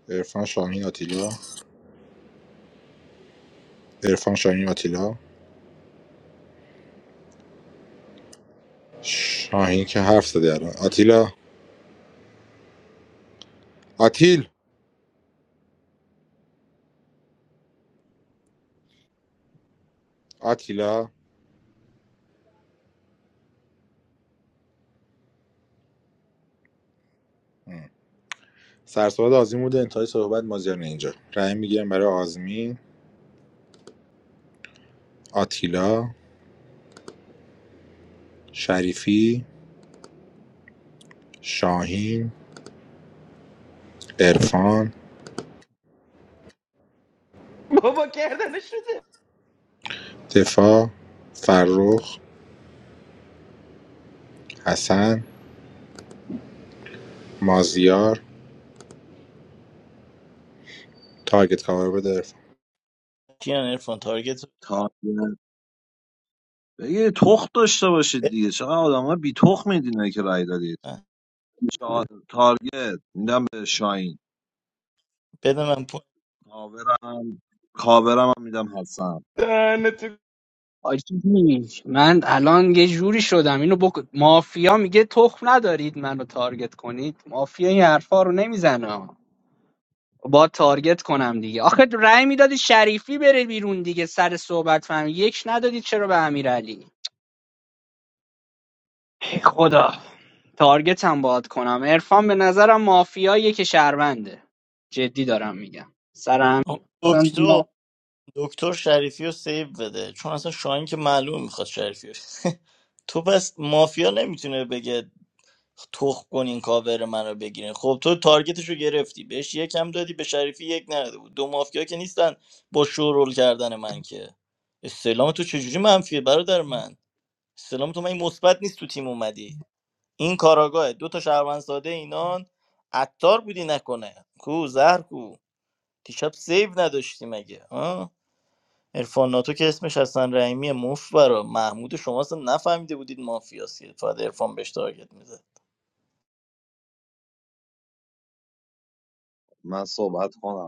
N: عرفان شاهین آتیلا عرفان شاهین آتیلا شاهین که حرف زده الان آتیلا آتیل آتیلا ام. سرصحبت آزمین بوده انتهای صحبت مازیار اینجا رأی میگیرم برای آزمین آتیلا شریفی شاهین عرفان
D: بابا کردن شده
N: دفاع فرخ حسن مازیار تارگت کاور بده عرفان
E: کیان ارفان تارگت رو
J: بگه تخم داشته باشید
E: بده
J: دیگه چقدر آدم ها بی تخم میدینه که رای دادید
E: من
J: چا- تارگت میدم به شاین
E: بده من پوینت.
J: کاورم کاورم هم میدم حسن
D: دهنه تو
L: آجی من الان یه جوری شدم اینو بک... مافیا میگه تخم ندارید منو تارگت کنید مافیا این حرفا رو نمیزنه با تارگت کنم دیگه آخه رأی میدادی شریفی بره بیرون دیگه سر صحبت فهم یک ندادید چرا به امیرعلی ای خدا تارگتم باهات کنم عرفان به نظرم مافیاییه که شهرونده جدی دارم میگم سر همین
E: آقا،
L: اصلا
E: دکتر
L: ما
E: دکتر شریفی رو سیو بده چون اصلا شاهین که معلوم میخواد شریفی رو. تو پس مافیا نمیتونه بگه تخ کنین کاور منو بگیرین خب تو تارگتش رو گرفتی بهش یکم دادی به شریفی یک نداده بود دو مافیا که نیستن با شورول کردن من که استعلام تو چجوری منفیه برادر من استعلام تو من این مثبت نیست تو تیم اومدی این کاراگاه دو تا شهروند ساده اینان عطار بودی نکنه کو زهر کو دیشب سیو نداشتی مگه عرفان ناتو که اسمش حسن رحیمی مفت برا محمود شما اصلا نفهمیده بودید مافیاست که فقط عرفان بهش تارگت میزد
J: من صحبت کنم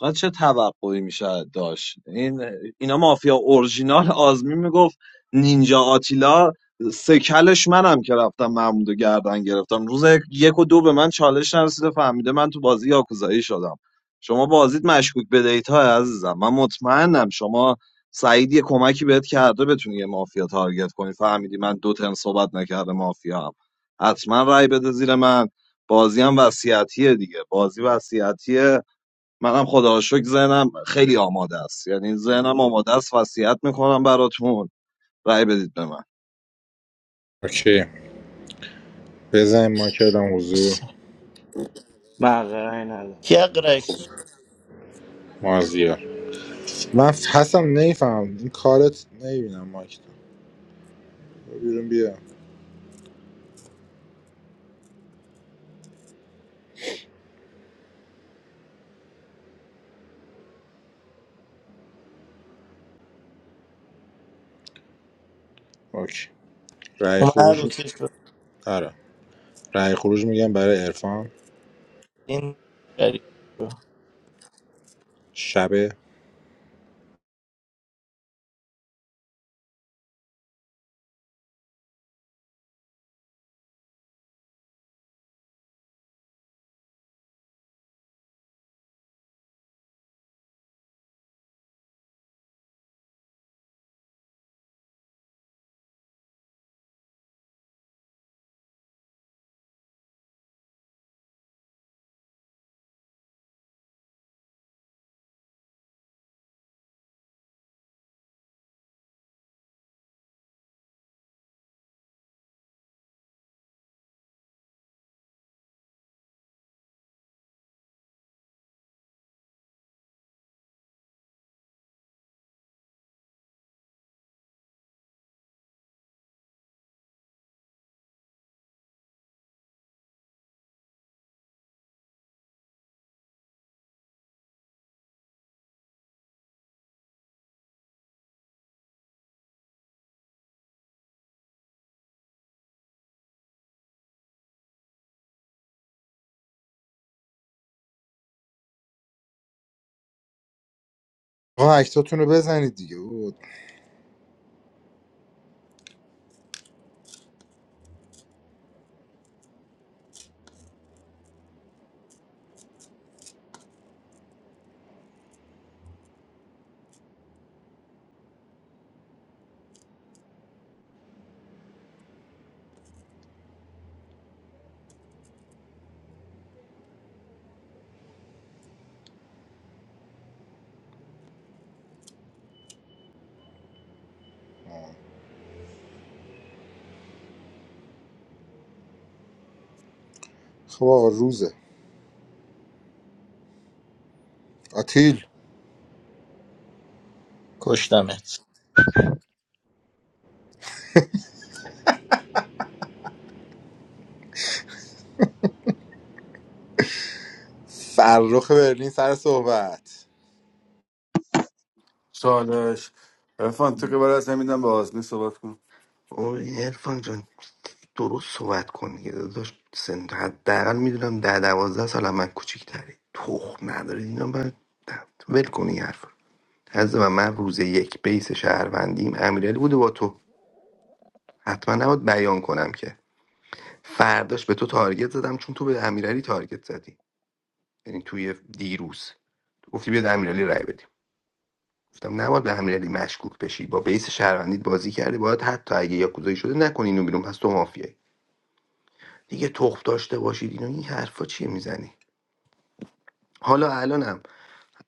J: آقا چه توقعی میشه داشت این اینا مافیا اورژینال آزمی میگفت نینجا آتیلا سکلش منم که رفتم محمودو گردن گرفتم روز یک یک و دو به من چالش نرسیده فهمیده من تو بازی یاکوزایی شدم شما بازیت مشکوک به دیتا عزیزم من مطمئنم شما سعید یه کمکی بهت کرده بتونی یه مافیا تارگت کنی فهمیدی من دو ترم صحبت نکرده مافیا هم حتما رای بده زیر من بازی هم وصیتیه دیگه بازی وصیتیه منم خدا رو شکر ذهنم خیلی آماده است یعنی ذهنم آماده است وصیت میکنم براتون رأی بدید به من
N: اوکی بزن ما کردم حضور
D: مقعی ندارم
E: کی اقرش
N: مازیار من حسن نیفهم این کارت نمیبینم مایک تو بیرون بیا اوکی رأی
E: اومد
N: خروج م-
E: اوکی شد
N: آره رأی خروج میگم برای عرفان
E: این غریب شد.
N: شب آقا اکتاتون رو بزنید دیگه بود خب آقا روزه آتیل
E: کشتمت
N: فرخ برلین سر صحبت
F: چالش عرفان تو که برای از نمیدم به آزمی صحبت کن
R: اون عرفان جان درست صحبت کن دیگه داداش سن حداقل میدونم ده دوازده سال هم من کوچیک‌تری تخم نداره اینا من ول کنی این حرف رو. از من من روز یک بیس شهروندیم امیرعلی بوده با تو حتما نباید بیان کنم که فرداش به تو تارگت زدم چون تو به امیرعلی تارگت زدی یعنی توی دیروز گفتی بیاد امیرعلی رای بدیم گفتم نباید به امیرعلی مشکوک بشی با بیس شهروندیت بازی کردی باید حتی اگه یاکوزایی شده نکنی اینو بیرون پس تو مافیایی دیگه تخم داشته باشید اینو این حرفا چیه میزنی حالا الانم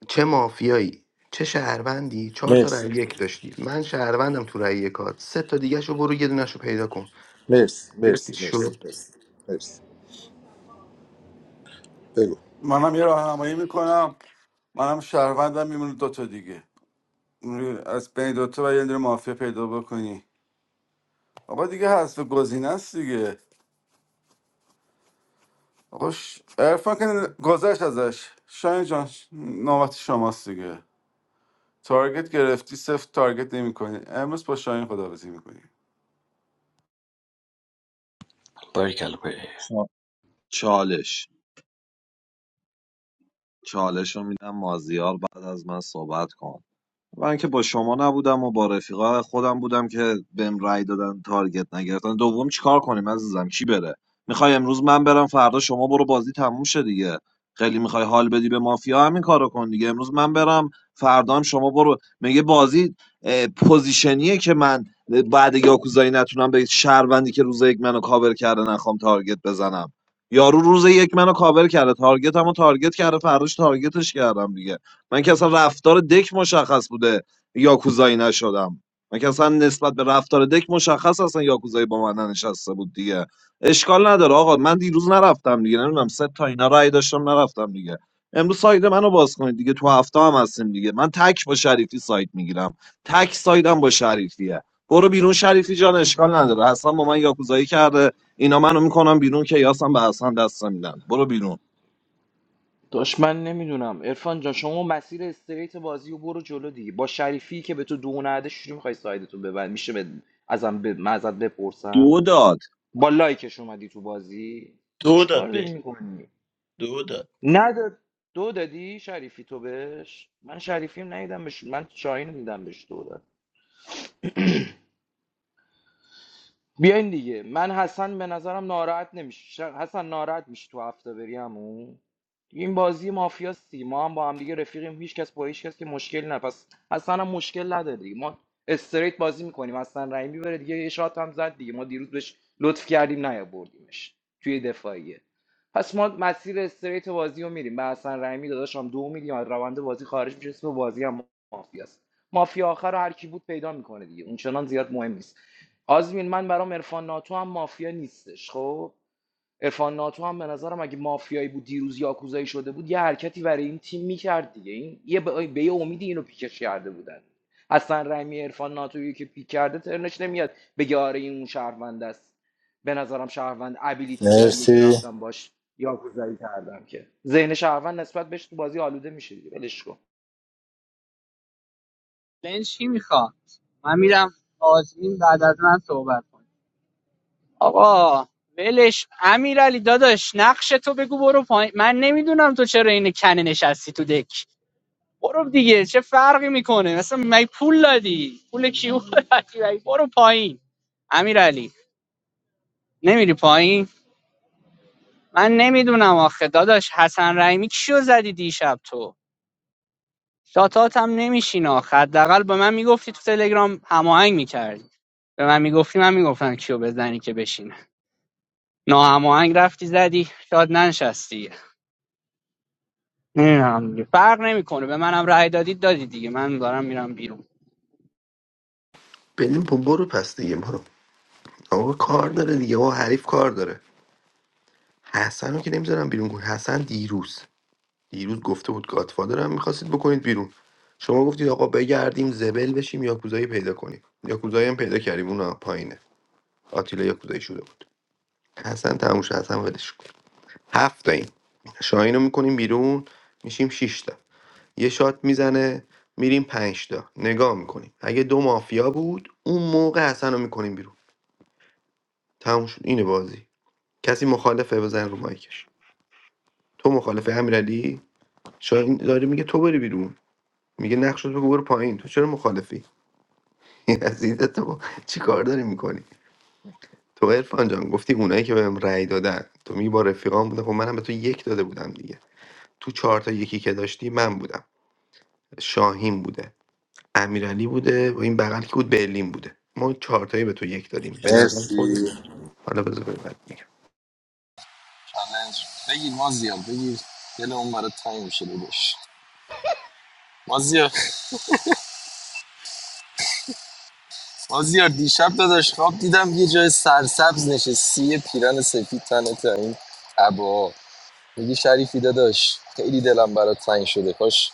R: چه مافیایی چه شهروندی چهار تا رای
N: مرسی
R: یک داشتی من شهروندم تو رای یکات سه تا دیگه شو برو یه دونه‌شو پیدا کن
N: مرسی
R: گرفتی
N: مرسی
R: چی
N: مرسی
R: شد
N: مرسی مرسی بگو
F: منم یه راهنمایی میکنم منم شهروندم میمونه دوتا دیگه از بین دوتا و یه دونه مافیا پیدا بکنی آقا دیگه حذف گزینه است دیگه آقا ش... عرفان که گذشت ازش شاین جان ش- نوبت شماست دیگه تارگت گرفتی صفر تارگت نمی کنی امروز با شاین خداحافظی میکنی
E: باریکلا باری
J: چا- چالش چالش رو میدم مازیار بعد از من صحبت کن من که با شما نبودم و با رفیقا خودم بودم که بهم رأی دادن تارگت نگرفتن دوم چیکار کنیم عزیزم کی بره میخوای امروز من برم فردا شما برو بازی تموم شه دیگه خیلی میخوای حال بدی به مافیا همین کارو کن دیگه امروز من برم فردا هم شما برو میگه بازی اه، پوزیشنیه که من بعد یاکوزایی نتونم به شهروندی که روز یک منو کاور کرده نخوام تارگت بزنم یارو روز یک منو کاور کرده تارگت همو تارگت کرده فرداش تارگتش کردم دیگه من که اصلا رفتار دک مشخص بوده یاکوزایی نشدم من که اصلا نسبت به رفتار دک مشخص اصلا یاکوزایی با من ننشسته بود دیگه اشکال نداره آقا من دیروز نرفتم دیگه نمیدونم سه تا اینا رأی داشتم نرفتم دیگه امروز ساید منو باز کنید دیگه تو هفته هم هستیم دیگه من تک با شریفی ساید میگیرم تک سایدم با شریفیه برو بیرون شریفی جان اشکال نداره حسن با من یاکوزایی کرده اینا منو میکنم بیرون که یاسم به حسن دست میدن برو بیرون
D: داشت من نمیدونم عرفان جان شما مسیر استریت بازی و برو جلو دیگه با شریفی که به تو دو نده شروع میخوای سایدتو ببند میشه به ازم به من ازت بپرسم
J: دو داد
D: با لایکش اومدی تو بازی
E: دو
D: چیکار
E: داد
D: داری
E: به
D: میکنی
E: دو داد
D: نداد دو دادی شریفی تو بهش من شریفیم ندیدم بهش من شاهین رو دیدم بهش دو داد بیاین دیگه من حسن به نظرم ناراحت نمیشه حسن ناراحت میشه تو هفته بری همون دیگه این بازی مافیاست دیگه ما هم با هم دیگه رفیقیم هیچ کس با هیچ کس که مشکل نه پس حسن هم مشکل نداره دیگه ما استریت بازی میکنیم حسن رحیمی بره دیگه یه شات هم زد دیگه ما دیروز بهش لطف کردیم نیاوردیمش توی دفاعیه پس ما مسیر استریت بازی رو میریم به حسن رحیمی داداشم دو میلیون از روند بازی خارج میشه اسم بازی هم مافیاست مافیا آخر رو هر کی بود پیدا میکنه دیگه اونچنان زیاد مهم نیست آزمین من برام عرفان ناتو هم مافیا نیستش خب عرفان ناتو هم به نظرم اگه مافیایی بود دیروز یاکوزایی شده بود یه حرکتی برای این تیم میکرد دیگه این یه به, به یه امیدی اینو پیکش کرده بودن حسن رحیمی عرفان ناتویی که پیک کرده ترنش نمیاد بگه آره این اون شهروند است به نظرم شهروند ابیلیتی داریه که
N: مرسی
D: رفتم باش یاکوزایی کردم که ذهن شهروند نسبت بهش تو بازی آلوده میشه دیگه ولش کن
L: پلن چی میخواد من میرم آزمین بعد از من صحبت کن آقا ولش امیرعلی داداش نقش تو بگو برو پایین من نمیدونم تو چرا این کنه نشستی تو دک برو دیگه چه فرقی میکنه مثلا می پول دادی پول کیو دادی مگه برو پایین امیرعلی نمیری پایین من نمیدونم آخه داداش حسن رحیمی کیو زدی دیشب تو شاتات هم نمیشین آخه حداقل به من میگفتی تو تلگرام هماهنگ میکردی به من میگفتی من میگفتم کیو بزنی که بشینه ناهماهنگ رفتی زدی شاد ننشستی نمیدونم دیگه فرق نمیکنه به منم رأی دادی دادی دیگه من دارم میرم بیرون
R: بریم برو پس دیگه برو آقا کار داره دیگه آقا حریف کار داره حسن رو که نمیذارم بیرون کن حسن دیروز دیروز گفته بود گادفادرم میخواستید بکنید بیرون شما گفتید آقا بگردیم زبل بشیم یاکوزایی پیدا کنیم یاکوزایی هم پیدا کردیم اون پایینه آتیلا یاکوزایی شده بود حسن تموش حسن ولش کن هفت تا این شاهین رو میکنیم بیرون میشیم 6 تا یه شات میزنه میریم 5 تا نگاه میکنیم اگه دو مافیا بود اون موقع حسن رو میکنیم بیرون تموم شد اینه بازی کسی مخالفه بزن رو مایکش تو مخالفه امیرعلی شاهین داره میگه تو بری بیرون میگه نقش بگو برو پایین تو چرا مخالفی یزید تو چی کار داری میکنی تو عرفان جان گفتی اونایی که بهم رأی دادن تو می با رفیقان بودن خب منم به تو یک داده بودم دیگه تو چهار تا یکی که داشتی من بودم شاهین بوده امیرعلی بوده و این بغل که بود برلین بوده ما چهار تایی به تو یک دادیم به نظر
N: مرسی
R: خودی حالا بذار ببر میگم
T: چالش بگیر ما زیاد بگیر دل اون برات تنگ میشه داداش. مازیار مازیار دیشب داداش خواب دیدم یه جای سرسبز نشستی یه پیرن سفید تنه تا این عبا میگی شریفی داداش خیلی دلم برات تنگ شده کاش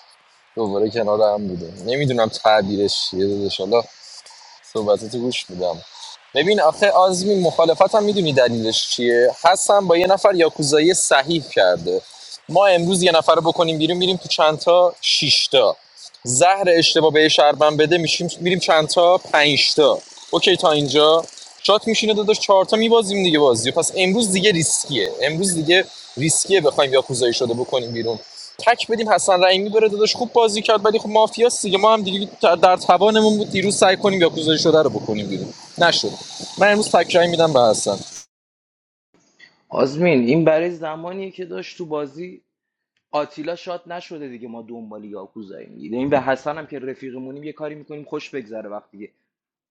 T: دوباره کنار هم بوده نمیدونم تعبیرش چیه داداش حالا صحبتاتو گوش میدم ببین آخه آزمین مخالفت هم میدونی دلیلش چیه حسن با یه نفر یاکوزایی صحیح کرده ما امروز یه نفر رو بکنیم بیرون میریم تو چند تا شیشتا زهر اشتباه به شربن بده میشیم میریم چند تا پنجتا اوکی تا اینجا شات میشینه داداش چهار تا میبازیم دیگه بازیو. پس امروز دیگه ریسکیه امروز دیگه ریسکیه بخوایم یاکوزایی شده بکنیم بیرون تک بدیم حسن رحیمی بره داداش خوب بازی کرد ولی خب مافیاست دیگه ما هم دیگه در- در توانمون بود دیروز سعی کنیم یاکوزایی شده رو بکنیم بیرون نشد من امروز تک رأی میدم به حسن
D: آزمین این برای زمانیه که داشت تو بازی آتیلا شاد نشده دیگه ما دنبال یاکوزاییم این به حسن هم که رفیقمونیم یه کاری میکنیم خوش بگذره وقتی که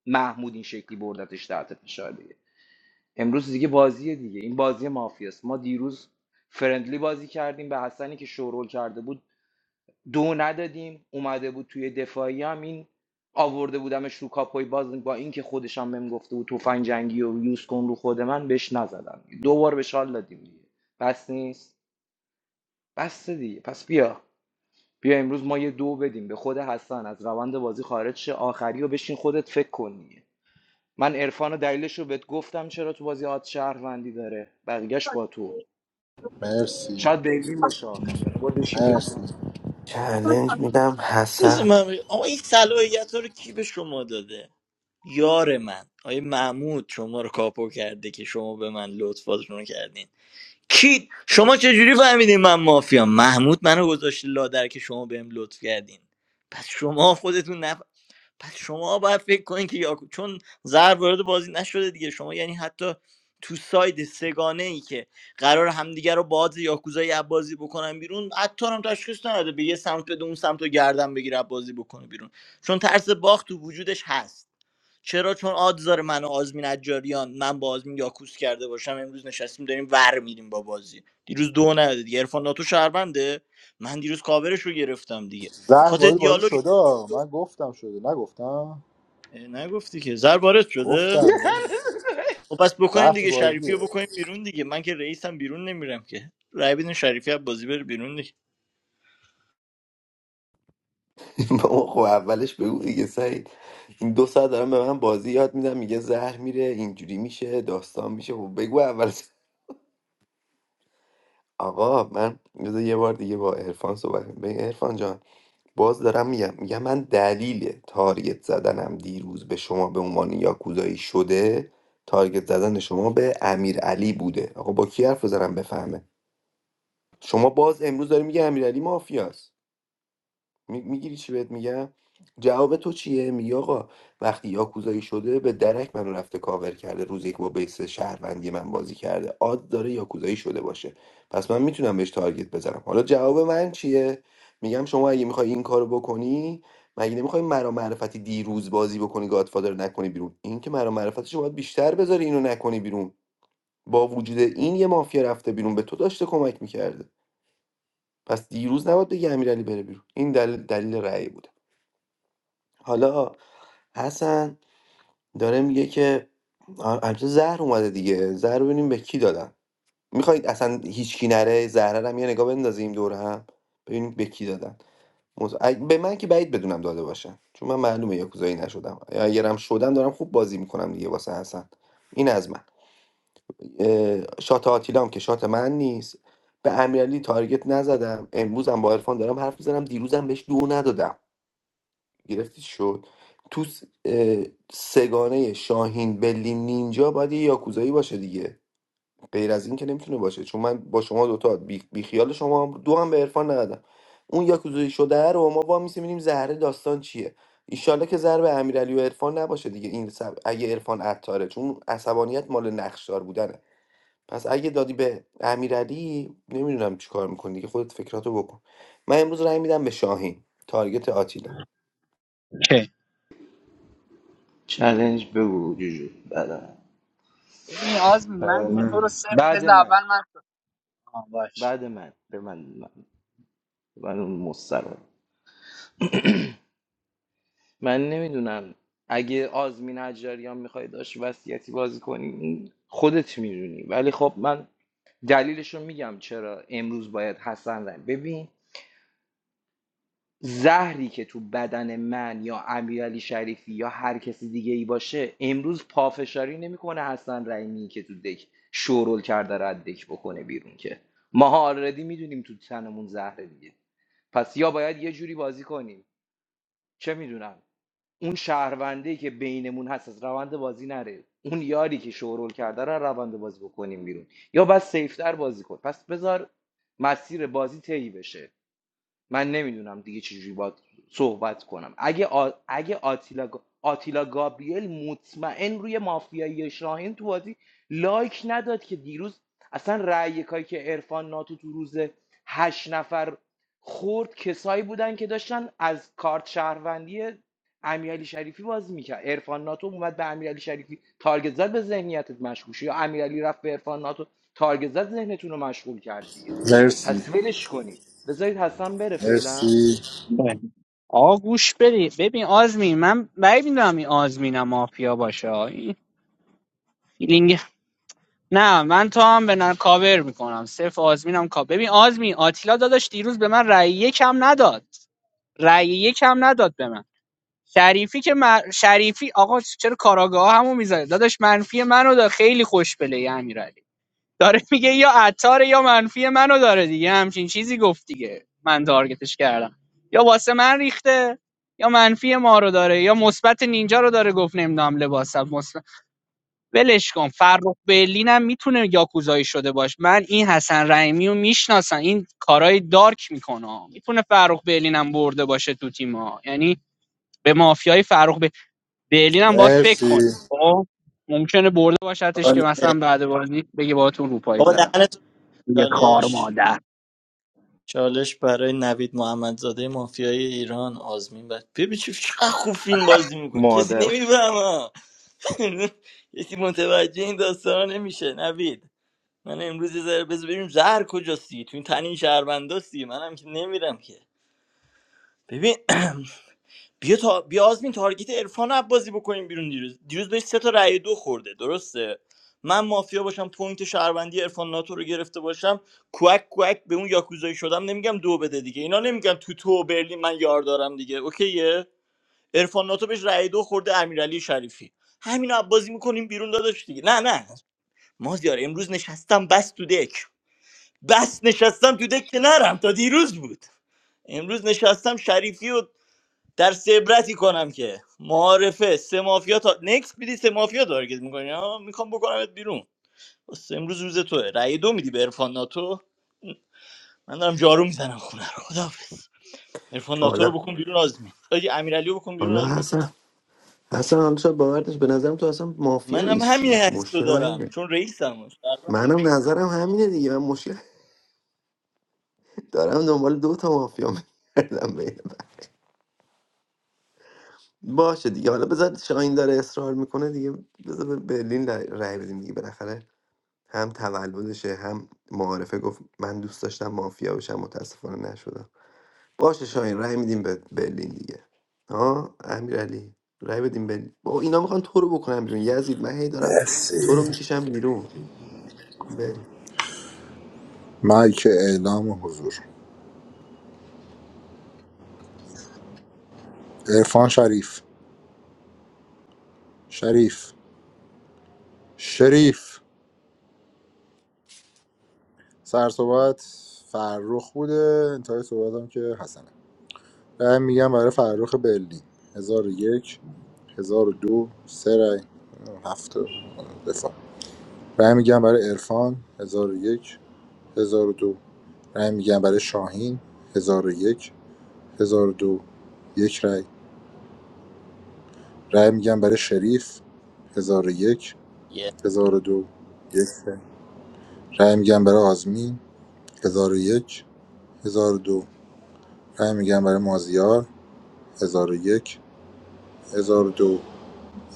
D: محمود این شکلی بردتش تحت فشار دیگه امروز دیگه بازیه دیگه این بازی مافیاست ما دیروز فرندلی بازی کردیم به حسنی که شورول کرده بود دو ندادیم اومده بود توی دفاعی هم این آورده بودمش رو کاپوی باز با اینکه خودش هم بهم گفته بود تفنگ جنگی و یوز کن رو خود من بهش نزدم دو بار بهش حال دادیم دیگه بس نیست بس دیگه پس بیا بیا امروز ما یه دو بدیم به خود حسن از روند بازی خارج شه آخری بشین خودت فکر کنی. من عرفان و دلیلش بهت گفتم چرا تو بازی آت شهروندی داره بقیهش با تو
N: مرسی
D: شاید بیلین باشه آخری حالا برو بشین فکر کن
N: مرسی
R: چلنج میدم
E: بذار
R: حسن
E: من بگم. آقا این صلاحیت ها رو کی به شما داده یار من آیه محمود شما رو کاپو کرده که شما به من لطفاتون رو کردین کی شما چجوری فهمیدین من مافیا محمود منو گذاشته لادر که شما بهم لطف کردین پس شما خودتون نف... پس شما باید فکر کنین که یاکو چون ضرب وارد بازی نشده دیگه شما یعنی حتی تو ساید سگانه ای که قرار همدیگه رو باز یاکوزای بازی بکنن بیرون حتی هم تشخیص نداده به یه سمت بده اون سمت رو گردن بگیره بازی بکنه بیرون چون ترس باخت تو وجودش هست چرا چون آدز داره من و آزمین اجاریان من با آزمین یاکوس کرده باشم امروز نشستیم داریم ور میریم با بازی دیروز دو نداده دیگه عرفان ناتو شهربنده من دیروز کاورش رو گرفتم دیگه به
N: زهر
E: خاطر
N: وارد بازی
E: دیالوگ
N: شده آه. من گفتم شده نگفتم
E: اه، نگفتی که زر وارد شده
N: گفتم بازی.
E: خب پس بکنین
N: زهر تو
E: دیگه شریفی
N: بازیه
E: رو بکنین بیرون دیگه من که رئیسم بیرون نمیرم که رای بدین شریفی از بازی بره بیرون دیگه
R: بابا خب اولش بگو دیگه سعید این دو ساعت دارم به من بازی یاد میدم میگه زهر میره اینجوری میشه داستان میشه خب بگو اول آقا من بذار یه بار دیگه با عرفان صحبت کنم ببین عرفان جان باز دارم میگم میگم من دلیل تارگت زدنم دیروز به شما به عنوان یاکوزایی شده تارگت زدن شما به امیر علی بوده آقا با کی حرف بزنم بفهمه شما باز امروز داری میگه امیر علی مافیاست می- میگیری چی بهت میگم جواب تو چیه میگی آقا وقتی یاکوزایی شده به درک منو رفته کاور کرده روز یک با بیس شهروندی من بازی کرده آد داره یاکوزایی شده باشه پس من میتونم بهش تارگت بزنم حالا جواب من چیه میگم شما اگه میخوای این کارو بکنی مگه نمیخوای مرا معرفتی دیروز بازی بکنی گادفادر رو نکنی بیرون این که مرا معرفتش باید بیشتر بذاری اینو نکنی بیرون با وجود این یه مافیا رفته بیرون به تو داشته کمک میکرده پس دیروز نباید بگی امیرعلی بره بیرون این دلیل دلیل رأی بود حالا حسن داره میگه که آ- البته زهر اومده دیگه زهر رو ببینیم به کی دادن میخواید اصلا هیچکی نره زهره رو هم یه نگاه بندازیم دور هم ببینیم به کی دادن مز- اگ- به من که بعید بدونم داده باشن چون من معلومه یاکوزایی نشدم اگرم شدم دارم خوب بازی میکنم دیگه واسه حسن این از من اه، شات آتیلام که شات من نیست به امیرعلی تارگت نزدم امروزم با عرفان دارم حرف میزنم دیروزم بهش دو ندادم گرفتی شد تو س- اه، سگانه شاهین بلی نینجا باید یه یاکوزایی باشه دیگه غیر از این که نمیتونه باشه چون من با شما دوتا بی, بی خیال شما هم- دو هم به عرفان ندادم اون یاکوزایی شده رو ما با میسیم ببینیم زهره داستان چیه ایشالله که ضرب امیرعلی و عرفان نباشه دیگه این سب... اگه عرفان عطاره چون عصبانیت مال نقشدار بودنه پس اگه دادی به امیرعلی نمیدونم چیکار میکنی دیگه خودت فکراتو بکن من امروز رأی میدم به شاهین تارگت آتیلا
L: اوکی
D: چالش بگو جوجو بعد من.
L: ببین آزمین من
D: بعد
L: که تو رو
D: من
L: صفر
D: بعد
L: بذار
D: من
L: اول من آه، باش
D: بعد من به من من, من اون مستر من نمیدونم اگه آزمین حجاریان میخوای داشت وصیتی بازی کنی این خودت میدونی ولی خب من دلیلش رو میگم چرا امروز باید حسن زن ببین زهری که تو بدن من یا امیرعلی شریفی یا هر کسی دیگه ای باشه امروز پافشاری نمیکنه حسن رحیمی که تو دک شورول کرده رد دک بکنه بیرون که ماها آلردی میدونیم تو تنمون زهره دیگه پس یا باید یه جوری بازی کنیم چه میدونم اون شهرونده که بینمون هست از روند بازی نره اون یاری که شورول کرده رو از روند بازی بکنیم بیرون یا بس سیفتر بازی کن پس بذار مسیر بازی طی بشه من نمیدونم دیگه چجوری باید صحبت کنم اگه, آ... اگه آتیلا... آتیلا گابریل مطمئن روی مافیایی شاهین تو بازی لایک نداد که دیروز اصلا رأی یکایی که عرفان ناتو تو روز هشت نفر خورد کسایی بودن که داشتن از کارت شهروندی امیرعلی شریفی بازی میکرد عرفان ناتو اومد به امیرعلی شریفی تارگت زد به ذهنیتت مشغول شد یا امیرعلی رفت به عرفان ناتو تارگت زد ذهنتون رو مشغول کرد دیگه
N: مرسی
D: پس ولش کنید بذارید حسن بره فعلا
N: مرسی
L: باش. آقا گوش بده ببین آزمین من بعید میدونم این آزمینم مافیا باشه آه. این نه من تو هم به نر کاور میکنم صرف آزمینم کاور ببین آزمین آتیلا داداش دیروز به من رأی یکم نداد رأی یکم نداد به من شریفی که من- شریفی آقا چرا کاراگاه همو میذاره داداش منفی منو داره خیلی خوش بله یه امیرعلی داره میگه یا عطار یا منفی منو داره دیگه همچین چیزی گفت دیگه من تارگتش کردم یا واسه من ریخته یا منفی ما رو داره یا مثبت نینجا رو داره گفت نمیدونم لباسم ولش کن فرخ برلین هم میتونه یاکوزایی شده باشه من این حسن رحیمی رو میشناسم این کارهای دارک میکنه میتونه فرخ برلین هم برده باشه تو تیم ها یعنی به مافیای فرخ ب- برلین هم باید فکر کنی
N: مرسی
L: خب ممکنه برده باشتش که
E: چاله.
L: مثلا بعد بازی بگه باهاتون روپایی
E: بابا
L: زدم
E: دهنتو ببند.
L: یه کار
E: چالش
L: مادر
E: چالش برای نوید محمدزاده مافیای ایران آزمین بعد ببین چه- چقدر خوب فیلم بازی میکنه کسی
D: مادر
E: نمیفهمه یکی متوجه این داستان نمیشه نوید من امروز یه ذره بذار ببینیم زهر کجاستی؟ دیگه تو این تن این شهرونداستی منم که نمیرم که ببین بیا تا بیا آزمین تارگت عرفان عباسی بکنیم بیرون دیروز دیروز بهش سه تا رأی دو خورده درسته من مافیا باشم پوینت شهروندی عرفان ناتو رو گرفته باشم کوک کوک به اون یاکوزایی شدم نمیگم دو بده دیگه اینا نمیگن تو تو و برلین من یار دارم دیگه اوکیه عرفان ناتو بهش رأی دو خورده امیرعلی شریفی همین عبازی میکنیم بیرون داداش دیگه نه نه مازیار امروز نشستم بس تو دک بس نشستم تو دک که نرم تا دیروز بود امروز نشستم شریفی و در عبرتی کنم که معارفه سه مافیا تا نکس میدی سه مافیا تارگت میکنی ها میخوام بکنمت بیرون بس امروز روز توه رأی دو میدی به عرفان ناتو من دارم جارو میزنم خونه رو خداحافظ عرفان ناتو رو بکن بیرون آزمین آجی امیرعلی رو بکن بیرون
R: حالا
E: آزمین
R: حسن حسن حالا شاید باور به نظرم تو اصلا مافیا
E: منم همین
R: نیستی آخه
E: حس رو
R: مشکل من
E: دارم
R: اینه
E: چون رئیسم
R: منم نظرم همینه دیگه من مشکل دارم دنبال دو تا مافیا میگردم بین. باشه دیگه حالا بذار شاهین داره اصرار میکنه دیگه بذار به برلین رای رای بدیم دیگه بالاخره هم تولدشه هم معارفه گفت من دوست داشتم مافیا بشم متاسفانه نشدم باشه شاهین رای میدیم به برلین دیگه ها امیرعلی رای بدیم برلین با اینا میخوان تو رو بکنم بیرون یزید من هی دارم
N: مرسی
R: تو رو میکشم بیرون بریم
N: مایک اعلام حضور عرفان شریف شریف شریف سر صحبت فرخ بوده انتهای صحبت هم که حسنه رأی میگم برای فرخ برلین هزار و یک هزار و دو سه رأی هفت دفاع رأی میگم برای عرفان هزار و یک هزار و دو رأی میگم برای شاهین هزار و یک هزار و دو یک رأی رأی میگم برای شریف هزار و یک
E: یه
N: هزار و دو یک رأی رأی میگم برای آزمین هزار و یک هزار و دو رای میگم برای مازیار 1001 1002 یک هزار و دو،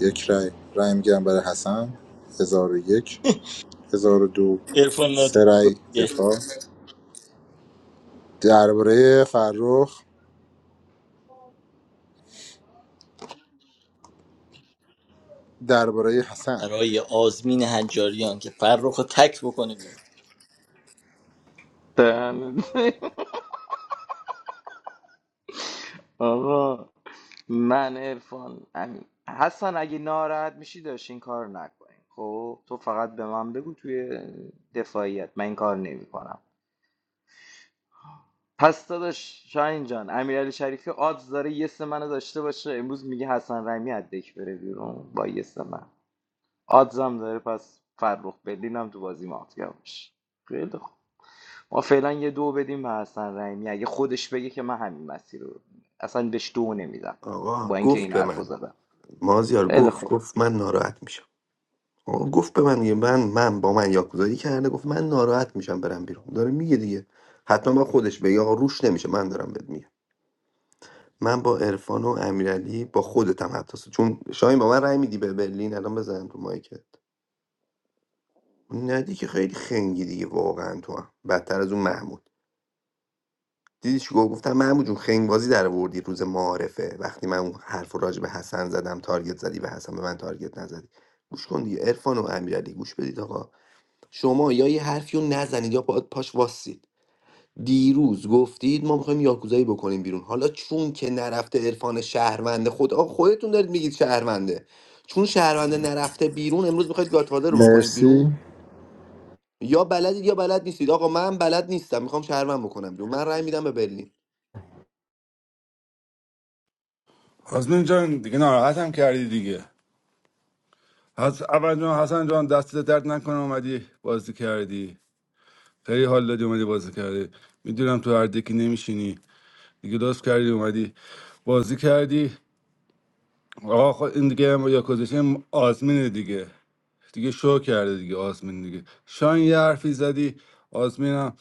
N: یک رای رای میگم برای حسن 1001 1002
E: عرفان
N: سه رای
E: ناتو
N: دفاع درباره فرخ درباره حسن
E: برای آزمین حجاریان که فرخ رو تک بکنه بیرون
D: دهن آقا من عرفان امین حسن اگه ناراحت میشی داشت این کار نکنیم خب تو فقط به من بگو توی دفاعیت من این کار نمیکنم پس داداش شاهین جان امیرعلی شریفی آدز داره یه سه منو داشته باشه امروز میگه حسن رحیمی از دک بره بیرون با یه سه من آدزم داره پس فرخ برلینم تو بازی مافیا باشه خیلی ما فعلا یه دو بدیم به حسن رحیمی اگه خودش بگه که من همین مسیر رو اصلا بهش دو نمیدم
R: آقا
D: با اینکه
R: گفت
D: این
R: به
D: حرفو
R: من
D: زدم
R: مازیار
D: خیلی
R: گفت
D: خوب
R: گفت من ناراحت میشم آقا گفت به من دیگه من من با من یاکوزایی کرده گفت من ناراحت میشم برم بیرون داره میگه دیگه حتما با خودش بگه آقا روش نمیشه من دارم بهت میگم من با عرفان و امیرعلی با خودتم حتی چون شاهین با من رأی میدی به برلین الان بزنم تو مایکت ندی که خیلی خنگی دیگه واقعا تو هم. بدتر از اون محمود دیدی چی گفت گفتم محمود جون خنگ بازی در آوردی روز معارفه وقتی من اون حرف رو راجع به حسن زدم تارگت زدی و حسن به من تارگت نزدی گوش کن دیگه عرفان و امیرعلی گوش بدید آقا شما یا یه حرفی رو نزنید یا پا- پاش واسید دیروز گفتید ما میخوایم یاکوزایی بکنیم بیرون حالا چون که نرفته عرفان شهرونده خود آقا خودتون دارید میگید شهرونده چون شهرونده نرفته بیرون امروز میخواید گاتفادر رو بکنید بیرون
N: مرسی
R: یا بلدید یا بلد نیستید آقا من بلد نیستم میخوام شهروند بکنم بیرون من رأی میدم به برلین
F: آزمین جان دیگه ناراحتم کردی دیگه حس... اول جان حسن جان دست درد نکنه اومدی بازی کردی خیلی حال دادی اومدی بازی کردی میدونم تو هر دکی نمیشینی دیگه لطف کردی اومدی بازی کردی آقا خود این دیگه یا کوزیشن آزمینه دیگه دیگه شو کرده دیگه آزمین دیگه شاین یه حرفی زدی آزمینم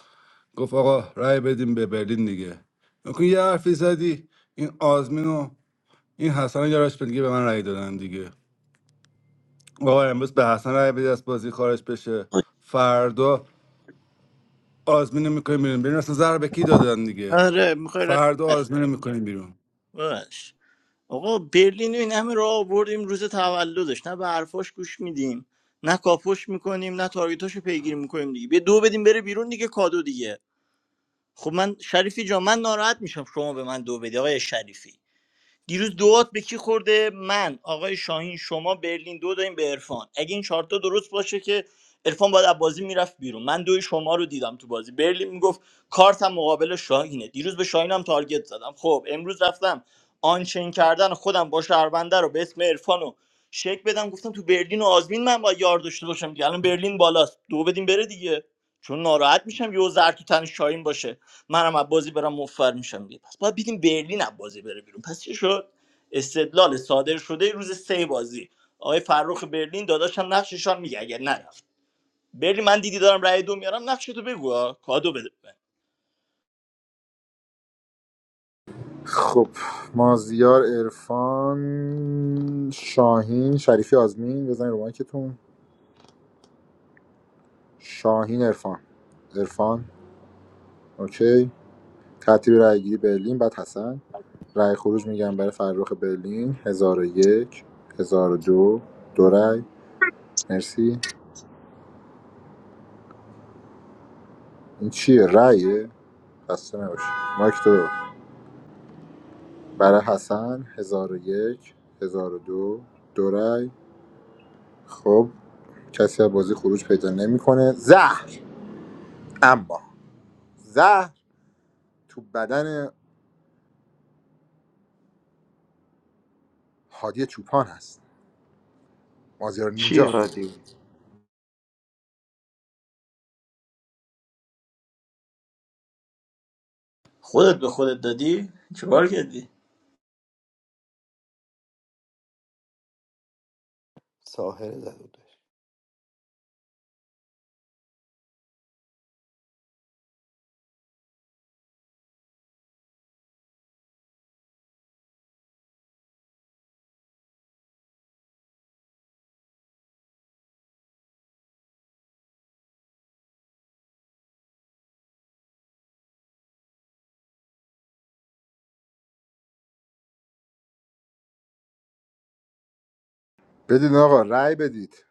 F: گفت آقا رأی بدیم به برلین دیگه نکن یه حرفی زدی این آزمین و این حسن و یاراش دیگه به من رای دادن دیگه آقا امروز به حسن رای بدی از بازی خارج بشه فردا آزمین رو میکنیم بیرون بیرون اصلا زر به کی دادن دیگه
E: آره میخوای رای
F: فردا
E: نده.
F: آزمین رو میکنیم بیرون
E: باش آقا برلین رو این همه راه آوردیم روز تولدش نه به حرفاش گوش میدیم نه کاپوش میکنیم نه تارگتاشو پیگیری میکنیم دیگه به دو بدیم بره بیرون دیگه کادو دیگه خب من شریفی جا من ناراحت میشم شما به من دو بدی آقای شریفی دیروز دوات به کی خورده من آقای شاهین شما برلین دو دادیم به عرفان اگه این چهارتا درست باشه که عرفان باید از بازی میرفت بیرون من دوی شما رو دیدم تو بازی برلین میگفت کارتم مقابل شاهینه دیروز به شاهینم تارگت زدم خب امروز رفتم آنچین کردن خودم با شهرونده رو به اسم عرفان و شک بدم گفتم تو برلین و آزمین من با یار داشته باشم دیگه الان برلین بالاست دو بدیم بره دیگه چون ناراحت میشم یه زر تو تن شاهین باشه منم از بازی برم مفر میشم دیگه پس باید بدیم برلین از بازی بره بیرون پس چی شد استدلال صادر شده روز سه بازی آقای فرخ برلین داداشم نقششان میگه اگر نرفت برلین من دیدی دارم رأی دو میارم نقش تو بگو ها. کادو بده به من.
N: خب مازیار عرفان شاهین شریفی آزمین بزنید رو مایکتون شاهین عرفان عرفان اوکی ترتیب رایگیری برلین بعد حسن رای خروج میگم برای فرخ برلین 1001 1002 دو دو رأی مرسی این چیه رأیه خسته نباشی مایک تو برای حسن 1001 1002 دو دو رأی خب کسی از بازی خروج پیدا نمیکنه زهر اما زهر تو بدن هادی چوپان هست مازیار
D: چی
N: نینجا
D: هادی
E: خودت به خودت دادی چیکار کردی
R: ساحره زد
N: بدید آقا رای بدید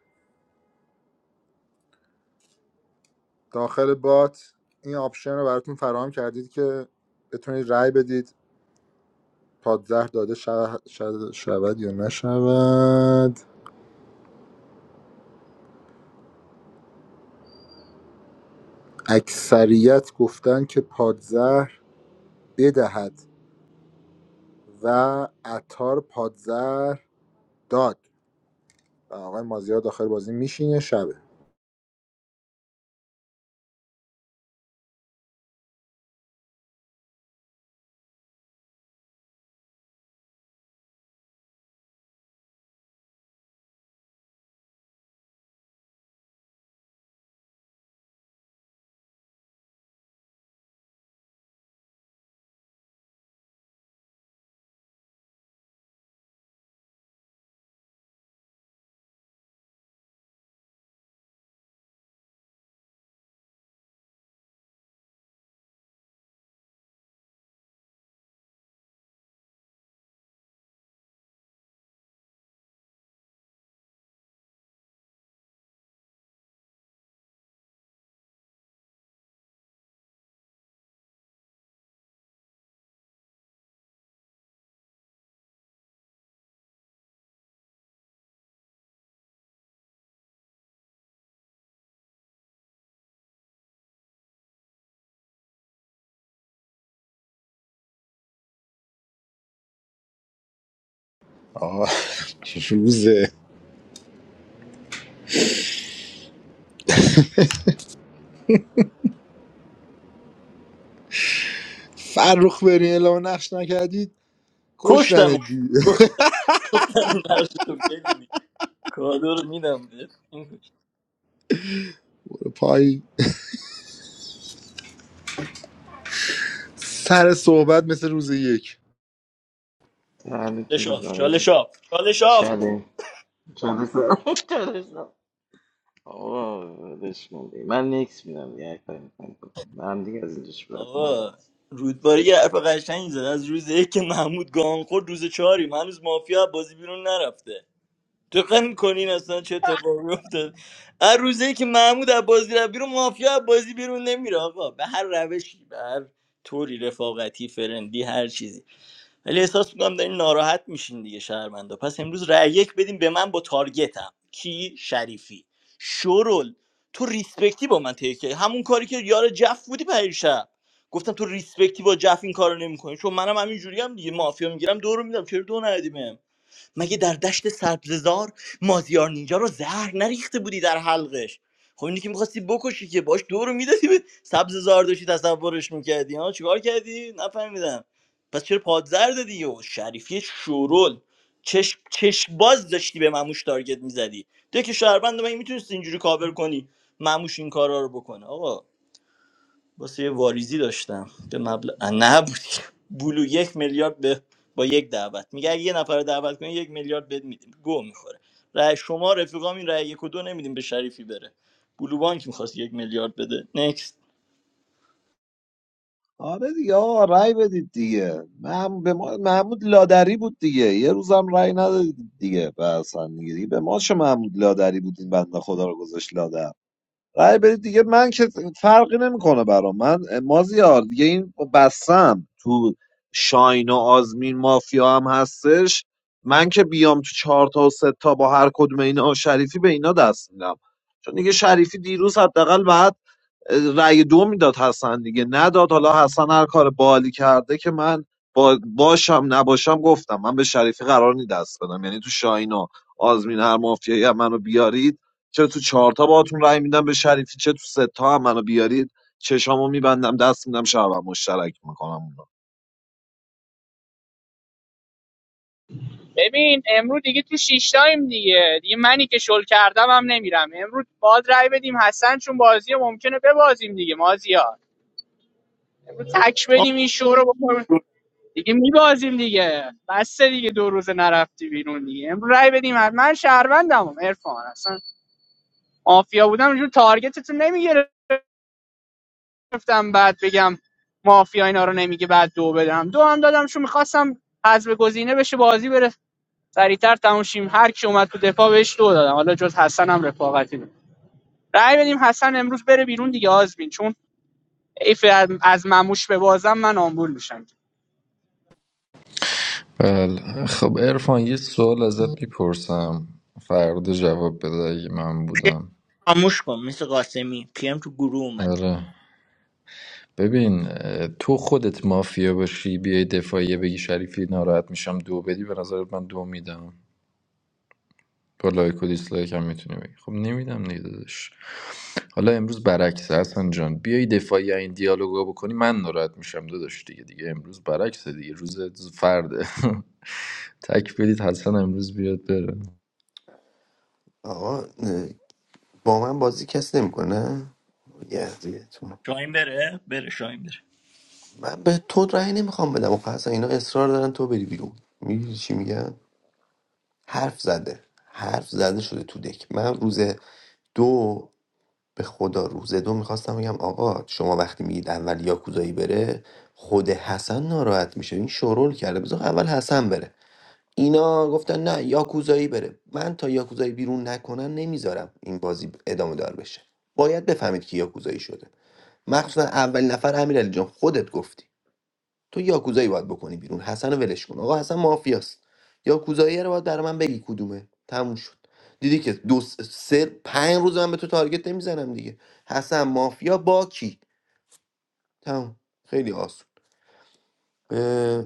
N: داخل بات این آپشن رو براتون فراهم کردید که بتونید رای بدید پادزهر داده شود, شود یا نشود اکثریت گفتن که پادزهر بدهد و عطار پادزهر داد آقای مازیار داخل بازی میشینه شبه آه روزه فرخ برین اعلام نقش نکردید
E: کشتم
N: کشتنه دی
E: گفتم نقش تو بگو دیگه. کادو رو میدم بهت این کش.
N: پای سر صحبت مثل روز یک
E: چالش
D: دهنتون رو
E: آف
D: گاهی
E: چالش آف چالش آف.
D: چله چله سر چله سر. آقا ولش کن دیگه. من نیکس میدم دیگه کاری می‌خواید من هم دیگه از اینجاش باید مهم
E: آقا
D: نیست
E: رودباری یه حرف قشنگ زد از روز یک که محمود گان خورد روز چهاریم هنوز مافیا بازی بیرون نرفته دقت میکنین اصلا چه اتفاقی افتاد از روز یک که محمود از بازی رفت بیرون مافیا از بازی بیرون نمیره آقا به هر روشی به هر طوری رفاقتی فرندی هر چیزی ولی احساس میکنم دارین ناراحت میشین دیگه شهروندا پس امروز رأی یک بدین به من با تارگتم کی شریفی شورل تو ریسپکتی با من تیکه. همون کاری که یار جف بودی پریشب گفتم تو ریسپکتی با جف این کارو نمیکنی چون منم همینجوری هم دیگه مافیا میگیرم دو رو میدم چرا دو ندی مگه در دشت سبززار مازیار نینجا رو زهر نریخته بودی در حلقش خب اینی که میخواستی بکشی که باش دو رو میدادی به سبززار داشتی تصورش میکردی ها چیکار کردی نفهمیدم پس چرا پادزر دادی و شریفی شورول چش چش باز داشتی به مموش تارگت میزدی تو که شهروند من میتونستی اینجوری کاور کنی مموش این کارا رو بکنه آقا واسه یه واریزی داشتم به مبلغ اه، نه بود بلو یک میلیارد به با یک دعوت میگه اگه یه نفر رو دعوت کنی یک میلیارد بد میدیم گو میخوره رأی شما رفیقام این رأی یک و دو نمیدیم به شریفی بره بلو بانک میخواست یک میلیارد بده نکست
J: آره دیگه آقا رأی بدید دیگه محمود, به ما... محمود لادری بود دیگه یه روزم رأی ندادید دیگه به اصلا دیگه, دیگه به ما چه محمود لادری بود این بنده خدا رو گذاشت لادر رأی بدید دیگه من که فرقی نمیکنه برام من مازیار دیگه این بستم تو شاین و آزمین مافیا هم هستش من که بیام تو چهار تا و سه تا با هر کدوم اینا شریفی به اینا دست میدم چون دیگه شریفی دیروز حداقل رأی دو میداد حسن دیگه نداد حالا حسن هر کار بالی کرده که من با باشم نباشم گفتم من به شریفی قرار نی دست بدم یعنی تو شاهین و آزمین هر مافیایی هم منو بیارید چه تو چهارتا باهاتون رأی میدم به شریفی چه تو سه تا هم منو بیارید چشامو میبندم دست میدم شبم مشترک میکنم
L: ببین امروز دیگه تو شیشتایم دیگه دیگه منی که شل کردم هم نمیرم امروز باید رای بدیم حسن چون بازی رو ممکنه ببازیم دیگه مازیار امروز تک
E: آم،
L: بدیم این شو رو دیگه میبازیم دیگه بسته دیگه دو روز نرفتی بیرون دیگه امروز رای بدیم من شهروندم عرفان اصلا مافیا بودم اینجور تارگتتو نمیگرفتم بعد بگم مافیا اینا رو نمیگه بعد دو بدم دو هم دادم چون میخواستم حذف گزینه بشه بازی بره سریعتر تموم شیم هر کی اومد تو دفاع بهش دو دادم حالا جز حسن هم رفاقتی بود رای بدیم حسن امروز بره بیرون دیگه آزمین چون ایف از از مموش به بازم من آمبول میشم
T: بله خب ارفان یه سوال ازت میپرسم فردا جواب بده اگه من
E: پی ام
T: بودم
E: خاموش کن مثل قاسمی پی ام تو گروه اومد
T: آره ببین تو خودت مافیا باشی بیای دفاعیه بگی شریفی ناراحت میشم دو بدی به نظرت من دو میدم با لایک و دیسلایک هم میتونی بگی خب نمیدم دیگه داداش حالا امروز برعکسه حسن جان بیای دفاعی این دیالوگا بکنی من ناراحت میشم داداش دیگه دیگه امروز برعکسه دیگه روز فرده تک بدید حسن امروز بیاد بره
R: آقا اه، با من بازی کس نمیکنه یزیتون
E: شاهین بره بره شاهین بره
R: من به تو رأی نمیخوام بدم آخه اصلا اینا اصرار دارن تو بری بیرون میگی چی میگن حرف زده حرف زده شده تو دک من روز دو به خدا روز دو میخواستم بگم آقا شما وقتی میگید اول یاکوزایی بره خود حسن ناراحت میشه این شورول کرده بذار اول حسن بره اینا گفتن نه یاکوزایی بره من تا یاکوزایی بیرون نکنن نمیذارم این بازی ادامه دار بشه باید بفهمید که یاکوزایی شده مخصوصا اولین نفر امیرعلی جان خودت گفتی تو یاکوزایی باید بکنی بیرون حسن رو ولش کن آقا حسن مافیاست یاکوزایی رو باید برای من بگی کدومه تموم شد دیدی که دو س- سه پنج روز من به تو تارگت نمیزنم دیگه حسن مافیا با کی تموم خیلی آسون اه،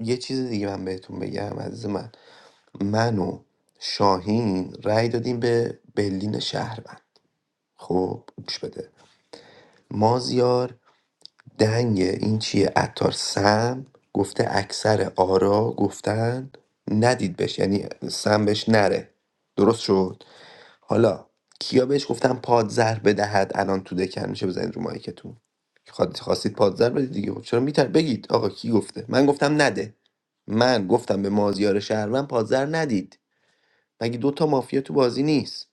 R: یه چیز دیگه من بهتون بگم عزیز من من و شاهین رأی دادیم به بلین شهروند خب گوش بده مازیار دنگ این چیه عطار سم گفته اکثر آرا گفتن ندید بهش یعنی سم بهش نره درست شد حالا کیا بهش گفتن پادزر بدهد الان تو دکن میشه بزنید رو مایکتون خواست- خواستید پادزر بدید دیگه خب چرا میتر بگید آقا کی گفته من گفتم نده من گفتم به مازیار شهروند پادزر ندید مگه دوتا مافیا تو بازی نیست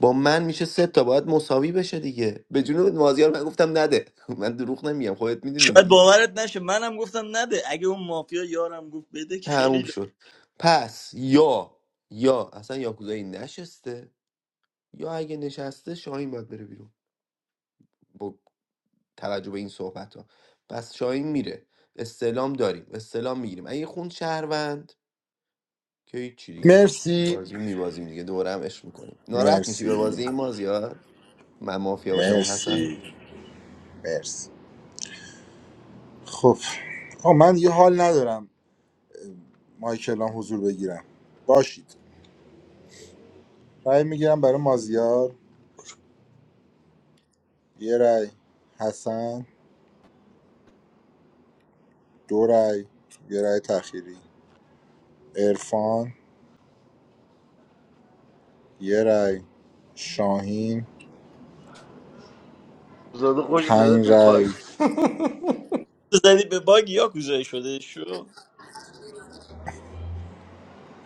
R: با من میشه سه تا باید مساوی بشه دیگه به جنوب مازیار من گفتم نده من دروغ نمیگم خودت میدونی
E: شاید
R: دیگه
E: باورت نشه منم گفتم نده اگه اون مافیا یارم گفت بده که
R: تموم
E: خیلی ل-
R: شد پس یا یا اصلا یاکوزایی نشسته یا اگه نشسته شاهین باید بره بیرون با توجه به این صحبت ها پس شاهین میره استعلام داریم استعلام میگیریم اگه خون شهروند که هیچی دیگه
N: مرسی
R: بازی میبازیم دیگه دوره هم عشق میکنیم ناراحت میشی به
N: مرسی
R: بازی این مازیار من مافیا باشم اون حسن
N: مرسی مرسی خب آه من یه حال ندارم مایکلام حضور بگیرم باشید رأی میگیرم برای مازیار یه رأی حسن دو رأی یه رأی تخیری عرفان یه رأی شاهین
D: زاده خوش زده
N: پنج
D: به باگ
N: رأی
E: زدی به باگ یا کوزایی شده شو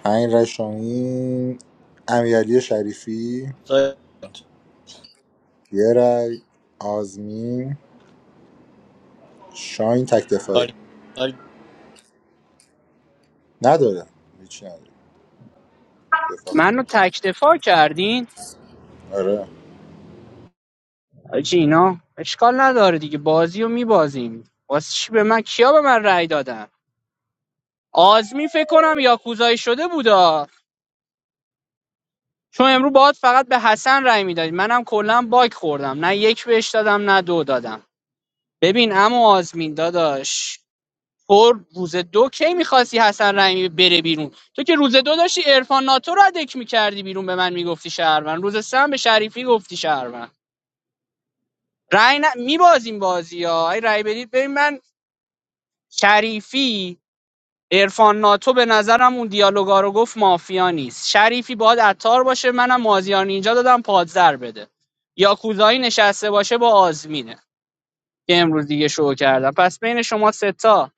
N: پنج رأی شاهین امیرعلی شریفی
E: تار-
N: یه رأی آزمین شاهین تک دفاعی
E: تار- تار-
N: نداره هیچی نداره دفاع
L: منو تک دفاع کردین
N: آره
L: حاجی اینا اشکال نداره دیگه بازی رو میبازیم واسه چی به من کیا به من رأی دادن آزمی فکر کنم یاکوزایی شده بودا چون امرو باید فقط به حسن رأی میدادی منم کلا باگ خوردم نه یک بهش دادم نه دو دادم ببین اما آزمین داداش تو روز دو کی میخواستی حسن رحیمی بره بیرون تو که روز دو داشتی عرفان ناتو رو ادک میکردی بیرون به من میگفتی شهروند روز سه هم به شریفی گفتی شهروند رأی ن... میبازیم بازی ها ای رأی بدید ببین من شریفی عرفان ناتو به نظرم اون دیالوگا رو گفت مافیا نیست شریفی باید عطار باشه منم مازیار نینجا دادم پادزر بده یاکوزایی نشسته باشه با آزمینه که امروز دیگه شو کردم پس بین شما ستا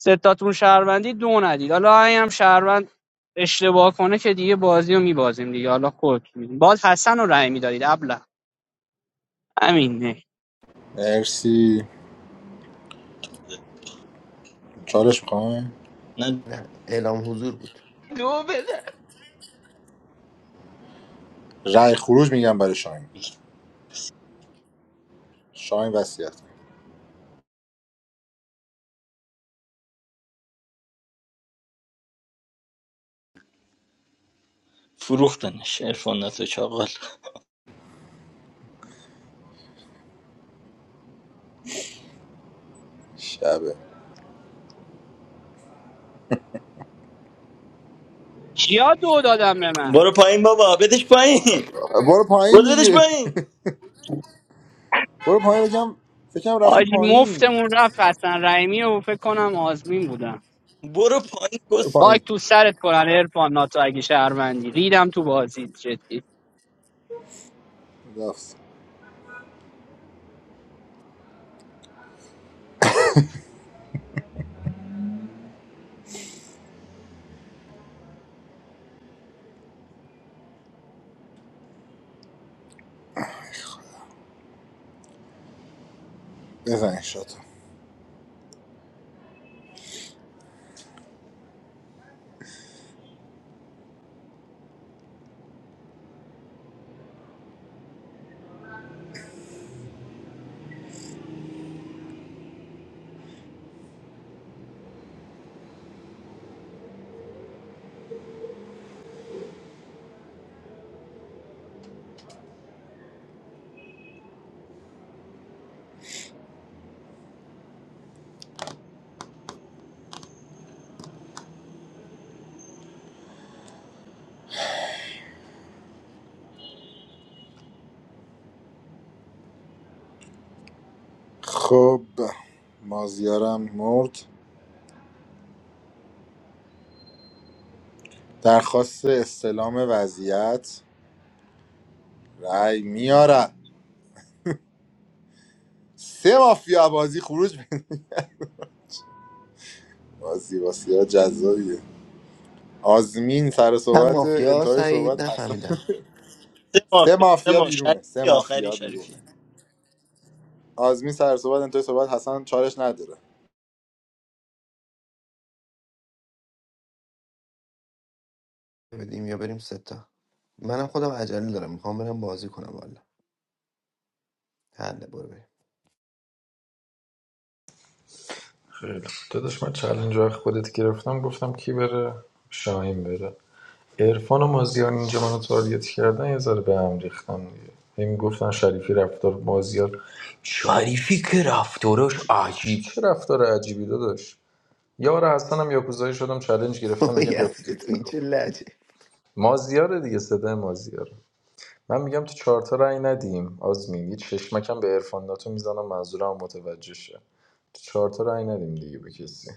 L: ستاتون شهروندی دو ندید حالا اگه هم شهروند اشتباه کنه که دیگه بازی رو میبازیم دیگه حالا خود باز حسن رو رأی میدادید ابله همین نه
N: مرسی چالش میخوام
E: نه
R: نه اعلام حضور بود
D: دو بده
N: رأی خروج میگم برای شاهین شاهین وصیت
E: فروختنش عرفان ناتو چاقال
N: شب
L: کیا دو دادم به من
E: برو پایین بابا بدش پایین
N: برو
E: برو
N: پایین
E: بدش
N: دیگه
E: پایین
N: برو پایین بگم فکرم رفتی
L: آجی
N: پایین
L: مفتمون رفت حسن رحیمی و فکر کنم آزمین بودن.
E: برو پایین
N: برو
E: کس
L: خاک
N: پایین
L: تو سرت کنن ارفان ناتو اگه شهروندی ریدم تو بازی جدی
N: رفت بزن شد خب مازیارم مرد درخواست استلام وضعیت رأی میاره سه مافیا بازی خروج می- بازی بازی جذابیه آزمین سر
R: کم
N: صحبت
R: مافیا
N: انتهای
R: سعید
N: صحبت حسن
R: نفهمیدم
E: سه ماه
N: سه
E: سه
N: مافیا
E: ماه
N: بیرونه سه
E: شریفی آخری
N: مافیا
E: شریفی
N: بیرونه آزمین سر صحبت انتهای صحبت حسن چالش نداره
R: بدیم یا بریم ستا منم خودم عجله دارم میخوام برم بازی کنم والا حله برو بریم.
T: خیلی خوب. داداش من چلنج رو خودت گرفتم گفتم کی بره شاهین بره عرفان و مازیار اینجا منو تارگت کردن یه ذره به هم ریختم دیگه هی میگفتن شریفی رفتار مازیار شریفی که رفتارش عجیب چه رفتار عجیبی داداش یار هستن هم یاکوزایی شدم چالش گرفتم
R: تو
T: میگم
R: یزید
T: یاکوزایی
R: تو این
T: شدم
R: چه لجه
T: مازیاره دیگه صدای مازیار من میگم تو چهارتا رأی ندیم آزمین یه چشمکم به عرفان ناتو میزنم منظورم متوجه شه تو چهارتا رأی ندیم دیگه به کسی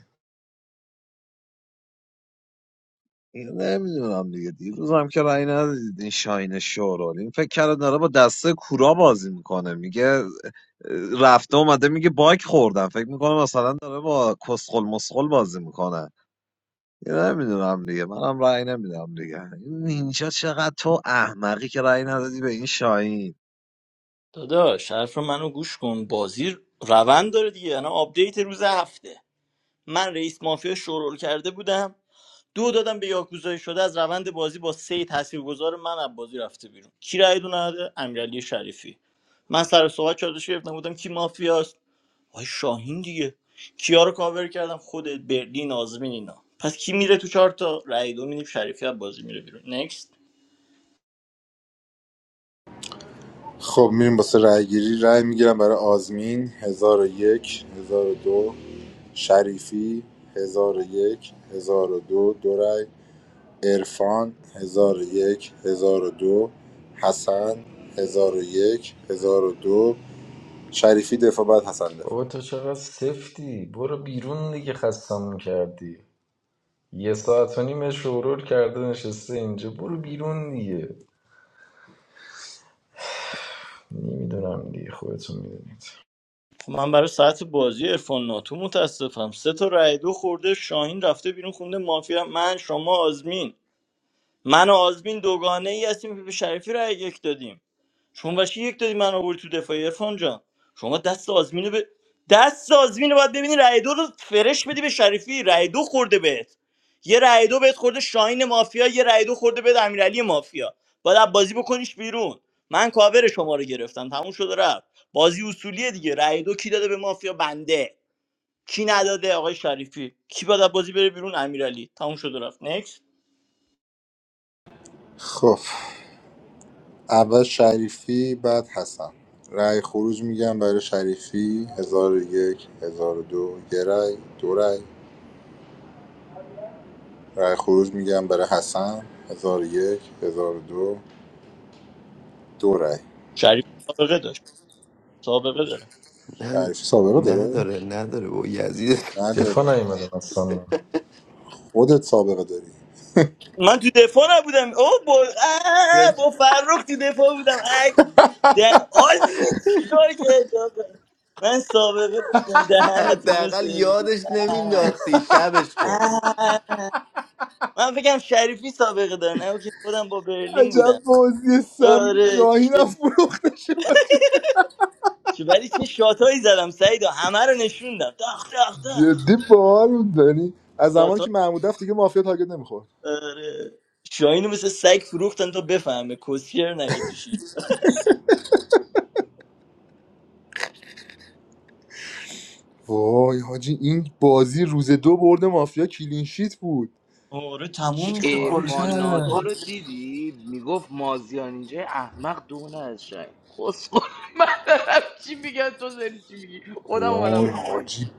J: نمیدونم دیگه دیروز هم که رأی ندادید این شاین شورال این فکر کرده داره با دسته کورا بازی میکنه میگه اه، رفته اومده میگه باک خوردم فکر میکنه مثلا داره با کسخل مسخل بازی میکنه نمیدونم دیگه منم رأی نمیدم دیگه این اینجا چقدر تو احمقی که رأی ندادی به این شاین
E: داداش حرف منو گوش کن بازی روند داره دیگه الان آپدیت روز هفته من رئیس مافیا شورول کرده بودم دو دادم به یاکوزای شده از روند بازی با سه تاثیرگذار من از بازی رفته بیرون کی رای دونه نده امیرعلی شریفی من سر صحبت چالش گرفتم بودم کی مافیاست آقای شاهین دیگه کیا رو کاور کردم خودت برلین آزمین اینا پس کی میره تو چهار تا رای دو میدیم شریفی از بازی میره بیرون نکست
N: خب میریم واسه رأی گیری رأی میگیرم برای آزمین 1001 1002 شریفی 1001 1002 دو دو رأی عرفان 1001 1002 حسن 1001 1002 شریفی دفاع بعد حسن دفاع
T: بابا تو چقدر سفتی برو بیرون دیگه خستم کردی یه ساعت و نیم شورور کرده نشسته اینجا برو بیرون دیگه نمیدونم دیگه خودتون میدونید
E: خب من برای ساعت بازی عرفان ناتو متاسفم سه تا رای دو خورده شاهین رفته بیرون خونده مافیا من شما آزمین من و آزمین دوگانه ای هستیم که به شریفی رای یک دادیم شنوشی یک دادی من آوردی تو دفاعی عرفان جان شما دست آزمینو به دست آزمینو باید ببینی رای دو رو فرش بدی به شریفی رای دو خورده بهت یه رای دو بهت خورده شاهین مافیا یه رای دو خورده بهت امیرعلی مافیا باید از بازی بکنیش بیرون من کاور شما رو گرفتم تموم شده رفت بازی اصولیه دیگه رای دو کی داده به مافیا بنده کی نداده آقای شریفی کی باید از بازی بره بیرون امیرعلی تموم شده رفت نکس
N: خب اول شریفی بعد حسن رای خروج میگم برای شریفی 1001 1002 یه رأی دو رأی رای خروج میگم برای حسن 1001 1002 دو دو رأی
E: شریفی سابقه داشت سابقه داره
R: نه-
N: شریفی سابقه داره؟
R: نداره نداره با یزید
N: نداره
T: دفاع نیومدم اصلا
N: خودت سابقه داری
E: من تو دفاع نبودم او با آه، با فرخ تو دفاع بودم اه، ده آزمین چیکار کرد آقا؟ من سابقه داشتم دهنتون رو
R: حداقل
E: سرویس
R: یادش
E: اه،
R: نمینداختی شبش کن
E: اه. من فکرم شریفی سابقه داره نه که خودم با برلین بودم
N: عجب بازی سمی
E: آره
N: شاهین
E: چه
N: هم فروختش
E: چه- ولی چه شاتایی زدم سعیدا همه رو نشوندم داخ داخ داخ
N: جدی بار میدنی از زمانی
E: شاتا
N: که محمود رفت دیگه مافیا تارگت نمیخورد
E: آره شاهینو مثل سگ فروختن تا بفهمه کسیر نگه تو شیش
N: وای حاجی این بازی روز دو برد مافیا کلینشیت بود
E: آره تموم
N: چی
E: شد
N: کار
D: ارفان
E: بازی
D: ناتو
N: کرد
D: رو دیدی میگفت مازیان اینجا احمق دو از شنگ کسخور من دارم چی میگن تو داری چی میگی خودم اومدم
N: وای
D: رو مایک
N: حاجی
D: میگم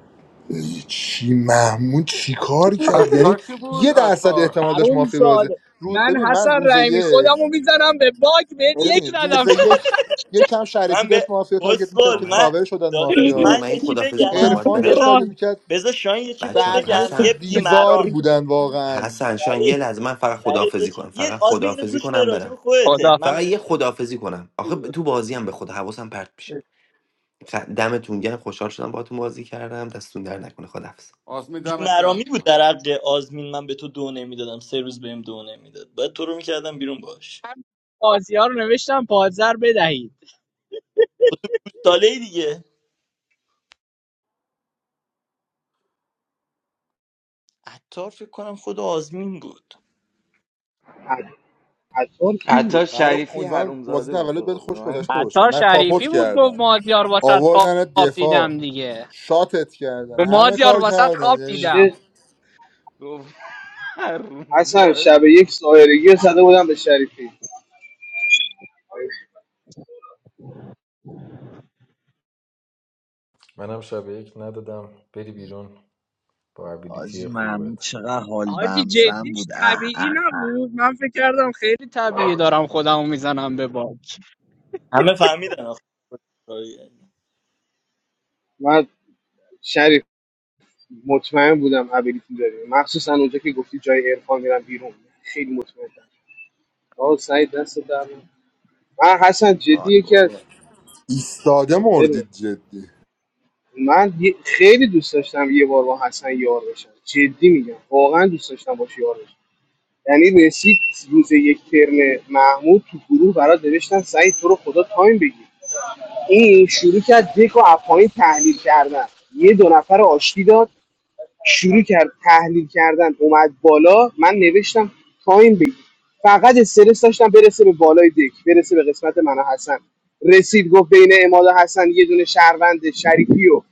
N: چی محمود چی کار کرد یعنی
F: عطار کی بود
N: یه درصد
F: عطار
N: احتمال داشت
L: حروم
N: مافیا بازه
L: زاده
N: رو
L: من
N: ببین من
L: حسن
N: روز
L: رحیمی
N: یک
L: خودمو میزنم به باک بهت یک
N: ببین
L: ندم
N: روز یک یکم شریفی
E: من به
N: داشت مافیا تارگت میکرد
R: آقا
E: اسکل
N: که
R: من یه-
E: من
N: کاور شدن
E: داداش
R: رودی
N: مافیا
R: من
E: من
R: این
E: یه چی
R: خدافزی کنم
E: بگم
R: باید
N: عرفان
R: برم
N: داشت
L: آه،
N: تارگت
E: بذار
N: میکرد
E: بذار شاین یه چی بهت
R: بچه
N: بقیه
E: بگم
N: تو
E: یه
R: حسن
N: دیوار
E: بیماران
N: بودن واقعا
R: حسن شان یه
E: سعید
R: لحظه من فقط
E: سعید یه
R: خدافزی
E: چی
R: کنم
E: یه
R: فقط
E: آزمین اینو
R: خدافزی
E: گوش به
R: کنم
E: راجب
R: برم
E: خودته
L: خدا
E: من
R: فقط
E: به
R: یه خدافزی کنم آخه ب- تو بازی هم به خود حواسم پرت میشه خ- دمتون گرم خوشحال شدم باهاتون بازی کردم دستتون در نکنه خدافز
F: آزمین دمت
E: بیمرامی
F: گرم
E: بود در حق آزمین من به تو دو نمیدادم سه روز بهم دو نمیداد باید تو رو میکردم بیرون باش
L: من مازیار رو نوشتم پازر بدهید
E: خب تو گوشتاله ای دیگه عطار فکر کنم خود آزمین بود
K: عط- عطار کی
D: حتی
K: بود
N: برای
D: شریفی
N: امیدوارم بازی
D: حرومزاده بود
N: تولد بهت
D: بابا به
N: خوش
D: من
N: گذشته
L: حتی
N: باشه نه کاپوت
L: شریفی بود گفت
N: کردن
L: مازیار واسط
N: آوردن
L: خواب
N: دفاع
L: دیدم دیگه
N: شاتت
L: به
N: کردن همه
L: مازیار
N: کار
L: واسط
N: کردن
L: خواب
N: یعنی
L: دیدم
K: چه
D: گفت
K: اصلا
D: حرومزاده
K: شب یک سایرگی رو زده بودم به شریفی
T: منم شب یک ندادم بری بیرون با
J: حاجی
T: ابیلیتی
J: محمود
T: خوبت
J: چقدر حال
L: حاجی
J: بمزن
L: جدیش
J: بود اه
L: طبیعی
J: اه
L: نبود من فکر کردم خیلی طبیعی دارم خودمو میزنم به باک
E: همه فهمیدن آخه
K: من شریف مطمئن بودم ابیلیتی داری مخصوصا اونجا که گفتی جای عرفان میرم بیرون خیلی مطمئن آه سعید دست در نکنه. من حسن جدی
J: وای.
K: یکی از
N: قربونت. ایستاده
K: ببین،
N: مردید جدی
K: من یه- خیلی دوست داشتم یه بار با حسن یار بشم جدی میگم واقعا دوست داشتم باش یار بشم یعنی رسید روز یک ترم محمود تو گروه برات نوشتن سعید تو رو خدا تایم بگیر این شروع کرد دک و اپاین تحلیل کردن یه دو نفر آشتی داد شروع کرد تحلیل کردن اومد بالا من نوشتم تایم بگیر فقط استرس داشتم برسه به بالای دک برسه به قسمت من و حسن رسید گفت بین اماد و حسن یه دونه شهروند شریفی و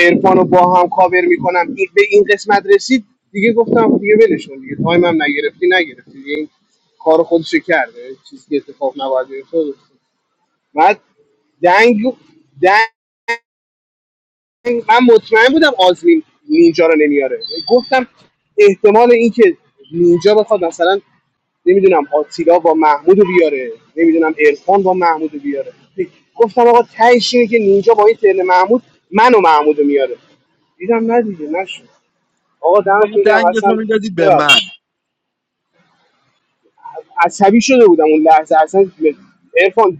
K: عرفان رو با هم کاور میکنم این به این قسمت رسید دیگه گفتم دیگه ولش کن دیگه تایم هم نگرفتی نگرفتی دیگه این کار خودش رو کرده چیزی که اتفاق نباید بیفته بعد دنگ من مطمئن بودم آزمین نینجا رو نمیاره گفتم احتمال اینکه نینجا بخواد مثلا نمیدونم آتیلا با محمود رو بیاره نمیدونم ارفان با محمود رو بیاره گفتم آقا تهش اینه که نینجا با این ترن محمود من و محمود رو میاره دیدم نه دیگه نشد آقا دمتون
J: باید
K: گرم
J: دنگتو
K: حسن
J: میدادی به من
K: ببخش عصبی شده بودم اون لحظه اصلا ارفان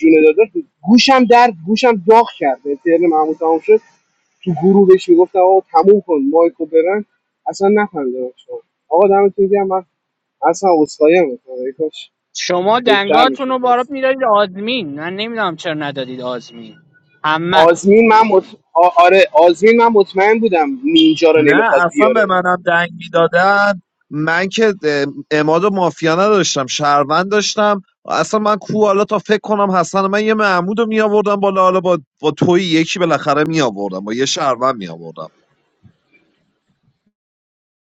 K: جون داده گوشم درد گوشم داغ کرد ترن محمود تمام شد تو گروه بهش میگفتم آقا تموم کن مایکو برن اصلا نخندیدم شما آقا دمتون گرم من اصلا عذرخواهی میکنم ای کاش
L: شما
K: بهتر
L: دنگاتون
K: میشد
L: رو بارات میدادید آزمین من نمیدونم چرا ندادید آزمین همه
K: آزمین من مط... آ- آره آزمین من مطمئن بودم نینجا رو
J: نه
K: نمیخواد
J: اصلا به
K: بیاره
J: منم دنگ میدادن من که اه، اماد و مافیا نداشتم شهروند داشتم اصلا من کو حالا تا فکر کنم حسن من یه معمود رو می آوردم بالا حالا با, با توی یکی بالاخره می آوردم با یه شهروند می آوردم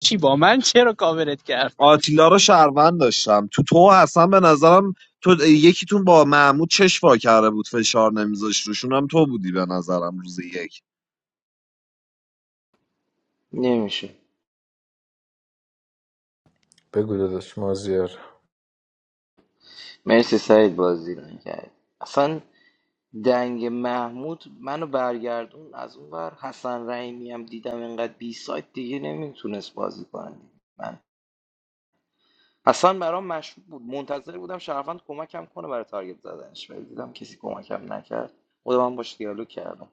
L: چی با من چرا کاورت کردم
J: آتیلا رو شهروند داشتم تو تو و حسن به نظرم تو یکیتون با محمود چش وا کرده بود فشار نمیذاشت روشون هم تو بودی به نظرم روز یک
D: نمیشه
T: بگو داداش مازیار
D: مرسی سعید بازی رو کرد اصلا دنگ محمود منو برگردون از اون بر حسن رحیمی هم دیدم اینقدر بی سایت دیگه نمیتونست بازی کنه اصلا برام مشکوک بود منتظر بودم شهروند کمکم کنه برای تارگت زدنش ولی دیدم کسی کمکم نکرد خودم هم باش دیالوگ کردم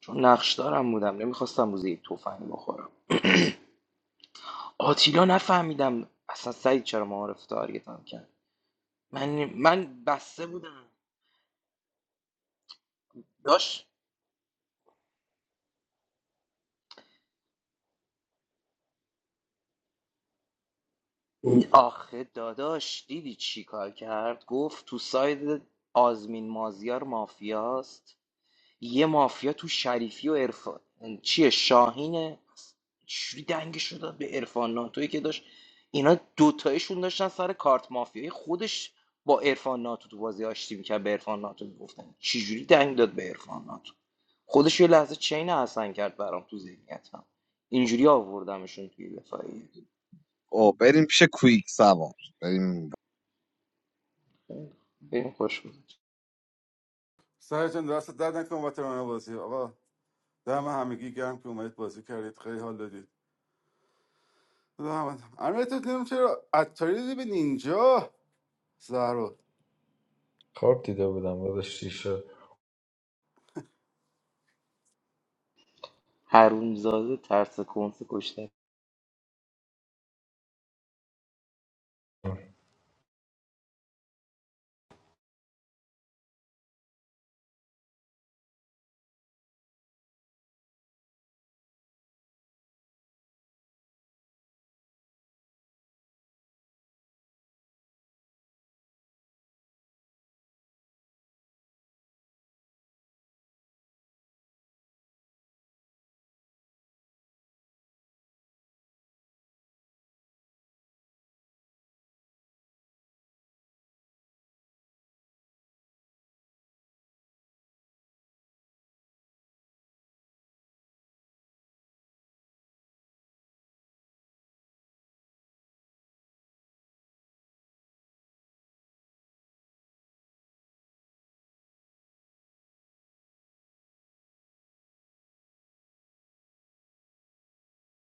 D: چون نقش دارم بودم نمیخواستم روزی یک تفنگ بخورم آتیلا نفهمیدم اصلا سعید چرا معارف تارگتم کرد من من بسته بودم داش؟ آخه داداش دیدی چی کار کرد گفت تو ساید آزمین مازیار مافیاست یه مافیا تو شریفی و عرفان یعنی چیه شاهینه چوری دنگشو داد به عرفان ناتوی که داشت اینا دوتایشون داشتن سر کارت مافیایی خودش با عرفان ناتو تو بازی آشتی میکرد به عرفان ناتو میگفتن چجوری دنگ داد به عرفان ناتو خودش یه لحظه چین حسن کرد برام تو ذهنیتم اینجوری آوردمشون توی دفاعیه
J: او بریم پیش کویک سوار بریم
D: بریم خوش گذشت
F: سر جان دست درد نکن واترانه بازی آقا دم همگی گرم که اومدید بازی کردید خیلی حال دادید خدا رحمت کنه. امیر تو نمی‌دونم چرا عطاری دادی به نینجا زهرا
T: خواب دیده بودم داداش چی شد
D: حرومزاده ترس کنسه